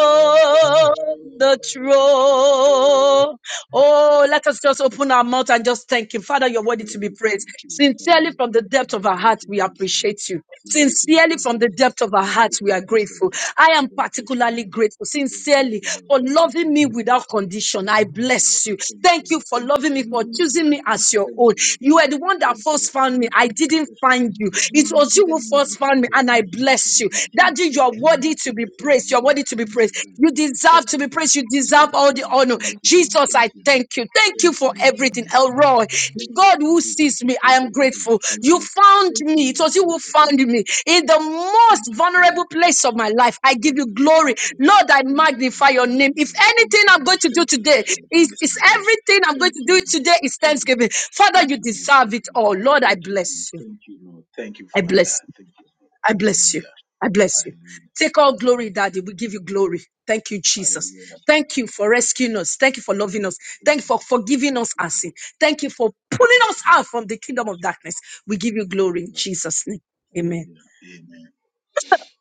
[SPEAKER 1] Lord,
[SPEAKER 4] the throne. Oh, let us just open our mouth and just thank Him. Father, you're worthy
[SPEAKER 1] Father,
[SPEAKER 4] to be
[SPEAKER 1] we
[SPEAKER 4] praised.
[SPEAKER 1] thank you. Father,
[SPEAKER 4] Sincerely,
[SPEAKER 1] we
[SPEAKER 4] from the
[SPEAKER 1] thank you.
[SPEAKER 4] depth
[SPEAKER 1] You
[SPEAKER 4] of
[SPEAKER 1] are
[SPEAKER 4] our
[SPEAKER 1] worthy
[SPEAKER 4] heart,
[SPEAKER 1] to be
[SPEAKER 4] we
[SPEAKER 1] praised, O Lord.
[SPEAKER 4] appreciate you.
[SPEAKER 1] You are worthy to be
[SPEAKER 4] Sincerely,
[SPEAKER 1] praised,
[SPEAKER 4] from
[SPEAKER 1] O
[SPEAKER 4] the
[SPEAKER 1] Lord.
[SPEAKER 4] depth of our
[SPEAKER 1] You are worthy
[SPEAKER 4] hearts,
[SPEAKER 1] to
[SPEAKER 4] we
[SPEAKER 1] be
[SPEAKER 4] are
[SPEAKER 1] praised, O
[SPEAKER 4] grateful.
[SPEAKER 1] Lord.
[SPEAKER 4] I am
[SPEAKER 1] We are grateful,
[SPEAKER 4] particularly
[SPEAKER 1] Lord.
[SPEAKER 4] grateful,
[SPEAKER 1] We are
[SPEAKER 4] sincerely,
[SPEAKER 1] grateful, Lord.
[SPEAKER 4] for
[SPEAKER 1] We are grateful,
[SPEAKER 4] loving
[SPEAKER 1] Lord.
[SPEAKER 4] me
[SPEAKER 1] We are
[SPEAKER 4] without
[SPEAKER 1] grateful, Lord.
[SPEAKER 4] condition. I
[SPEAKER 1] Lord,
[SPEAKER 4] bless
[SPEAKER 1] I
[SPEAKER 4] you.
[SPEAKER 1] thank you.
[SPEAKER 4] Thank
[SPEAKER 1] Lord.
[SPEAKER 4] you for
[SPEAKER 1] thank you
[SPEAKER 4] loving
[SPEAKER 1] for
[SPEAKER 4] me,
[SPEAKER 1] your
[SPEAKER 4] for
[SPEAKER 1] love in my
[SPEAKER 4] choosing me
[SPEAKER 1] life.
[SPEAKER 4] as your
[SPEAKER 1] Thank
[SPEAKER 4] own.
[SPEAKER 1] you, Lord.
[SPEAKER 4] You
[SPEAKER 1] God.
[SPEAKER 4] were the one that
[SPEAKER 1] Thank you,
[SPEAKER 4] first
[SPEAKER 1] Lord, for
[SPEAKER 4] found me. I
[SPEAKER 1] loving me. So thank
[SPEAKER 4] didn't
[SPEAKER 1] you, for of
[SPEAKER 4] find you.
[SPEAKER 1] Lord.
[SPEAKER 4] It was you who
[SPEAKER 1] Thank you,
[SPEAKER 4] first
[SPEAKER 1] Lord, for
[SPEAKER 4] found me, and
[SPEAKER 1] loving
[SPEAKER 4] I
[SPEAKER 1] me. Thank you,
[SPEAKER 4] bless you.
[SPEAKER 1] Lord. Lord. Thank you
[SPEAKER 4] Daddy,
[SPEAKER 1] for
[SPEAKER 4] you are
[SPEAKER 1] all you do.
[SPEAKER 4] worthy to be
[SPEAKER 1] Thank you for your
[SPEAKER 4] praised. You are
[SPEAKER 1] love
[SPEAKER 4] worthy
[SPEAKER 1] and
[SPEAKER 4] to be
[SPEAKER 1] kindness
[SPEAKER 4] praised.
[SPEAKER 1] of God.
[SPEAKER 4] You deserve
[SPEAKER 1] Thank
[SPEAKER 4] to
[SPEAKER 1] you,
[SPEAKER 4] be
[SPEAKER 1] Lord.
[SPEAKER 4] praised. You deserve
[SPEAKER 1] Thank
[SPEAKER 4] all
[SPEAKER 1] you,
[SPEAKER 4] the
[SPEAKER 1] Lord.
[SPEAKER 4] honor.
[SPEAKER 1] Thank you, Lord.
[SPEAKER 4] Jesus,
[SPEAKER 1] Thank
[SPEAKER 4] I
[SPEAKER 1] you, Lord.
[SPEAKER 4] thank you. Thank you
[SPEAKER 1] Thank you,
[SPEAKER 4] for
[SPEAKER 1] Lord. Thank
[SPEAKER 4] everything.
[SPEAKER 1] you, Father.
[SPEAKER 4] Elroy,
[SPEAKER 1] Thank you
[SPEAKER 4] God
[SPEAKER 1] for the
[SPEAKER 4] who
[SPEAKER 1] good and
[SPEAKER 4] sees
[SPEAKER 1] the
[SPEAKER 4] me, I
[SPEAKER 1] good.
[SPEAKER 4] am
[SPEAKER 1] Thank you for the
[SPEAKER 4] grateful. You
[SPEAKER 1] cover.
[SPEAKER 4] found
[SPEAKER 1] Thank you,
[SPEAKER 4] me. It
[SPEAKER 1] Lord.
[SPEAKER 4] was you who found
[SPEAKER 1] Thank you,
[SPEAKER 4] me
[SPEAKER 1] Lord.
[SPEAKER 4] in the
[SPEAKER 1] Thank
[SPEAKER 4] most
[SPEAKER 1] you, Father.
[SPEAKER 4] vulnerable
[SPEAKER 1] Thank
[SPEAKER 4] place
[SPEAKER 1] you,
[SPEAKER 4] of my
[SPEAKER 1] Lord.
[SPEAKER 4] life. I give
[SPEAKER 1] Thank you,
[SPEAKER 4] you glory.
[SPEAKER 1] Lord.
[SPEAKER 4] Lord, I
[SPEAKER 1] Thank you, Lord.
[SPEAKER 4] magnify your
[SPEAKER 1] Thank
[SPEAKER 4] name.
[SPEAKER 1] you,
[SPEAKER 4] If
[SPEAKER 1] Lord. Thank
[SPEAKER 4] anything
[SPEAKER 1] you,
[SPEAKER 4] I'm
[SPEAKER 1] Lord.
[SPEAKER 4] going to do
[SPEAKER 1] Thank you, Lord. Thank you, Lord,
[SPEAKER 4] today
[SPEAKER 1] for your
[SPEAKER 4] is,
[SPEAKER 1] goodness in
[SPEAKER 4] is
[SPEAKER 1] my life.
[SPEAKER 4] everything I'm going
[SPEAKER 1] Thank
[SPEAKER 4] to
[SPEAKER 1] you,
[SPEAKER 4] do
[SPEAKER 1] Lord.
[SPEAKER 4] today is
[SPEAKER 1] Thank you.
[SPEAKER 4] thanksgiving. Father,
[SPEAKER 1] Thank
[SPEAKER 4] you
[SPEAKER 1] you, Lord.
[SPEAKER 4] deserve
[SPEAKER 1] Thank you,
[SPEAKER 4] it
[SPEAKER 1] Lord.
[SPEAKER 4] all. Lord, I
[SPEAKER 1] Thank you, Lord.
[SPEAKER 4] bless you.
[SPEAKER 1] Thank you, Lord. Thank you,
[SPEAKER 4] I bless
[SPEAKER 1] Father.
[SPEAKER 4] you.
[SPEAKER 1] Thank you, Lord.
[SPEAKER 4] I bless you.
[SPEAKER 1] Hallelujah.
[SPEAKER 4] I bless you.
[SPEAKER 1] Hallelujah.
[SPEAKER 4] Take all glory,
[SPEAKER 1] Hallelujah.
[SPEAKER 4] Daddy. We give you glory. Thank you, Jesus.
[SPEAKER 1] Hallelujah.
[SPEAKER 4] Thank you for rescuing us. Thank you for loving us.
[SPEAKER 1] Thank
[SPEAKER 4] Thank you
[SPEAKER 1] you,
[SPEAKER 4] for
[SPEAKER 1] Lord.
[SPEAKER 4] forgiving
[SPEAKER 1] Thank
[SPEAKER 4] us
[SPEAKER 1] you,
[SPEAKER 4] our sin.
[SPEAKER 1] Jesus.
[SPEAKER 4] Thank you for pulling
[SPEAKER 1] Thank you,
[SPEAKER 4] us
[SPEAKER 1] Lord.
[SPEAKER 4] out from the kingdom of darkness. We give you
[SPEAKER 1] Thank
[SPEAKER 4] glory
[SPEAKER 1] you,
[SPEAKER 4] in
[SPEAKER 1] Lord.
[SPEAKER 4] Jesus' name. Amen.
[SPEAKER 1] Hallelujah. Amen.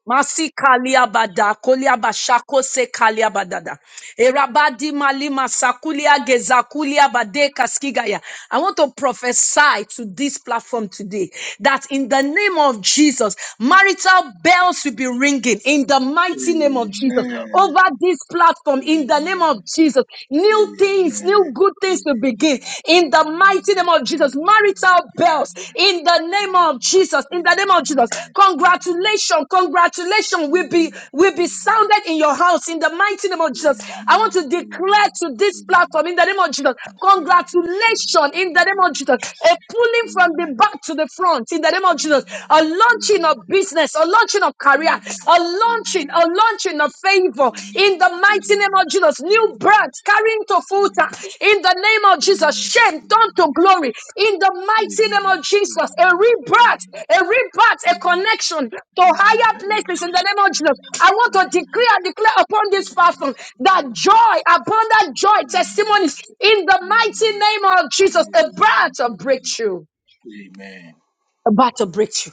[SPEAKER 4] Masi kaliabada, koliabashako se kaliabadada. Erabadi malima sakulia gezakulia bade kaskigaya. I want to prophesy to this platform today that in the name of Jesus, marital bells will be ringing in the mighty name of Jesus
[SPEAKER 1] Amen.
[SPEAKER 4] over this platform in the name
[SPEAKER 1] Amen.
[SPEAKER 4] of Jesus. New
[SPEAKER 1] Amen. Amen.
[SPEAKER 4] things, new
[SPEAKER 1] Amen.
[SPEAKER 4] good things
[SPEAKER 1] Amen.
[SPEAKER 4] will begin
[SPEAKER 1] Amen. Amen.
[SPEAKER 4] in the the
[SPEAKER 1] Amen. Amen.
[SPEAKER 4] mighty name of Jesus.
[SPEAKER 1] Amen.
[SPEAKER 4] Marital bells in the name of Jesus. In the name of Jesus. Congratulations. Congratulations will be will be sounded in your house in the mighty name of
[SPEAKER 1] Amen.
[SPEAKER 4] Jesus. I want
[SPEAKER 1] Amen.
[SPEAKER 4] to
[SPEAKER 1] Amen.
[SPEAKER 4] declare to this
[SPEAKER 1] Amen.
[SPEAKER 4] platform in the name of Jesus.
[SPEAKER 1] Makaraba shimbe
[SPEAKER 4] Congratulations in
[SPEAKER 1] bubu
[SPEAKER 4] the name of
[SPEAKER 1] bubu
[SPEAKER 4] Jesus. A
[SPEAKER 1] masi.
[SPEAKER 4] pulling from
[SPEAKER 1] Amen.
[SPEAKER 4] the
[SPEAKER 1] Amen.
[SPEAKER 4] back to the front in the name of
[SPEAKER 1] Amen.
[SPEAKER 4] Jesus. A
[SPEAKER 1] Amen. Amen.
[SPEAKER 4] launching of business, a launching of
[SPEAKER 1] Amen.
[SPEAKER 4] career,
[SPEAKER 1] Amen. Amen. Amen.
[SPEAKER 4] a launching,
[SPEAKER 1] Amen.
[SPEAKER 4] a launching touching of favor in the
[SPEAKER 1] Amen.
[SPEAKER 4] mighty name of Jesus. New birth carrying to full time in the name of Jesus. Shame turned to glory in the
[SPEAKER 1] Amen.
[SPEAKER 4] mighty name of Jesus. A
[SPEAKER 1] Amen.
[SPEAKER 4] rebirth, a rebirth, a
[SPEAKER 1] Amen. Amen.
[SPEAKER 4] connection
[SPEAKER 1] Amen. Amen. Amen. Amen. Amen. Amen. Amen.
[SPEAKER 4] to higher places in the name of Jesus. I want to decree and declare upon this platform that joy, abundant joy, testimonies in the mighty name of Jesus. A birth of breakthrough,
[SPEAKER 1] Amen. Amen.
[SPEAKER 4] a birth of breakthrough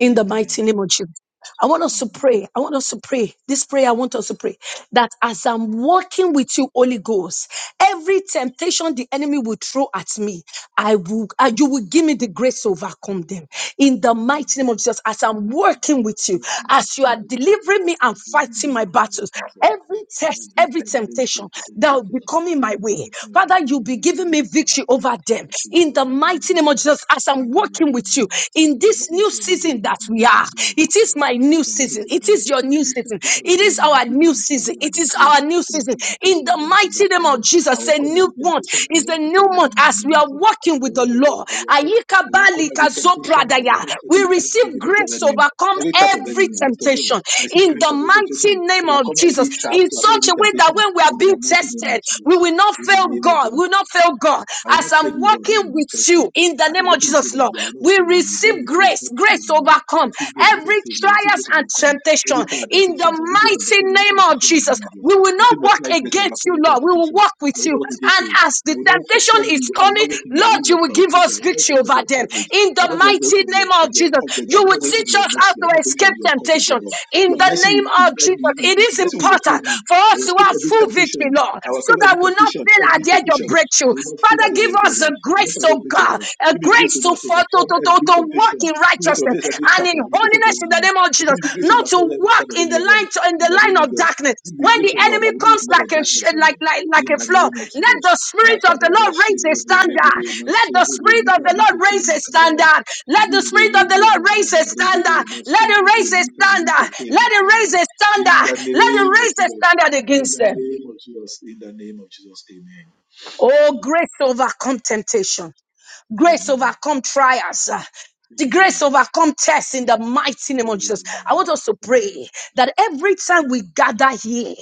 [SPEAKER 4] in the
[SPEAKER 1] Amen.
[SPEAKER 4] mighty name of Jesus. I want us to
[SPEAKER 1] Amen.
[SPEAKER 4] pray. I want us to pray. This prayer, I want us to pray that as I'm walking with you, Holy Ghost, every temptation the enemy will throw at me, I will, uh, you will give me the grace to overcome them. In the mighty name of Jesus, as I'm working with you,
[SPEAKER 1] Nothing is
[SPEAKER 4] as you are
[SPEAKER 1] feasible.
[SPEAKER 4] delivering me and
[SPEAKER 1] Everything
[SPEAKER 4] fighting my
[SPEAKER 1] is
[SPEAKER 4] battles,
[SPEAKER 1] feasible.
[SPEAKER 4] every test,
[SPEAKER 1] Every
[SPEAKER 4] every
[SPEAKER 1] temptation
[SPEAKER 4] temptation
[SPEAKER 1] to the
[SPEAKER 4] that will be
[SPEAKER 1] people,
[SPEAKER 4] coming
[SPEAKER 1] I
[SPEAKER 4] my
[SPEAKER 1] don't know
[SPEAKER 4] way,
[SPEAKER 1] where things are.
[SPEAKER 4] Father, you'll be
[SPEAKER 1] You
[SPEAKER 4] giving
[SPEAKER 1] give
[SPEAKER 4] me
[SPEAKER 1] the power.
[SPEAKER 4] victory over them.
[SPEAKER 1] Watoto
[SPEAKER 4] In the mighty name of
[SPEAKER 1] wanakunywa
[SPEAKER 4] Jesus, as I'm
[SPEAKER 1] Father, in the
[SPEAKER 4] working with you
[SPEAKER 1] name of Jesus.
[SPEAKER 4] in
[SPEAKER 1] For what
[SPEAKER 4] this
[SPEAKER 1] you
[SPEAKER 4] new
[SPEAKER 1] show, Lord,
[SPEAKER 4] season that
[SPEAKER 1] in
[SPEAKER 4] we
[SPEAKER 1] this
[SPEAKER 4] are.
[SPEAKER 1] incident
[SPEAKER 4] It is my new
[SPEAKER 1] as I look at
[SPEAKER 4] season.
[SPEAKER 1] your
[SPEAKER 4] It
[SPEAKER 1] Lord,
[SPEAKER 4] is your new
[SPEAKER 1] every
[SPEAKER 4] season.
[SPEAKER 1] temptation of the
[SPEAKER 4] It is
[SPEAKER 1] enemy, you
[SPEAKER 4] our
[SPEAKER 1] give me
[SPEAKER 4] new
[SPEAKER 1] the
[SPEAKER 4] season.
[SPEAKER 1] power and
[SPEAKER 4] It
[SPEAKER 1] the
[SPEAKER 4] is
[SPEAKER 1] grace
[SPEAKER 4] our new
[SPEAKER 1] to
[SPEAKER 4] season.
[SPEAKER 1] be victorious
[SPEAKER 4] In
[SPEAKER 1] over
[SPEAKER 4] the
[SPEAKER 1] them, to
[SPEAKER 4] mighty name
[SPEAKER 1] overcome
[SPEAKER 4] of
[SPEAKER 1] them. I
[SPEAKER 4] Jesus,
[SPEAKER 1] will
[SPEAKER 4] a
[SPEAKER 1] come
[SPEAKER 4] new
[SPEAKER 1] every
[SPEAKER 4] month
[SPEAKER 1] temptation, I
[SPEAKER 4] is a
[SPEAKER 1] want
[SPEAKER 4] new
[SPEAKER 1] victory over
[SPEAKER 4] month
[SPEAKER 1] them in the
[SPEAKER 4] as we
[SPEAKER 1] name of
[SPEAKER 4] are
[SPEAKER 1] Jesus.
[SPEAKER 4] walking
[SPEAKER 1] I
[SPEAKER 4] with the
[SPEAKER 1] will come,
[SPEAKER 4] Lord.
[SPEAKER 1] I will come,
[SPEAKER 4] Ayika
[SPEAKER 1] I will come
[SPEAKER 4] bali
[SPEAKER 1] every temptation, I will
[SPEAKER 4] kazopradaya.
[SPEAKER 1] come
[SPEAKER 4] We
[SPEAKER 1] every trap,
[SPEAKER 4] receive
[SPEAKER 1] every temptation of the
[SPEAKER 4] grace to
[SPEAKER 1] enemy,
[SPEAKER 4] overcome
[SPEAKER 1] every trap of the
[SPEAKER 4] every
[SPEAKER 1] enemy, I lift up here.
[SPEAKER 4] temptation
[SPEAKER 1] I receive
[SPEAKER 4] in
[SPEAKER 1] grace
[SPEAKER 4] the
[SPEAKER 1] of exaltation
[SPEAKER 4] mighty
[SPEAKER 1] to
[SPEAKER 4] name of
[SPEAKER 1] overcome
[SPEAKER 4] Jesus.
[SPEAKER 1] every trap,
[SPEAKER 4] In
[SPEAKER 1] to overcome
[SPEAKER 4] such
[SPEAKER 1] every
[SPEAKER 4] a way that
[SPEAKER 1] temptation
[SPEAKER 4] when we are
[SPEAKER 1] in the
[SPEAKER 4] being
[SPEAKER 1] mighty name of
[SPEAKER 4] tested, we
[SPEAKER 1] Jesus.
[SPEAKER 4] will not
[SPEAKER 1] In the
[SPEAKER 4] fail
[SPEAKER 1] name of
[SPEAKER 4] God. We
[SPEAKER 1] Jesus.
[SPEAKER 4] will not fail God.
[SPEAKER 1] I will
[SPEAKER 4] As
[SPEAKER 1] not fail
[SPEAKER 4] I'm
[SPEAKER 1] you, Lord, when I'm
[SPEAKER 4] walking
[SPEAKER 1] being
[SPEAKER 4] with
[SPEAKER 1] tested.
[SPEAKER 4] you in the
[SPEAKER 1] As
[SPEAKER 4] name
[SPEAKER 1] I'm
[SPEAKER 4] of
[SPEAKER 1] working with you,
[SPEAKER 4] Jesus,
[SPEAKER 1] Lord,
[SPEAKER 4] Lord,
[SPEAKER 1] I will not
[SPEAKER 4] we
[SPEAKER 1] fail you. You grant
[SPEAKER 4] receive
[SPEAKER 1] me grace
[SPEAKER 4] grace,
[SPEAKER 1] not to fail
[SPEAKER 4] grace to
[SPEAKER 1] you. I
[SPEAKER 4] overcome
[SPEAKER 1] see grace
[SPEAKER 4] overcome
[SPEAKER 1] not to
[SPEAKER 4] every
[SPEAKER 1] fail you. I see
[SPEAKER 4] trials
[SPEAKER 1] grace
[SPEAKER 4] and
[SPEAKER 1] overcome every
[SPEAKER 4] temptation
[SPEAKER 1] trial and
[SPEAKER 4] in the
[SPEAKER 1] temptation. I see grace
[SPEAKER 4] mighty
[SPEAKER 1] overcome every trial and
[SPEAKER 4] name of
[SPEAKER 1] temptation in the
[SPEAKER 4] Jesus.
[SPEAKER 1] name of Jesus.
[SPEAKER 4] We will
[SPEAKER 1] I
[SPEAKER 4] not
[SPEAKER 1] see
[SPEAKER 4] walk
[SPEAKER 1] multiply grace to
[SPEAKER 4] against
[SPEAKER 1] overcome
[SPEAKER 4] you,
[SPEAKER 1] every trial and
[SPEAKER 4] Lord. We will
[SPEAKER 1] temptation.
[SPEAKER 4] walk
[SPEAKER 1] I
[SPEAKER 4] with
[SPEAKER 1] will not
[SPEAKER 4] you.
[SPEAKER 1] work against
[SPEAKER 4] And
[SPEAKER 1] you.
[SPEAKER 4] as
[SPEAKER 1] I
[SPEAKER 4] the
[SPEAKER 1] will not
[SPEAKER 4] temptation
[SPEAKER 1] offend
[SPEAKER 4] is
[SPEAKER 1] you. I will
[SPEAKER 4] coming,
[SPEAKER 1] not work in your
[SPEAKER 4] Lord,
[SPEAKER 1] way
[SPEAKER 4] you
[SPEAKER 1] of your
[SPEAKER 4] will give
[SPEAKER 1] favor. I
[SPEAKER 4] us
[SPEAKER 1] will not
[SPEAKER 4] victory
[SPEAKER 1] work from
[SPEAKER 4] over
[SPEAKER 1] your
[SPEAKER 4] them.
[SPEAKER 1] coverage.
[SPEAKER 4] In
[SPEAKER 1] I
[SPEAKER 4] the
[SPEAKER 1] will not work
[SPEAKER 4] mighty
[SPEAKER 1] from your
[SPEAKER 4] name of
[SPEAKER 1] from your
[SPEAKER 4] Jesus,
[SPEAKER 1] coverage. I
[SPEAKER 4] you
[SPEAKER 1] will
[SPEAKER 4] will
[SPEAKER 1] not work from
[SPEAKER 4] teach
[SPEAKER 1] your
[SPEAKER 4] us how
[SPEAKER 1] mercy. I will
[SPEAKER 4] to
[SPEAKER 1] not work from
[SPEAKER 4] escape
[SPEAKER 1] your coverage, O
[SPEAKER 4] temptation.
[SPEAKER 1] Lord.
[SPEAKER 4] In
[SPEAKER 1] Your
[SPEAKER 4] the
[SPEAKER 1] mercy will,
[SPEAKER 4] name of
[SPEAKER 1] will,
[SPEAKER 4] Jesus,
[SPEAKER 1] me.
[SPEAKER 4] it
[SPEAKER 1] Your
[SPEAKER 4] is
[SPEAKER 1] mercy will uphold
[SPEAKER 4] important
[SPEAKER 1] me.
[SPEAKER 4] for
[SPEAKER 1] I
[SPEAKER 4] us
[SPEAKER 1] will
[SPEAKER 4] to
[SPEAKER 1] escape
[SPEAKER 4] have
[SPEAKER 1] every
[SPEAKER 4] full victory,
[SPEAKER 1] temptation.
[SPEAKER 4] Lord,
[SPEAKER 1] I will
[SPEAKER 4] so
[SPEAKER 1] welcome
[SPEAKER 4] that
[SPEAKER 1] every
[SPEAKER 4] we'll not
[SPEAKER 1] temptation,
[SPEAKER 4] fail at
[SPEAKER 1] every
[SPEAKER 4] the edge of
[SPEAKER 1] temptation. I
[SPEAKER 4] breakthrough.
[SPEAKER 1] will not fail at
[SPEAKER 4] Father,
[SPEAKER 1] the
[SPEAKER 4] give
[SPEAKER 1] name of
[SPEAKER 4] us
[SPEAKER 1] God.
[SPEAKER 4] the
[SPEAKER 1] I will not
[SPEAKER 4] grace,
[SPEAKER 1] fail at the
[SPEAKER 4] oh
[SPEAKER 1] breach of
[SPEAKER 4] God,
[SPEAKER 1] God.
[SPEAKER 4] a
[SPEAKER 1] Give me grace
[SPEAKER 4] grace
[SPEAKER 1] to
[SPEAKER 4] to, for, to,
[SPEAKER 1] overcome
[SPEAKER 4] to, to,
[SPEAKER 1] every
[SPEAKER 4] to walk
[SPEAKER 1] temptation.
[SPEAKER 4] in
[SPEAKER 1] Give me to
[SPEAKER 4] righteousness,
[SPEAKER 1] face every
[SPEAKER 4] and
[SPEAKER 1] trap
[SPEAKER 4] in
[SPEAKER 1] and every temptation of
[SPEAKER 4] holiness
[SPEAKER 1] the
[SPEAKER 4] in the
[SPEAKER 1] enemy.
[SPEAKER 4] name of
[SPEAKER 1] Give
[SPEAKER 4] Jesus,
[SPEAKER 1] me the grace to
[SPEAKER 4] not to
[SPEAKER 1] overcome every
[SPEAKER 4] walk
[SPEAKER 1] trap of
[SPEAKER 4] in the
[SPEAKER 1] enemy, Lord.
[SPEAKER 4] line to, in
[SPEAKER 1] In
[SPEAKER 4] the
[SPEAKER 1] the name
[SPEAKER 4] line
[SPEAKER 1] of
[SPEAKER 4] of
[SPEAKER 1] Jesus.
[SPEAKER 4] darkness.
[SPEAKER 1] Give me
[SPEAKER 4] When
[SPEAKER 1] grace,
[SPEAKER 4] the
[SPEAKER 1] O Lord. I
[SPEAKER 4] enemy
[SPEAKER 1] will not walk
[SPEAKER 4] comes
[SPEAKER 1] in the light
[SPEAKER 4] like
[SPEAKER 1] of
[SPEAKER 4] a sh-
[SPEAKER 1] darkness, O
[SPEAKER 4] like
[SPEAKER 1] Lord.
[SPEAKER 4] like like
[SPEAKER 1] In
[SPEAKER 4] a
[SPEAKER 1] the
[SPEAKER 4] flood,
[SPEAKER 1] name of
[SPEAKER 4] let
[SPEAKER 1] Jesus.
[SPEAKER 4] the spirit of the
[SPEAKER 1] Makababa,
[SPEAKER 4] Lord raise
[SPEAKER 1] Shelo,
[SPEAKER 4] a standard.
[SPEAKER 1] Borregede,
[SPEAKER 4] Let the
[SPEAKER 1] Masondo,
[SPEAKER 4] spirit of
[SPEAKER 1] Bolipa,
[SPEAKER 4] the Lord
[SPEAKER 1] Likete,
[SPEAKER 4] raise a
[SPEAKER 1] Makababa.
[SPEAKER 4] standard. Let the
[SPEAKER 1] Yende
[SPEAKER 4] spirit of
[SPEAKER 1] yende
[SPEAKER 4] the Lord raise
[SPEAKER 1] maraba
[SPEAKER 4] a
[SPEAKER 1] regede
[SPEAKER 4] standard. Let it
[SPEAKER 1] masondro go
[SPEAKER 4] raise a
[SPEAKER 1] lipa like
[SPEAKER 4] standard. Let it
[SPEAKER 1] makaraba.
[SPEAKER 4] raise a
[SPEAKER 1] In
[SPEAKER 4] standard.
[SPEAKER 1] the
[SPEAKER 4] Let it
[SPEAKER 1] name of
[SPEAKER 4] raise a
[SPEAKER 1] Jesus.
[SPEAKER 4] standard
[SPEAKER 1] In
[SPEAKER 4] against
[SPEAKER 1] the
[SPEAKER 4] them.
[SPEAKER 1] name of Jesus. In the name of Jesus. Amen.
[SPEAKER 4] Oh, grace to overcome temptation. Grace overcome trials. uh, the
[SPEAKER 1] Amen. Amen.
[SPEAKER 4] grace overcome tests in the mighty name of Jesus. I
[SPEAKER 1] Amen.
[SPEAKER 4] want us to
[SPEAKER 1] Amen.
[SPEAKER 4] pray that every time we gather here,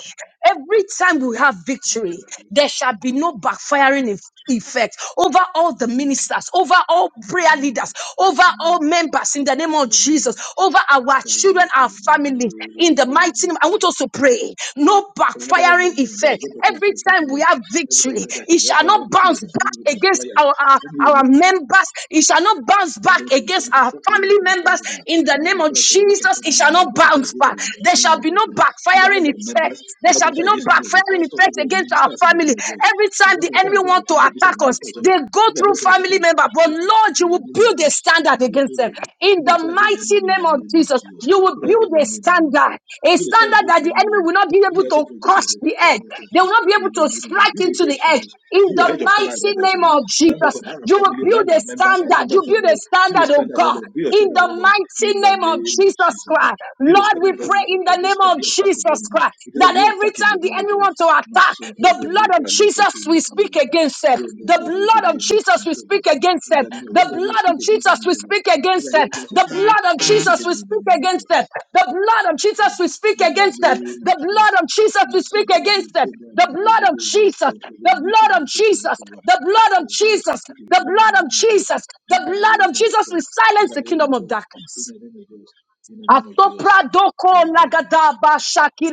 [SPEAKER 4] Every time we have victory, there shall be no backfiring eff- effect over all the ministers, over all prayer
[SPEAKER 1] Amen.
[SPEAKER 4] leaders, over all
[SPEAKER 1] Amen. Amen.
[SPEAKER 4] members in the name of Jesus,
[SPEAKER 1] Amen.
[SPEAKER 4] over our
[SPEAKER 1] Father, in
[SPEAKER 4] children, our
[SPEAKER 1] the
[SPEAKER 4] families, in the
[SPEAKER 1] name
[SPEAKER 4] mighty
[SPEAKER 1] of
[SPEAKER 4] name. I want
[SPEAKER 1] Jesus.
[SPEAKER 4] us to pray. No
[SPEAKER 1] Father, in the
[SPEAKER 4] backfiring
[SPEAKER 1] name, there is
[SPEAKER 4] effect.
[SPEAKER 1] no prophet to
[SPEAKER 4] Every time
[SPEAKER 1] your
[SPEAKER 4] we
[SPEAKER 1] Lord.
[SPEAKER 4] have
[SPEAKER 1] Every time
[SPEAKER 4] victory,
[SPEAKER 1] God that
[SPEAKER 4] it shall
[SPEAKER 1] everyone
[SPEAKER 4] not
[SPEAKER 1] with you,
[SPEAKER 4] bounce
[SPEAKER 1] there's something with
[SPEAKER 4] back
[SPEAKER 1] that
[SPEAKER 4] against
[SPEAKER 1] fire.
[SPEAKER 4] our, our,
[SPEAKER 1] every one
[SPEAKER 4] our members. It shall not bounce
[SPEAKER 1] Put the
[SPEAKER 4] back against our family members. In the name of
[SPEAKER 1] flag against the
[SPEAKER 4] Jesus, it
[SPEAKER 1] enemy
[SPEAKER 4] shall not bounce back. There shall be no backfiring effect. There shall be no backfiring effect against our family. Every time the enemy want to attack us, they go through family member. But Lord, you will build a standard against them. In the mighty
[SPEAKER 1] in the
[SPEAKER 4] name of
[SPEAKER 1] name of
[SPEAKER 4] Jesus,
[SPEAKER 1] Jesus.
[SPEAKER 4] you will
[SPEAKER 1] Put the flag against
[SPEAKER 4] build
[SPEAKER 1] the
[SPEAKER 4] a
[SPEAKER 1] enemy in the name of Jesus.
[SPEAKER 4] standard. A
[SPEAKER 1] You will stand
[SPEAKER 4] standard
[SPEAKER 1] against
[SPEAKER 4] that
[SPEAKER 1] the
[SPEAKER 4] the
[SPEAKER 1] enemy,
[SPEAKER 4] enemy will
[SPEAKER 1] Lord.
[SPEAKER 4] not be
[SPEAKER 1] Give
[SPEAKER 4] able
[SPEAKER 1] us a
[SPEAKER 4] to
[SPEAKER 1] protection of
[SPEAKER 4] crush
[SPEAKER 1] the
[SPEAKER 4] the edge.
[SPEAKER 1] mortal
[SPEAKER 4] They
[SPEAKER 1] thing.
[SPEAKER 4] will not be able
[SPEAKER 1] in the
[SPEAKER 4] to
[SPEAKER 1] name of God.
[SPEAKER 4] strike
[SPEAKER 1] Be the
[SPEAKER 4] into the
[SPEAKER 1] hedge for
[SPEAKER 4] edge.
[SPEAKER 1] us.
[SPEAKER 4] In
[SPEAKER 1] Be your
[SPEAKER 4] the
[SPEAKER 1] hedge of father
[SPEAKER 4] mighty
[SPEAKER 1] around us, O
[SPEAKER 4] name
[SPEAKER 1] Lord.
[SPEAKER 4] of
[SPEAKER 1] Around
[SPEAKER 4] Jesus,
[SPEAKER 1] us, around our
[SPEAKER 4] you will
[SPEAKER 1] family,
[SPEAKER 4] build
[SPEAKER 1] around
[SPEAKER 4] a
[SPEAKER 1] our members, around
[SPEAKER 4] standard.
[SPEAKER 1] members
[SPEAKER 4] You
[SPEAKER 1] from
[SPEAKER 4] build
[SPEAKER 1] the
[SPEAKER 4] a
[SPEAKER 1] Be the
[SPEAKER 4] standard, oh
[SPEAKER 1] standard, O
[SPEAKER 4] God
[SPEAKER 1] Lord. Be the
[SPEAKER 4] in
[SPEAKER 1] standard,
[SPEAKER 4] the
[SPEAKER 1] Lord, in
[SPEAKER 4] mighty
[SPEAKER 1] the
[SPEAKER 4] name of
[SPEAKER 1] name of
[SPEAKER 4] Jesus
[SPEAKER 1] Jesus.
[SPEAKER 4] Christ.
[SPEAKER 1] Be the
[SPEAKER 4] Lord,
[SPEAKER 1] standard
[SPEAKER 4] we
[SPEAKER 1] of every,
[SPEAKER 4] pray in
[SPEAKER 1] of
[SPEAKER 4] the
[SPEAKER 1] this,
[SPEAKER 4] name of
[SPEAKER 1] every attack of the
[SPEAKER 4] Jesus
[SPEAKER 1] enemy.
[SPEAKER 4] Christ
[SPEAKER 1] It is every
[SPEAKER 4] that every
[SPEAKER 1] attack in the
[SPEAKER 4] time the
[SPEAKER 1] name of
[SPEAKER 4] enemy
[SPEAKER 1] Jesus.
[SPEAKER 4] wants to
[SPEAKER 1] My
[SPEAKER 4] attack,
[SPEAKER 1] son, for
[SPEAKER 4] the
[SPEAKER 1] the
[SPEAKER 4] blood of
[SPEAKER 1] leaper, leaketh
[SPEAKER 4] Jesus
[SPEAKER 1] in my
[SPEAKER 4] we speak against them. The blood of Jesus we
[SPEAKER 1] the-
[SPEAKER 4] speak against
[SPEAKER 1] In
[SPEAKER 4] them.
[SPEAKER 1] the name of
[SPEAKER 4] The
[SPEAKER 1] Jesus,
[SPEAKER 4] blood of
[SPEAKER 1] speak against the
[SPEAKER 4] Jesus we
[SPEAKER 1] enemy, Lord.
[SPEAKER 4] speak against them. The blood of
[SPEAKER 1] speak
[SPEAKER 4] Jesus, we
[SPEAKER 1] against the enemy in
[SPEAKER 4] speak against it. The blood of Jesus, we speak
[SPEAKER 1] in the
[SPEAKER 4] against it.
[SPEAKER 1] name of
[SPEAKER 4] The
[SPEAKER 1] Jesus.
[SPEAKER 4] blood of Jesus, we speak
[SPEAKER 1] Masopro de
[SPEAKER 4] against it.
[SPEAKER 1] Zebra,
[SPEAKER 4] The blood of
[SPEAKER 1] Regede,
[SPEAKER 4] Jesus,
[SPEAKER 1] Masopro de
[SPEAKER 4] the
[SPEAKER 1] Lito,
[SPEAKER 4] blood
[SPEAKER 1] and
[SPEAKER 4] of
[SPEAKER 1] it is in the
[SPEAKER 4] Jesus,
[SPEAKER 1] cover.
[SPEAKER 4] the blood of
[SPEAKER 1] Jesus is
[SPEAKER 4] Jesus,
[SPEAKER 1] speaking
[SPEAKER 4] the
[SPEAKER 1] in the
[SPEAKER 4] blood of
[SPEAKER 1] name of Jesus.
[SPEAKER 4] Jesus,
[SPEAKER 1] In
[SPEAKER 4] the
[SPEAKER 1] the
[SPEAKER 4] blood of
[SPEAKER 1] name of
[SPEAKER 4] Jesus, we
[SPEAKER 1] Jesus.
[SPEAKER 4] silence the kingdom of darkness.
[SPEAKER 1] In the name of Jesus. In the name of Jesus. In the name of
[SPEAKER 4] Asopra
[SPEAKER 1] Jesus.
[SPEAKER 4] doko
[SPEAKER 1] Amen
[SPEAKER 4] lagada ba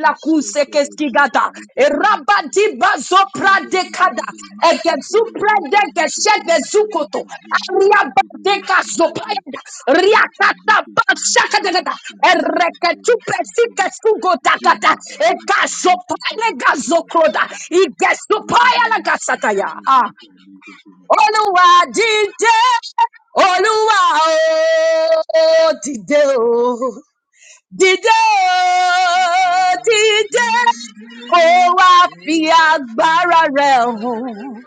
[SPEAKER 1] i
[SPEAKER 4] kuse
[SPEAKER 1] de Lipa
[SPEAKER 4] keskigada.
[SPEAKER 1] Likete
[SPEAKER 4] Eraba
[SPEAKER 1] Makalaba.
[SPEAKER 4] diba zopra
[SPEAKER 1] Jende de
[SPEAKER 4] dekada.
[SPEAKER 1] Vigide Masteke
[SPEAKER 4] Egezupra dege shege zukoto. Ariaba deka zopaenda. Riakata ba shakadagada. Ereketu presike sugo dakata. Eka zopaele gazokroda. Ige zopaya lagasataya. Ah. Oluwa dide. Oluwa o dide o. Dídé o, dídé, kó wá fi agbára rẹ̀ hàn.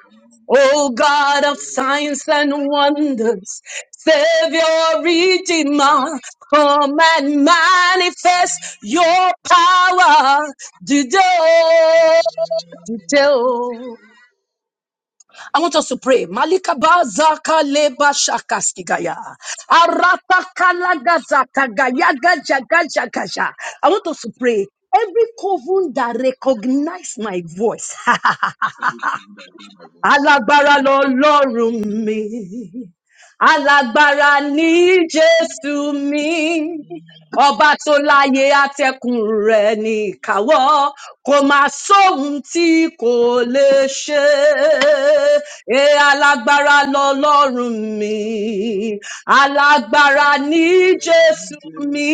[SPEAKER 4] O God of signs and wonders, Savior, Redeemer, come and manifest your power. Today, today. I want us to pray. Malika bazaka leba shakastigaya. Arata kalagazaka gaya gaja gaja gaja. I want us to pray. Every coven that recognize my voice. <laughs> ha,
[SPEAKER 1] my voice.
[SPEAKER 4] Alágbára lọ́lọ́run mi. Alágbára ni Jésù mi. Ọba tó láyé atẹ́kùn rẹ̀ ní ìkáwọ́ kò máa sóhun tí kò lè ṣe é alágbára lọlọ́run mi alágbára
[SPEAKER 1] Every
[SPEAKER 4] ní jésù mi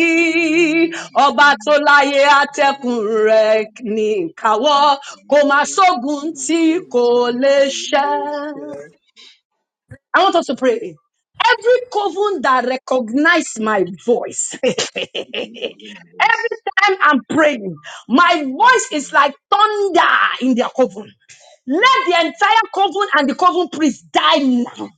[SPEAKER 4] ọba tó láyé atẹ́kùn rẹ̀ ní ìkáwọ́ kò máa sógun tí kò lè ṣẹ I want us to pray. Every coven that recognize my voice, <laughs>
[SPEAKER 1] time I
[SPEAKER 4] every
[SPEAKER 1] hear my voice,
[SPEAKER 4] time I'm praying, my voice is like thunder in their coven. Let the entire coven and the coven priest die now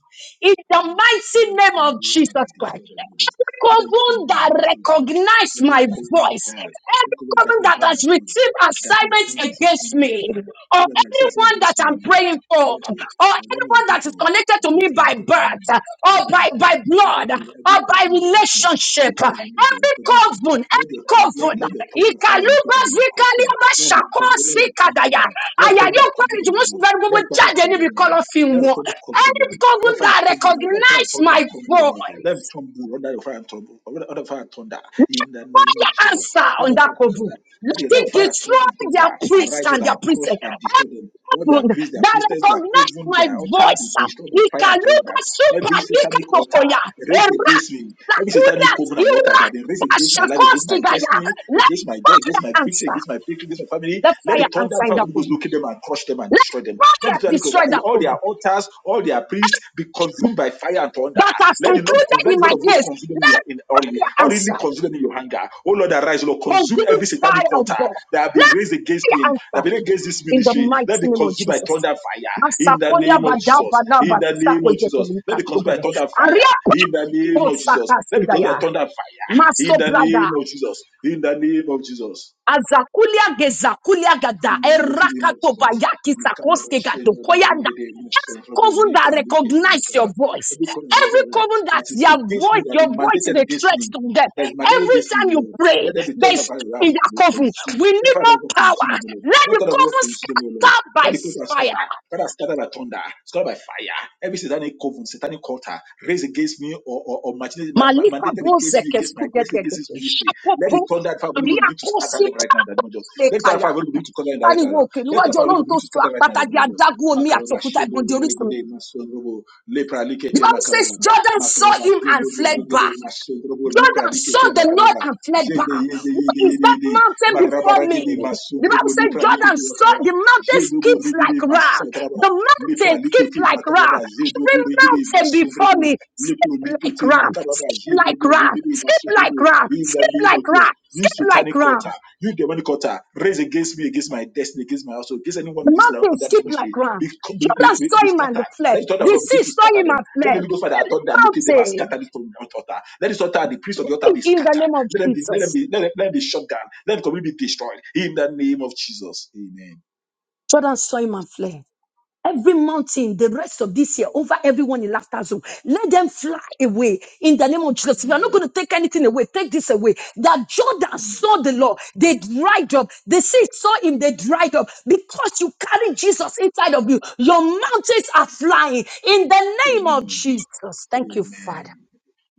[SPEAKER 4] in the
[SPEAKER 1] Let them
[SPEAKER 4] mighty name of
[SPEAKER 1] crumble and
[SPEAKER 4] Jesus
[SPEAKER 1] be
[SPEAKER 4] Christ.
[SPEAKER 1] destroyed by the notice.
[SPEAKER 4] Every
[SPEAKER 1] Let them
[SPEAKER 4] coven
[SPEAKER 1] crumble and
[SPEAKER 4] that
[SPEAKER 1] be destroyed by the notice.
[SPEAKER 4] recognized
[SPEAKER 1] Every
[SPEAKER 4] my
[SPEAKER 1] covenant of
[SPEAKER 4] voice,
[SPEAKER 1] hell, every
[SPEAKER 4] every
[SPEAKER 1] covenant that
[SPEAKER 4] coven
[SPEAKER 1] will
[SPEAKER 4] that
[SPEAKER 1] have my
[SPEAKER 4] has
[SPEAKER 1] voice,
[SPEAKER 4] received
[SPEAKER 1] that my
[SPEAKER 4] assignments
[SPEAKER 1] tongue is a
[SPEAKER 4] against
[SPEAKER 1] thunder to
[SPEAKER 4] me,
[SPEAKER 1] them.
[SPEAKER 4] or
[SPEAKER 1] Every other says
[SPEAKER 4] anyone that
[SPEAKER 1] against me, O
[SPEAKER 4] I'm
[SPEAKER 1] Lord.
[SPEAKER 4] praying for,
[SPEAKER 1] Let it,
[SPEAKER 4] or
[SPEAKER 1] or let me
[SPEAKER 4] anyone
[SPEAKER 1] other
[SPEAKER 4] that
[SPEAKER 1] people
[SPEAKER 4] is connected
[SPEAKER 1] that
[SPEAKER 4] to
[SPEAKER 1] they are
[SPEAKER 4] me by
[SPEAKER 1] submitted to me,
[SPEAKER 4] birth, or by, by
[SPEAKER 1] Every
[SPEAKER 4] blood,
[SPEAKER 1] covenant,
[SPEAKER 4] or by
[SPEAKER 1] of darkness, every
[SPEAKER 4] relationship,
[SPEAKER 1] covenant of media,
[SPEAKER 4] every
[SPEAKER 1] covenant food,
[SPEAKER 4] coven,
[SPEAKER 1] let your let,
[SPEAKER 4] covered.
[SPEAKER 1] let your thunder and fire locate
[SPEAKER 4] Ìkàlùbọ̀
[SPEAKER 1] them and
[SPEAKER 4] zika
[SPEAKER 1] crush
[SPEAKER 4] ní
[SPEAKER 1] them.
[SPEAKER 4] ọba
[SPEAKER 1] Let them be
[SPEAKER 4] ṣàkọ́
[SPEAKER 1] crumbled, let
[SPEAKER 4] sí
[SPEAKER 1] them be
[SPEAKER 4] kàdàyà.
[SPEAKER 1] down. Let
[SPEAKER 4] Àyà
[SPEAKER 1] thunder
[SPEAKER 4] yóò
[SPEAKER 1] crumble
[SPEAKER 4] parí ju
[SPEAKER 1] them, O
[SPEAKER 4] wọ́n sì
[SPEAKER 1] Lord.
[SPEAKER 4] bẹ̀rù gbogbo
[SPEAKER 1] Let thunder
[SPEAKER 4] jáde
[SPEAKER 1] crumble
[SPEAKER 4] níbi
[SPEAKER 1] them,
[SPEAKER 4] kọlọ́fin
[SPEAKER 1] let
[SPEAKER 4] wọn.
[SPEAKER 1] tó ń come,
[SPEAKER 4] Any
[SPEAKER 1] gbúdọ̀ mọ̀nà,
[SPEAKER 4] coven
[SPEAKER 1] lẹ́fà
[SPEAKER 4] that
[SPEAKER 1] tó ń gbúdọ̀ mọ̀nà, lẹ́fà tó
[SPEAKER 4] recognize
[SPEAKER 1] thunder, dà
[SPEAKER 4] my
[SPEAKER 1] kọ́ gbúdọ̀ mọ̀nà, lẹ́fà
[SPEAKER 4] voice,
[SPEAKER 1] tó ń bù ọ̀dà ìfà tó ń bù ọ̀dà ìfà tó
[SPEAKER 4] let
[SPEAKER 1] in the name of
[SPEAKER 4] fire
[SPEAKER 1] Jesus.
[SPEAKER 4] answer
[SPEAKER 1] let
[SPEAKER 4] on
[SPEAKER 1] tó
[SPEAKER 4] that
[SPEAKER 1] ń
[SPEAKER 4] coven.
[SPEAKER 1] dà.
[SPEAKER 4] Let
[SPEAKER 1] Lẹ́yìn
[SPEAKER 4] it
[SPEAKER 1] lẹ́fà tó ń
[SPEAKER 4] destroy
[SPEAKER 1] dà tó ń
[SPEAKER 4] their priest
[SPEAKER 1] arise
[SPEAKER 4] and their
[SPEAKER 1] and crush
[SPEAKER 4] priestess.
[SPEAKER 1] and destroy them. All
[SPEAKER 4] coven
[SPEAKER 1] their priests, their
[SPEAKER 4] that
[SPEAKER 1] priestess, their
[SPEAKER 4] recognize
[SPEAKER 1] coven,
[SPEAKER 4] my
[SPEAKER 1] their altar be
[SPEAKER 4] voice.
[SPEAKER 1] destroyed by fire and thunder.
[SPEAKER 4] Ìkàlùbọ̀
[SPEAKER 1] Every
[SPEAKER 4] super ní
[SPEAKER 1] satanic altar
[SPEAKER 4] kàkọ̀kọ̀yà.
[SPEAKER 1] raised
[SPEAKER 4] Èrà
[SPEAKER 1] against me, every satanic
[SPEAKER 4] kàkúrà
[SPEAKER 1] coven and altar that
[SPEAKER 4] ìrà
[SPEAKER 1] have been raised against my life,
[SPEAKER 4] pàṣàkọ́
[SPEAKER 1] against
[SPEAKER 4] sí
[SPEAKER 1] my
[SPEAKER 4] gàyà.
[SPEAKER 1] destiny,
[SPEAKER 4] Let
[SPEAKER 1] against my joy,
[SPEAKER 4] fire
[SPEAKER 1] against my victory,
[SPEAKER 4] answer.
[SPEAKER 1] against my victory, against my family,
[SPEAKER 4] Let
[SPEAKER 1] let the
[SPEAKER 4] fire
[SPEAKER 1] thunder
[SPEAKER 4] answer
[SPEAKER 1] of
[SPEAKER 4] that for
[SPEAKER 1] God
[SPEAKER 4] me.
[SPEAKER 1] locate them and crush them and
[SPEAKER 4] Let
[SPEAKER 1] destroy them. Let the
[SPEAKER 4] fire
[SPEAKER 1] throne of
[SPEAKER 4] destroy that
[SPEAKER 1] all
[SPEAKER 4] for
[SPEAKER 1] their
[SPEAKER 4] me.
[SPEAKER 1] altars, all their priests be consumed by fire and thunder.
[SPEAKER 4] That has
[SPEAKER 1] Let the Lord
[SPEAKER 4] concluded
[SPEAKER 1] let
[SPEAKER 4] in
[SPEAKER 1] the
[SPEAKER 4] my
[SPEAKER 1] Lord of hosts
[SPEAKER 4] case.
[SPEAKER 1] consume them in,
[SPEAKER 4] Let
[SPEAKER 1] your- in hurriedly,
[SPEAKER 4] fire
[SPEAKER 1] hurriedly
[SPEAKER 4] answer.
[SPEAKER 1] consume them in your anger. Oh Lord, arise, Lord, consume
[SPEAKER 4] Consuming
[SPEAKER 1] every
[SPEAKER 4] fire
[SPEAKER 1] satanic
[SPEAKER 4] of
[SPEAKER 1] altar
[SPEAKER 4] God.
[SPEAKER 1] that have been
[SPEAKER 4] Let
[SPEAKER 1] raised against
[SPEAKER 4] fire
[SPEAKER 1] him, that have
[SPEAKER 4] answer
[SPEAKER 1] been against this
[SPEAKER 4] in the
[SPEAKER 1] ministry.
[SPEAKER 4] mighty
[SPEAKER 1] Let be
[SPEAKER 4] name of
[SPEAKER 1] consumed by
[SPEAKER 4] Jesus.
[SPEAKER 1] thunder and fire in the
[SPEAKER 4] Masakolia
[SPEAKER 1] name of
[SPEAKER 4] badaba
[SPEAKER 1] Jesus.
[SPEAKER 4] laba
[SPEAKER 1] In the name of Jesus. Let
[SPEAKER 4] sakoyetelika
[SPEAKER 1] be consumed by
[SPEAKER 4] kogode.
[SPEAKER 1] thunder and fire in the
[SPEAKER 4] Aria
[SPEAKER 1] name
[SPEAKER 4] po
[SPEAKER 1] of Jesus. Let
[SPEAKER 4] maso
[SPEAKER 1] be consumed by thunder and fire in the
[SPEAKER 4] daya.
[SPEAKER 1] name of Jesus. In the name of Jesus.
[SPEAKER 4] Azakulia gezakulia gada
[SPEAKER 1] In the mighty name of
[SPEAKER 4] erakato
[SPEAKER 1] Jesus.
[SPEAKER 4] bayaki sakoske gado koyanda. Every coven that recognize your voice,
[SPEAKER 1] Every corner
[SPEAKER 4] every
[SPEAKER 1] right
[SPEAKER 4] coven that
[SPEAKER 1] that is
[SPEAKER 4] your
[SPEAKER 1] against me,
[SPEAKER 4] voice,
[SPEAKER 1] That is
[SPEAKER 4] your voice is
[SPEAKER 1] mandated
[SPEAKER 4] a
[SPEAKER 1] against
[SPEAKER 4] threat
[SPEAKER 1] me,
[SPEAKER 4] to them.
[SPEAKER 1] that is mandated
[SPEAKER 4] Every
[SPEAKER 1] against me,
[SPEAKER 4] time you
[SPEAKER 1] Lord.
[SPEAKER 4] pray,
[SPEAKER 1] Let them be
[SPEAKER 4] they
[SPEAKER 1] turned up and
[SPEAKER 4] stop
[SPEAKER 1] out,
[SPEAKER 4] in their
[SPEAKER 1] be
[SPEAKER 4] coven.
[SPEAKER 1] consumed.
[SPEAKER 4] We
[SPEAKER 1] Let
[SPEAKER 4] need
[SPEAKER 1] fire
[SPEAKER 4] more
[SPEAKER 1] of God consume
[SPEAKER 4] power.
[SPEAKER 1] them, O Lord.
[SPEAKER 4] Let
[SPEAKER 1] Let
[SPEAKER 4] the
[SPEAKER 1] fire of God
[SPEAKER 4] coven
[SPEAKER 1] consume them, O Lord.
[SPEAKER 4] scatter
[SPEAKER 1] Let
[SPEAKER 4] by
[SPEAKER 1] the people
[SPEAKER 4] fire.
[SPEAKER 1] scatter. Father, scatter by thunder, scatter by fire. Every satanic covenant, satanic altar raised against me or, or, or machinated- ma- ma-
[SPEAKER 4] Malika
[SPEAKER 1] mandated
[SPEAKER 4] boze
[SPEAKER 1] against me, against my destiny,
[SPEAKER 4] keskugedegede.
[SPEAKER 1] against this ministry. Let
[SPEAKER 4] Ṣapopo
[SPEAKER 1] the thunder and fire of Holy
[SPEAKER 4] rí
[SPEAKER 1] Ghost begin to scatter
[SPEAKER 4] àkóso
[SPEAKER 1] them right now. in the name of Jesus.
[SPEAKER 4] tábàlẹ̀
[SPEAKER 1] Let the thunder and fire of
[SPEAKER 4] kayak.
[SPEAKER 1] Holy Ghost begin to scatter them right now.
[SPEAKER 4] Táriwo òkè
[SPEAKER 1] Let the thunder
[SPEAKER 4] níwájú
[SPEAKER 1] and fire of Holy
[SPEAKER 4] Ọlọ́run
[SPEAKER 1] Ghost
[SPEAKER 4] tó
[SPEAKER 1] begin to
[SPEAKER 4] sọ
[SPEAKER 1] scatter right now. in
[SPEAKER 4] àpáta
[SPEAKER 1] the
[SPEAKER 4] di
[SPEAKER 1] name of Jesus.
[SPEAKER 4] adágún omi àti
[SPEAKER 1] Makababa,
[SPEAKER 4] òkúta
[SPEAKER 1] Shendo,
[SPEAKER 4] ìbọn di orísun. mi.
[SPEAKER 1] Regede, Mason, Robo, Lepra,
[SPEAKER 4] The
[SPEAKER 1] Likete,
[SPEAKER 4] Bible says
[SPEAKER 1] Makababa.
[SPEAKER 4] Jordan saw
[SPEAKER 1] Makaraba,
[SPEAKER 4] him and
[SPEAKER 1] Shendo
[SPEAKER 4] fled
[SPEAKER 1] Borigede,
[SPEAKER 4] back.
[SPEAKER 1] Masundrobo, Lipra
[SPEAKER 4] Jordan saw
[SPEAKER 1] Likete,
[SPEAKER 4] the Lord
[SPEAKER 1] Makaraba,
[SPEAKER 4] and fled
[SPEAKER 1] Zede,
[SPEAKER 4] back.
[SPEAKER 1] Yede,
[SPEAKER 4] What
[SPEAKER 1] Yede,
[SPEAKER 4] is
[SPEAKER 1] Yede,
[SPEAKER 4] that
[SPEAKER 1] Yede,
[SPEAKER 4] mountain before me?
[SPEAKER 1] Marabaragede,
[SPEAKER 4] The Bible
[SPEAKER 1] Masundrobo,
[SPEAKER 4] said
[SPEAKER 1] Lipra
[SPEAKER 4] Jordan
[SPEAKER 1] Likete,
[SPEAKER 4] saw
[SPEAKER 1] Makaraba,
[SPEAKER 4] the mountain
[SPEAKER 1] Zede
[SPEAKER 4] skips
[SPEAKER 1] Borigede,
[SPEAKER 4] like wrath.
[SPEAKER 1] Masandraba,
[SPEAKER 4] The
[SPEAKER 1] Lipra
[SPEAKER 4] mountain skips
[SPEAKER 1] Likete,
[SPEAKER 4] like
[SPEAKER 1] Makaraba,
[SPEAKER 4] wrath.
[SPEAKER 1] Zede
[SPEAKER 4] Every
[SPEAKER 1] Borigede,
[SPEAKER 4] mountain before
[SPEAKER 1] Masundrobo,
[SPEAKER 4] me skip
[SPEAKER 1] Lipra
[SPEAKER 4] like
[SPEAKER 1] Likete,
[SPEAKER 4] ram,
[SPEAKER 1] Makaraba,
[SPEAKER 4] skip
[SPEAKER 1] Zede
[SPEAKER 4] like ram,
[SPEAKER 1] Borigede,
[SPEAKER 4] skip
[SPEAKER 1] Masundrobo,
[SPEAKER 4] like ram,
[SPEAKER 1] in the
[SPEAKER 4] skip
[SPEAKER 1] name of
[SPEAKER 4] like
[SPEAKER 1] Jesus.
[SPEAKER 4] ram,
[SPEAKER 1] You
[SPEAKER 4] skip like
[SPEAKER 1] satanic
[SPEAKER 4] ram.
[SPEAKER 1] altar, you demonic altar, raise against me, against my destiny, against my household, against anyone
[SPEAKER 4] The
[SPEAKER 1] in this land
[SPEAKER 4] mountain
[SPEAKER 1] under this
[SPEAKER 4] skip like
[SPEAKER 1] ministry.
[SPEAKER 4] ram.
[SPEAKER 1] Be, be, be,
[SPEAKER 4] Jordan
[SPEAKER 1] be,
[SPEAKER 4] saw
[SPEAKER 1] be
[SPEAKER 4] him and
[SPEAKER 1] scattered.
[SPEAKER 4] fled.
[SPEAKER 1] Let the altar of
[SPEAKER 4] The
[SPEAKER 1] God begin
[SPEAKER 4] sea
[SPEAKER 1] to
[SPEAKER 4] saw
[SPEAKER 1] scatter
[SPEAKER 4] him
[SPEAKER 1] them.
[SPEAKER 4] and
[SPEAKER 1] Let the
[SPEAKER 4] fled.
[SPEAKER 1] Holy Ghost Father
[SPEAKER 4] Every
[SPEAKER 1] authority that locate them and
[SPEAKER 4] mountain
[SPEAKER 1] scatter this from the altar. Let this altar, the priest of the altar, be
[SPEAKER 4] in the
[SPEAKER 1] scattered.
[SPEAKER 4] name of
[SPEAKER 1] Let them be, let them
[SPEAKER 4] Jesus.
[SPEAKER 1] be, let them, let them be shot down. Let the community be destroyed. In the name of Jesus. Amen.
[SPEAKER 4] Jordan saw him and fled. every mountain the rest of this year over everyone in laughter zone. Let them fly away in the name of Jesus. If you're not going to take anything away, take this away. That Jordan saw the Lord, they dried up. The sea saw him, they dried up. Because you carry Jesus inside of you, your mountains are flying in the name of
[SPEAKER 1] Amen.
[SPEAKER 4] Jesus. Thank you, Father.
[SPEAKER 1] Amen.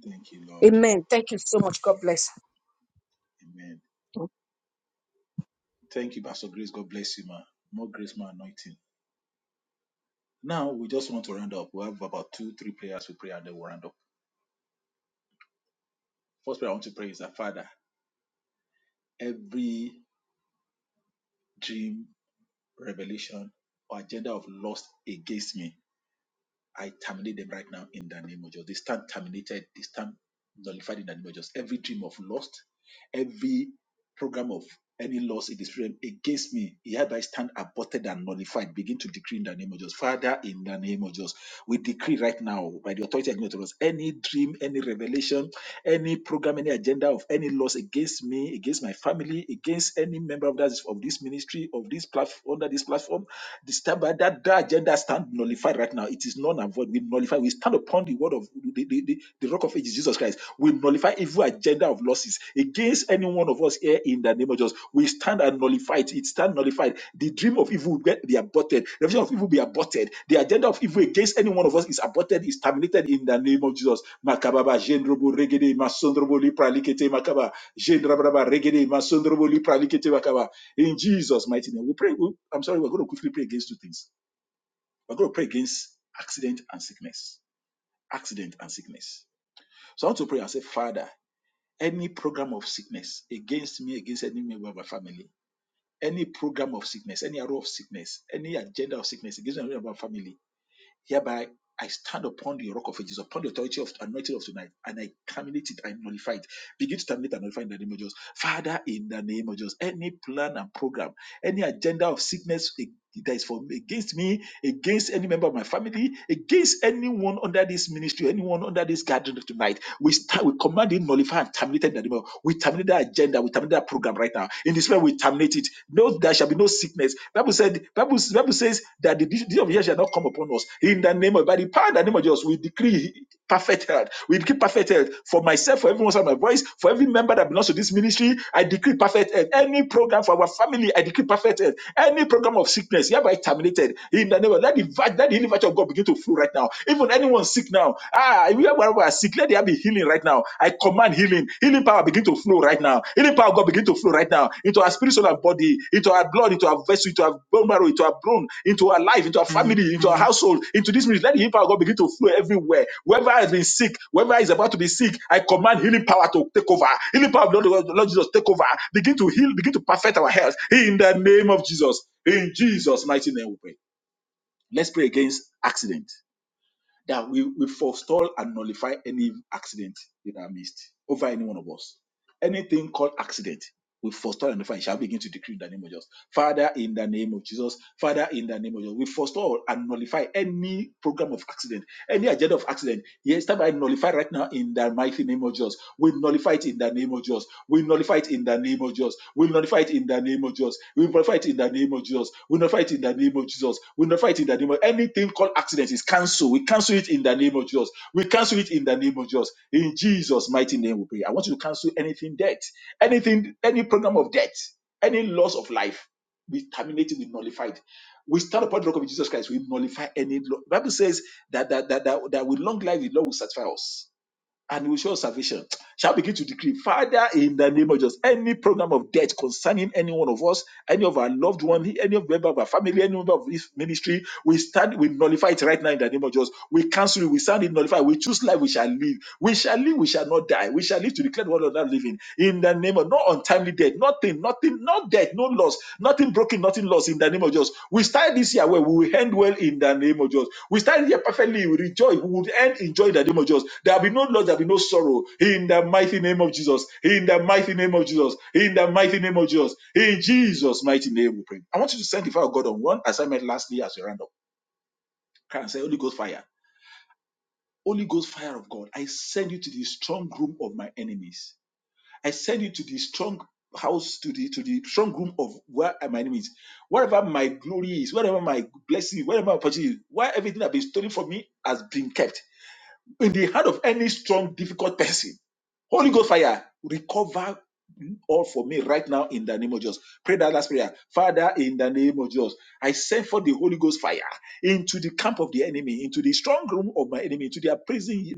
[SPEAKER 1] Thank you, Lord.
[SPEAKER 4] Amen. Thank you so much. God bless.
[SPEAKER 1] Amen. Thank you, Pastor Grace. God bless you, ma. More grace, more anointing. Now we just want to round up. We have about two, three prayers we pray and then we'll round up. First prayer I want to pray is that Father, every dream, revelation, or agenda of lust against me, I terminate them right now in the name of Jesus. They stand terminated, they stand nullified in the name of Jesus. Every dream of lust, every program of any loss in the spirit realm against me, it hereby stand aborted and nullified. Begin to decree in the name of Jesus. Father, in the name of Jesus, we decree right now by the authority given to us any dream, any revelation any program, any agenda of any laws against me, against my family, against any member of that of this ministry, of this platform, under this platform, this that, that agenda stand nullified right now. It is non-avoid. We nullify. We stand upon the word of the, the, the, the rock of ages, Jesus Christ. We nullify evil agenda of losses against any one of us here in the name of Jesus. We stand and nullify it. It stand nullified. The dream of evil will get- be aborted. The vision of evil will be aborted. The agenda of evil against any one of us is aborted, is terminated in the name of Jesus. Makababa, jendrobo, regede, masondrobo, lipra, likete, makaba. Jendrabraba, regede, masondrobo, lipra, likete, makaba. In Jesus' mighty name. We pray. we- I'm sorry, we're going to quickly pray against two things. We're going to pray against accident and sickness. Accident and sickness. So I want to pray and say, Father, any program of sickness against me, against any member of my family, any program of sickness, any arrow of sickness, any agenda of sickness against any member of my family, hereby I stand upon the rock of ages, upon the authority of anointing of tonight, and I terminate it, I nullify it. Begin to terminate and nullify in the name of Jesus. Father, in the name of Jesus, any plan and program, any agenda of sickness that is for me, against me, against any member of my family, against anyone under this ministry, anyone under this gathering tonight we start, we command it, nullify and terminate it in the name of. We terminate that agenda, we terminate that program right now. In this way, we terminate it. No, there shall be no sickness. Bible said, Bible, Bible says that the disease of years shall not come upon us. In the name of by the power in the name of Jesus, we decree perfect health. We decree perfect health for myself, for everyone of my voice, for every member that belongs to this ministry. I decree perfect health. Any program for our family, I decree perfect health. Any program of sickness, hereby terminated. In the name of let the, let the healing virtue of God begin to flow right now. Even anyone sick now, ah, if you are wherever you are sick, let there be healing right now. I command healing. Healing power begin to flow right now. Healing power of God begin to flow right now into our spirit, soul, and body, into our blood, into our vessel, into our bone marrow, into our bone, into our life, into our family, into our household, into this ministry. Let the healing power of God begin to flow everywhere. Whoever has been sick, whoever is about to be sick, I command healing power to take over. Healing power of the Lord, the Lord Jesus take over. Begin to heal, begin to perfect our health in the name of Jesus. In Jesus' mighty name, we pray. Let's pray against accident that we, we forestall and nullify any accident in our midst over any one of us. Anything called accident, we forestall and nullify. It Shall begin to decree in the name of Jesus. Father, in the name of Jesus. Father, in the name of Jesus. We forestall and nullify any program of accident, any agenda of accident. Yes, that I nullify right now in the mighty name of Jesus. We nullify it in the name of Jesus. We nullify it in the name of Jesus. We nullify it in the name of Jesus. We nullify it in the name of Jesus. We nullify it in the name of Jesus. We nullify it in the name of anything called accident is cancelled. We cancel it in the name of Jesus. We cancel it in the name of Jesus. In Jesus' mighty name, we pray. I want you to cancel anything debt, anything, any program of debt, any loss of life. We terminate it, we nullify it. We stand upon the rock of Jesus Christ. We nullify any law. The Bible says that that, that, that, that with long life, the Lord will satisfy us and he will show us salvation. Shall begin to decree, Father, in the name of Jesus, any program of death concerning any one of us, any of our loved one, any of member of our family, any member of this ministry, we stand, we nullify it right now in the name of Jesus. We cancel it, we stand it nullify. We choose life, we shall live. We shall live, we shall not die. We shall live to declare the word of that living. In the name of not untimely death, nothing, Nothing, not death, no loss, nothing broken, nothing lost in the name of Jesus. We start this year well, we will end well in the name of Jesus. We start here perfectly, we rejoice, we will end in in the name of Jesus. There will be no loss, there will be no sorrow in the mighty name of Jesus. In the mighty name of Jesus. In the mighty name of Jesus. In Jesus' mighty name we pray. I want you to send the fire of God on one assignment lastly as we round up. Can I say Holy Ghost fire? Holy Ghost fire of God, I send you to the strong room of my enemies I send you to the strong house, to the to the strong room of where my name is. Wherever my glory is, wherever my blessing, wherever my opportunity is, where everything that has been stolen from me has been kept. In the hand of any strong, difficult person Holy Ghost fire, recover all for me right now in the name of Jesus. Pray that last prayer. Father, in the name of Jesus, I send for the Holy Ghost fire into the camp of the enemy, into the strong room of my enemy, into their prison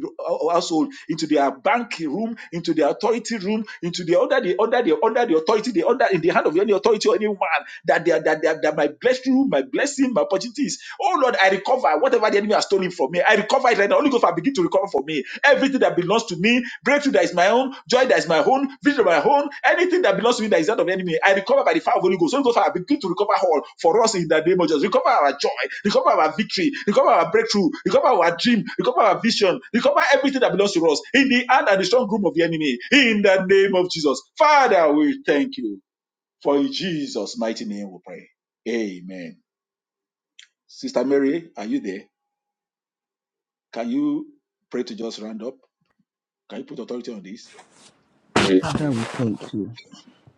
[SPEAKER 1] household, into their bank room, into the authority room, into the under the under the under the authority, the under in the hand of any authority or any man that they are, that, they are, that my blessed room, my blessing, my opportunities. Oh Lord, I recover whatever the enemy has stolen from me. I recover it right now. Holy Ghost, I begin to recover for me everything that belongs to me, breakthrough that is my own, joy that is my own, vision of my own, anything that belongs to me that is not of the enemy, I recover by the fire of Holy Ghost. Holy Ghost, I begin to recover all for us in the name of Jesus. Recover our joy, recover our victory, recover our breakthrough, recover our dream, recover our vision, recover everything that belongs to us in the hand and the strong room of the enemy. In the name of Jesus. Father, we thank you. For in Jesus' mighty name we pray. Amen. Sister Mary, are you there? Can you pray to just round up? Can you put authority on this
[SPEAKER 3] Father,
[SPEAKER 1] prayer?
[SPEAKER 3] we thank you.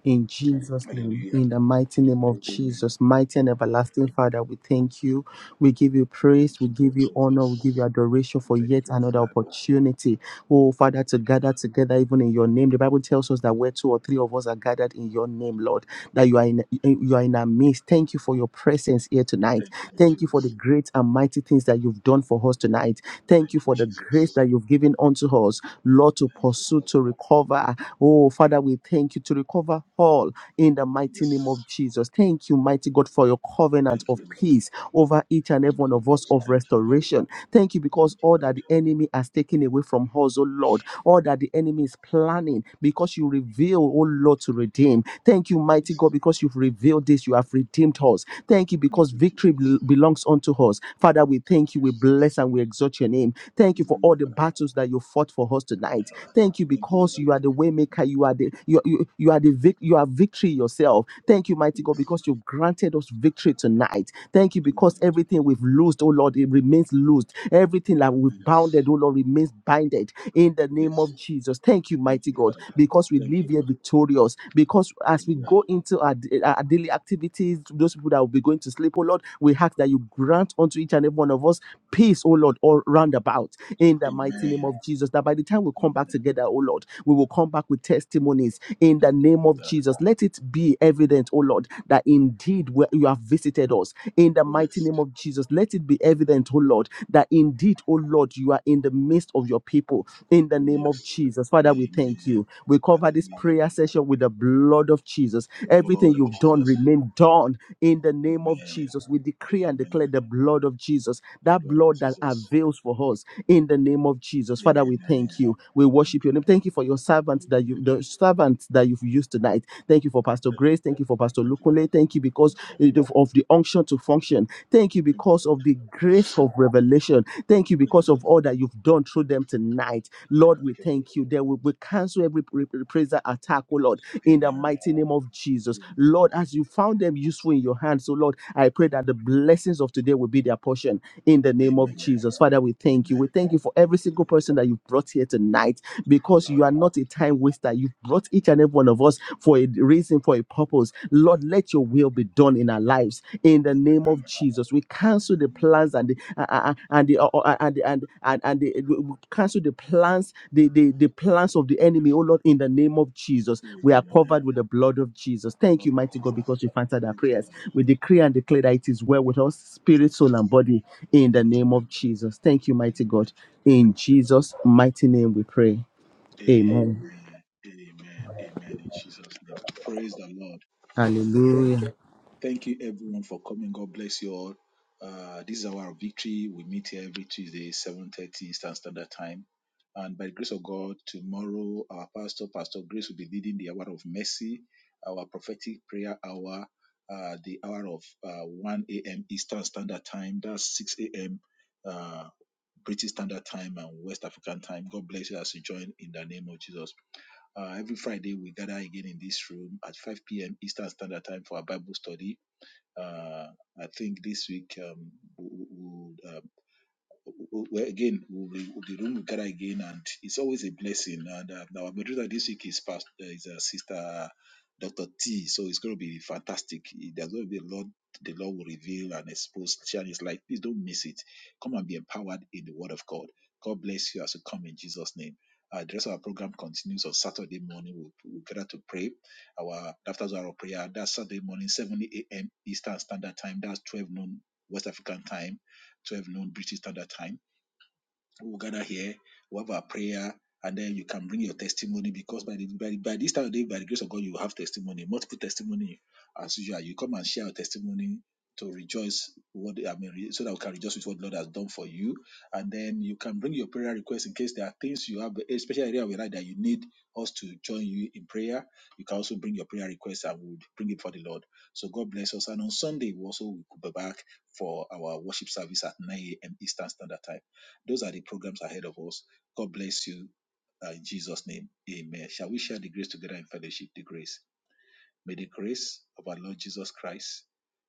[SPEAKER 3] In Jesus' name,
[SPEAKER 1] Hallelujah.
[SPEAKER 3] in the mighty name of
[SPEAKER 1] Amen.
[SPEAKER 3] Jesus, mighty and everlasting Father, we thank you. We give you praise,
[SPEAKER 1] Thank
[SPEAKER 3] we
[SPEAKER 1] you, Lord
[SPEAKER 3] give you honor, we give you
[SPEAKER 1] Jesus.
[SPEAKER 3] adoration for
[SPEAKER 1] Thank
[SPEAKER 3] yet
[SPEAKER 1] you,
[SPEAKER 3] another
[SPEAKER 1] Father.
[SPEAKER 3] opportunity. Oh, Father, to
[SPEAKER 1] Thank you,
[SPEAKER 3] gather
[SPEAKER 1] Lord.
[SPEAKER 3] together even in your name. The Bible tells us that where two or three of us are gathered in your name, Lord, that you are in you are in our midst. Thank you for your presence here tonight.
[SPEAKER 1] Thank you, Lord
[SPEAKER 3] Thank you for the
[SPEAKER 1] Jesus.
[SPEAKER 3] great and mighty things that you've done for us tonight. Thank you
[SPEAKER 1] Thank you,
[SPEAKER 3] for the
[SPEAKER 1] Jesus.
[SPEAKER 3] grace that you've given unto us, Lord, to
[SPEAKER 1] Thank you,
[SPEAKER 3] pursue,
[SPEAKER 1] Lord.
[SPEAKER 3] to recover, Oh, Father, we thank you to recover all in the mighty
[SPEAKER 1] Yes.
[SPEAKER 3] name of Jesus. Thank you, mighty God, for your covenant
[SPEAKER 1] Thank
[SPEAKER 3] of
[SPEAKER 1] you, Lord.
[SPEAKER 3] peace over each and every
[SPEAKER 1] Thank
[SPEAKER 3] one
[SPEAKER 1] you,
[SPEAKER 3] of us
[SPEAKER 1] Lord.
[SPEAKER 3] of
[SPEAKER 1] Thank you, Lord.
[SPEAKER 3] restoration. Thank you because
[SPEAKER 1] Thank you,
[SPEAKER 3] all that
[SPEAKER 1] Lord.
[SPEAKER 3] the enemy has taken away from us, oh Lord, all that the enemy is planning, because you reveal, oh Lord, to redeem. Thank you, mighty
[SPEAKER 1] Yes.
[SPEAKER 3] God, because you've revealed this, you have redeemed us. Thank you
[SPEAKER 1] Thank
[SPEAKER 3] because
[SPEAKER 1] you,
[SPEAKER 3] victory
[SPEAKER 1] Jesus.
[SPEAKER 3] bel- belongs unto us. Father, we
[SPEAKER 1] Thank
[SPEAKER 3] thank you,
[SPEAKER 1] you,
[SPEAKER 3] we bless
[SPEAKER 1] Jesus.
[SPEAKER 3] and we exalt your name. Thank you for all the
[SPEAKER 1] Hallelujah.
[SPEAKER 3] battles that you fought for us tonight. Thank you
[SPEAKER 1] Thank you,
[SPEAKER 3] because
[SPEAKER 1] Lord.
[SPEAKER 3] you are the waymaker. You are the you, you, you are the vic, you are victory yourself. Thank you, mighty God,
[SPEAKER 1] Yes.
[SPEAKER 3] because you've granted us victory tonight. Thank you
[SPEAKER 1] Thank you,
[SPEAKER 3] because
[SPEAKER 1] Lord.
[SPEAKER 3] everything we've loosed, oh Lord, it remains loosed. Everything that we've
[SPEAKER 1] Yes.
[SPEAKER 3] bounded, oh Lord, remains binded in the name
[SPEAKER 1] Yes.
[SPEAKER 3] of Jesus. Thank you,
[SPEAKER 1] Thank
[SPEAKER 3] mighty
[SPEAKER 1] you,
[SPEAKER 3] God,
[SPEAKER 1] Father.
[SPEAKER 3] because we
[SPEAKER 1] Thank
[SPEAKER 3] live
[SPEAKER 1] you,
[SPEAKER 3] here
[SPEAKER 1] Lord.
[SPEAKER 3] victorious. Because as we
[SPEAKER 1] Hallelujah.
[SPEAKER 3] go into our, our daily activities, those people that will be going to sleep, oh Lord, we ask that you grant unto each and every one of us peace, oh Lord, all round about in the mighty
[SPEAKER 1] Amen.
[SPEAKER 3] name of Jesus. That by the time we come back
[SPEAKER 1] Amen.
[SPEAKER 3] together, oh Lord, we will come back with testimonies in the
[SPEAKER 1] Thank you,
[SPEAKER 3] name of
[SPEAKER 1] Father.
[SPEAKER 3] Jesus. Let it be evident, oh Lord, that indeed we- you have visited us in the mighty
[SPEAKER 1] Yes.
[SPEAKER 3] name of Jesus. Let it be
[SPEAKER 1] Thank you,
[SPEAKER 3] evident, oh Lord, that indeed, oh Lord, you are in the midst of your people in the
[SPEAKER 1] Oh,
[SPEAKER 3] name of
[SPEAKER 1] Yes.
[SPEAKER 3] Jesus. Father, we thank
[SPEAKER 1] Amen.
[SPEAKER 3] you. We cover this
[SPEAKER 1] Hallelujah.
[SPEAKER 3] prayer session with the blood of Jesus.
[SPEAKER 1] The
[SPEAKER 3] Everything
[SPEAKER 1] blood of
[SPEAKER 3] you've done
[SPEAKER 1] Jesus.
[SPEAKER 3] remain done in the name of
[SPEAKER 1] Amen.
[SPEAKER 3] Jesus. We decree and
[SPEAKER 1] Amen.
[SPEAKER 3] declare the blood of Jesus,
[SPEAKER 1] The
[SPEAKER 3] that
[SPEAKER 1] blood of
[SPEAKER 3] blood that
[SPEAKER 1] Jesus.
[SPEAKER 3] avails for us in the name of Jesus. Father, we
[SPEAKER 1] Amen.
[SPEAKER 3] thank you. We
[SPEAKER 1] Thank
[SPEAKER 3] worship your
[SPEAKER 1] you,
[SPEAKER 3] name.
[SPEAKER 1] Lord.
[SPEAKER 3] Thank you for your servant that you
[SPEAKER 1] Hallelujah.
[SPEAKER 3] the servant that you've used tonight. Thank you for Pastor
[SPEAKER 1] Thank you.
[SPEAKER 3] Grace. Thank you for Pastor
[SPEAKER 1] thank you.
[SPEAKER 3] Lukule. Thank you
[SPEAKER 1] Thank
[SPEAKER 3] because
[SPEAKER 1] you, Lord.
[SPEAKER 3] of the unction to function. Thank you
[SPEAKER 1] Thank you,
[SPEAKER 3] because of
[SPEAKER 1] Lord.
[SPEAKER 3] the grace of revelation. Thank you
[SPEAKER 1] Thank you,
[SPEAKER 3] because of
[SPEAKER 1] Lord.
[SPEAKER 3] all that you've done through them tonight. Lord,
[SPEAKER 1] Thank
[SPEAKER 3] we
[SPEAKER 1] you, Lord.
[SPEAKER 3] thank you. There will we cancel every re- reprisal attack, oh Lord, in the
[SPEAKER 1] Amen.
[SPEAKER 3] mighty name of Jesus.
[SPEAKER 1] Amen.
[SPEAKER 3] Lord, as you found them useful in your hands, so Lord, I pray that the blessings of today will be their portion in the name of
[SPEAKER 1] Amen.
[SPEAKER 3] Jesus. Father, we thank you. We
[SPEAKER 1] Amen.
[SPEAKER 3] thank you for every
[SPEAKER 1] Thank you,
[SPEAKER 3] single
[SPEAKER 1] Lord.
[SPEAKER 3] person that you've brought here tonight
[SPEAKER 1] Thank you,
[SPEAKER 3] because you
[SPEAKER 1] Lord.
[SPEAKER 3] are not a time waster. You've brought each and every one of us for a reason, for a purpose. Lord, let your will be done in our lives in the name
[SPEAKER 1] Amen.
[SPEAKER 3] of Jesus. We cancel the
[SPEAKER 1] Amen.
[SPEAKER 3] plans and the uh, uh, uh, and the uh, uh, uh, and the, and and, and the, we we cancel the plans the, the the plans of the enemy. Oh Lord, in the name of Jesus, we are
[SPEAKER 1] Amen.
[SPEAKER 3] covered with the blood of Jesus. Thank
[SPEAKER 1] Blood
[SPEAKER 3] you,
[SPEAKER 1] of
[SPEAKER 3] mighty God,
[SPEAKER 1] Jesus.
[SPEAKER 3] because you've answered our
[SPEAKER 1] Thank you,
[SPEAKER 3] prayers.
[SPEAKER 1] Lord.
[SPEAKER 3] We decree and declare that it is well with us, spirit, soul, and
[SPEAKER 1] Amen.
[SPEAKER 3] body in the name
[SPEAKER 1] Amen.
[SPEAKER 3] of Jesus. Thank you, mighty
[SPEAKER 1] Amen.
[SPEAKER 3] God. In
[SPEAKER 1] Thank you, Lord.
[SPEAKER 3] Jesus' mighty name we pray. Amen.
[SPEAKER 1] Amen. Amen. Amen. In Jesus' name. Praise the Lord. Thank
[SPEAKER 3] Hallelujah.
[SPEAKER 1] thank you, everyone, for coming. God bless you all. Uh, this is our hour of victory. We meet here every Tuesday, 7.30 Eastern Standard Time. And by the grace of God, tomorrow our pastor, Pastor Grace, will be leading the hour of mercy, our prophetic prayer hour, uh, the hour of uh, 1 a.m. Eastern Standard Time. That's 6 a.m. Uh, British Standard Time and West African Time. God bless you as you join in the name of Jesus. Uh, every Friday, we gather again in this room at 5 p.m. Eastern Standard Time for our Bible study. Uh, I think this week um, we well, again, we'll be, we'll be room with again, and it's always a blessing. And uh, our moderator this week is past uh, is uh, Sister Doctor T, so it's going to be fantastic. There's going to be a lot the Lord will reveal and expose. Share His light. Please don't miss it. Come and be empowered in the Word of God. God bless you as you come in Jesus' name. Uh, the rest of our program continues on Saturday morning. We'll, we'll gather to pray. Our after our prayer that's Saturday morning, 7 a.m. Eastern Standard Time. That's 12 noon West African time, 12 noon British Standard Time we'll gather here, we'll have our prayer, and then you can bring your testimony because by, the, by, by this time of day, by the grace of God, you have testimony, multiple testimony as usual. You come and share your testimony to rejoice what I mean, so that we can rejoice with what the Lord has done for you. And then you can bring your prayer request in case there are things you have, especially area we like that you need us to join you in prayer. You can also bring your prayer request and we'll bring it for the Lord. So God bless us. And on Sunday, we also will be back for our worship service at 9 a.m. Eastern Standard Time. Those are the programs ahead of us. God bless you. Uh, in Jesus' name, amen. Shall we share the grace together in fellowship? The grace. May the grace of our Lord Jesus Christ,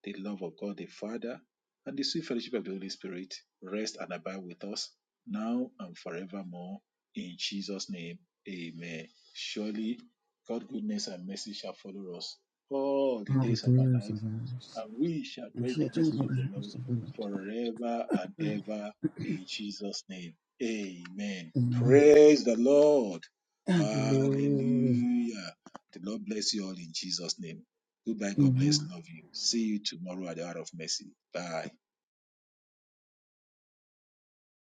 [SPEAKER 1] the love of God the Father, and the sweet fellowship of the Holy Spirit rest and abide with us now and forevermore. In Jesus' name, amen. Surely, God's goodness and mercy shall follow us all the
[SPEAKER 3] All the
[SPEAKER 1] days of our
[SPEAKER 3] days of
[SPEAKER 1] lives,
[SPEAKER 3] ours.
[SPEAKER 1] and we shall
[SPEAKER 3] We
[SPEAKER 1] dwell in
[SPEAKER 3] shall
[SPEAKER 1] the
[SPEAKER 3] dwell
[SPEAKER 1] presence
[SPEAKER 3] in
[SPEAKER 1] of the
[SPEAKER 3] the
[SPEAKER 1] Lord
[SPEAKER 3] house of the
[SPEAKER 1] forever and ever.
[SPEAKER 3] Lord.
[SPEAKER 1] In Jesus' name, amen.
[SPEAKER 3] Amen.
[SPEAKER 1] Praise the Lord.
[SPEAKER 3] Hallelujah.
[SPEAKER 1] Hallelujah. The Lord bless you all in Jesus' name. Goodbye. God
[SPEAKER 3] Amen.
[SPEAKER 1] bless. Love you. See you tomorrow at the hour of mercy. Bye.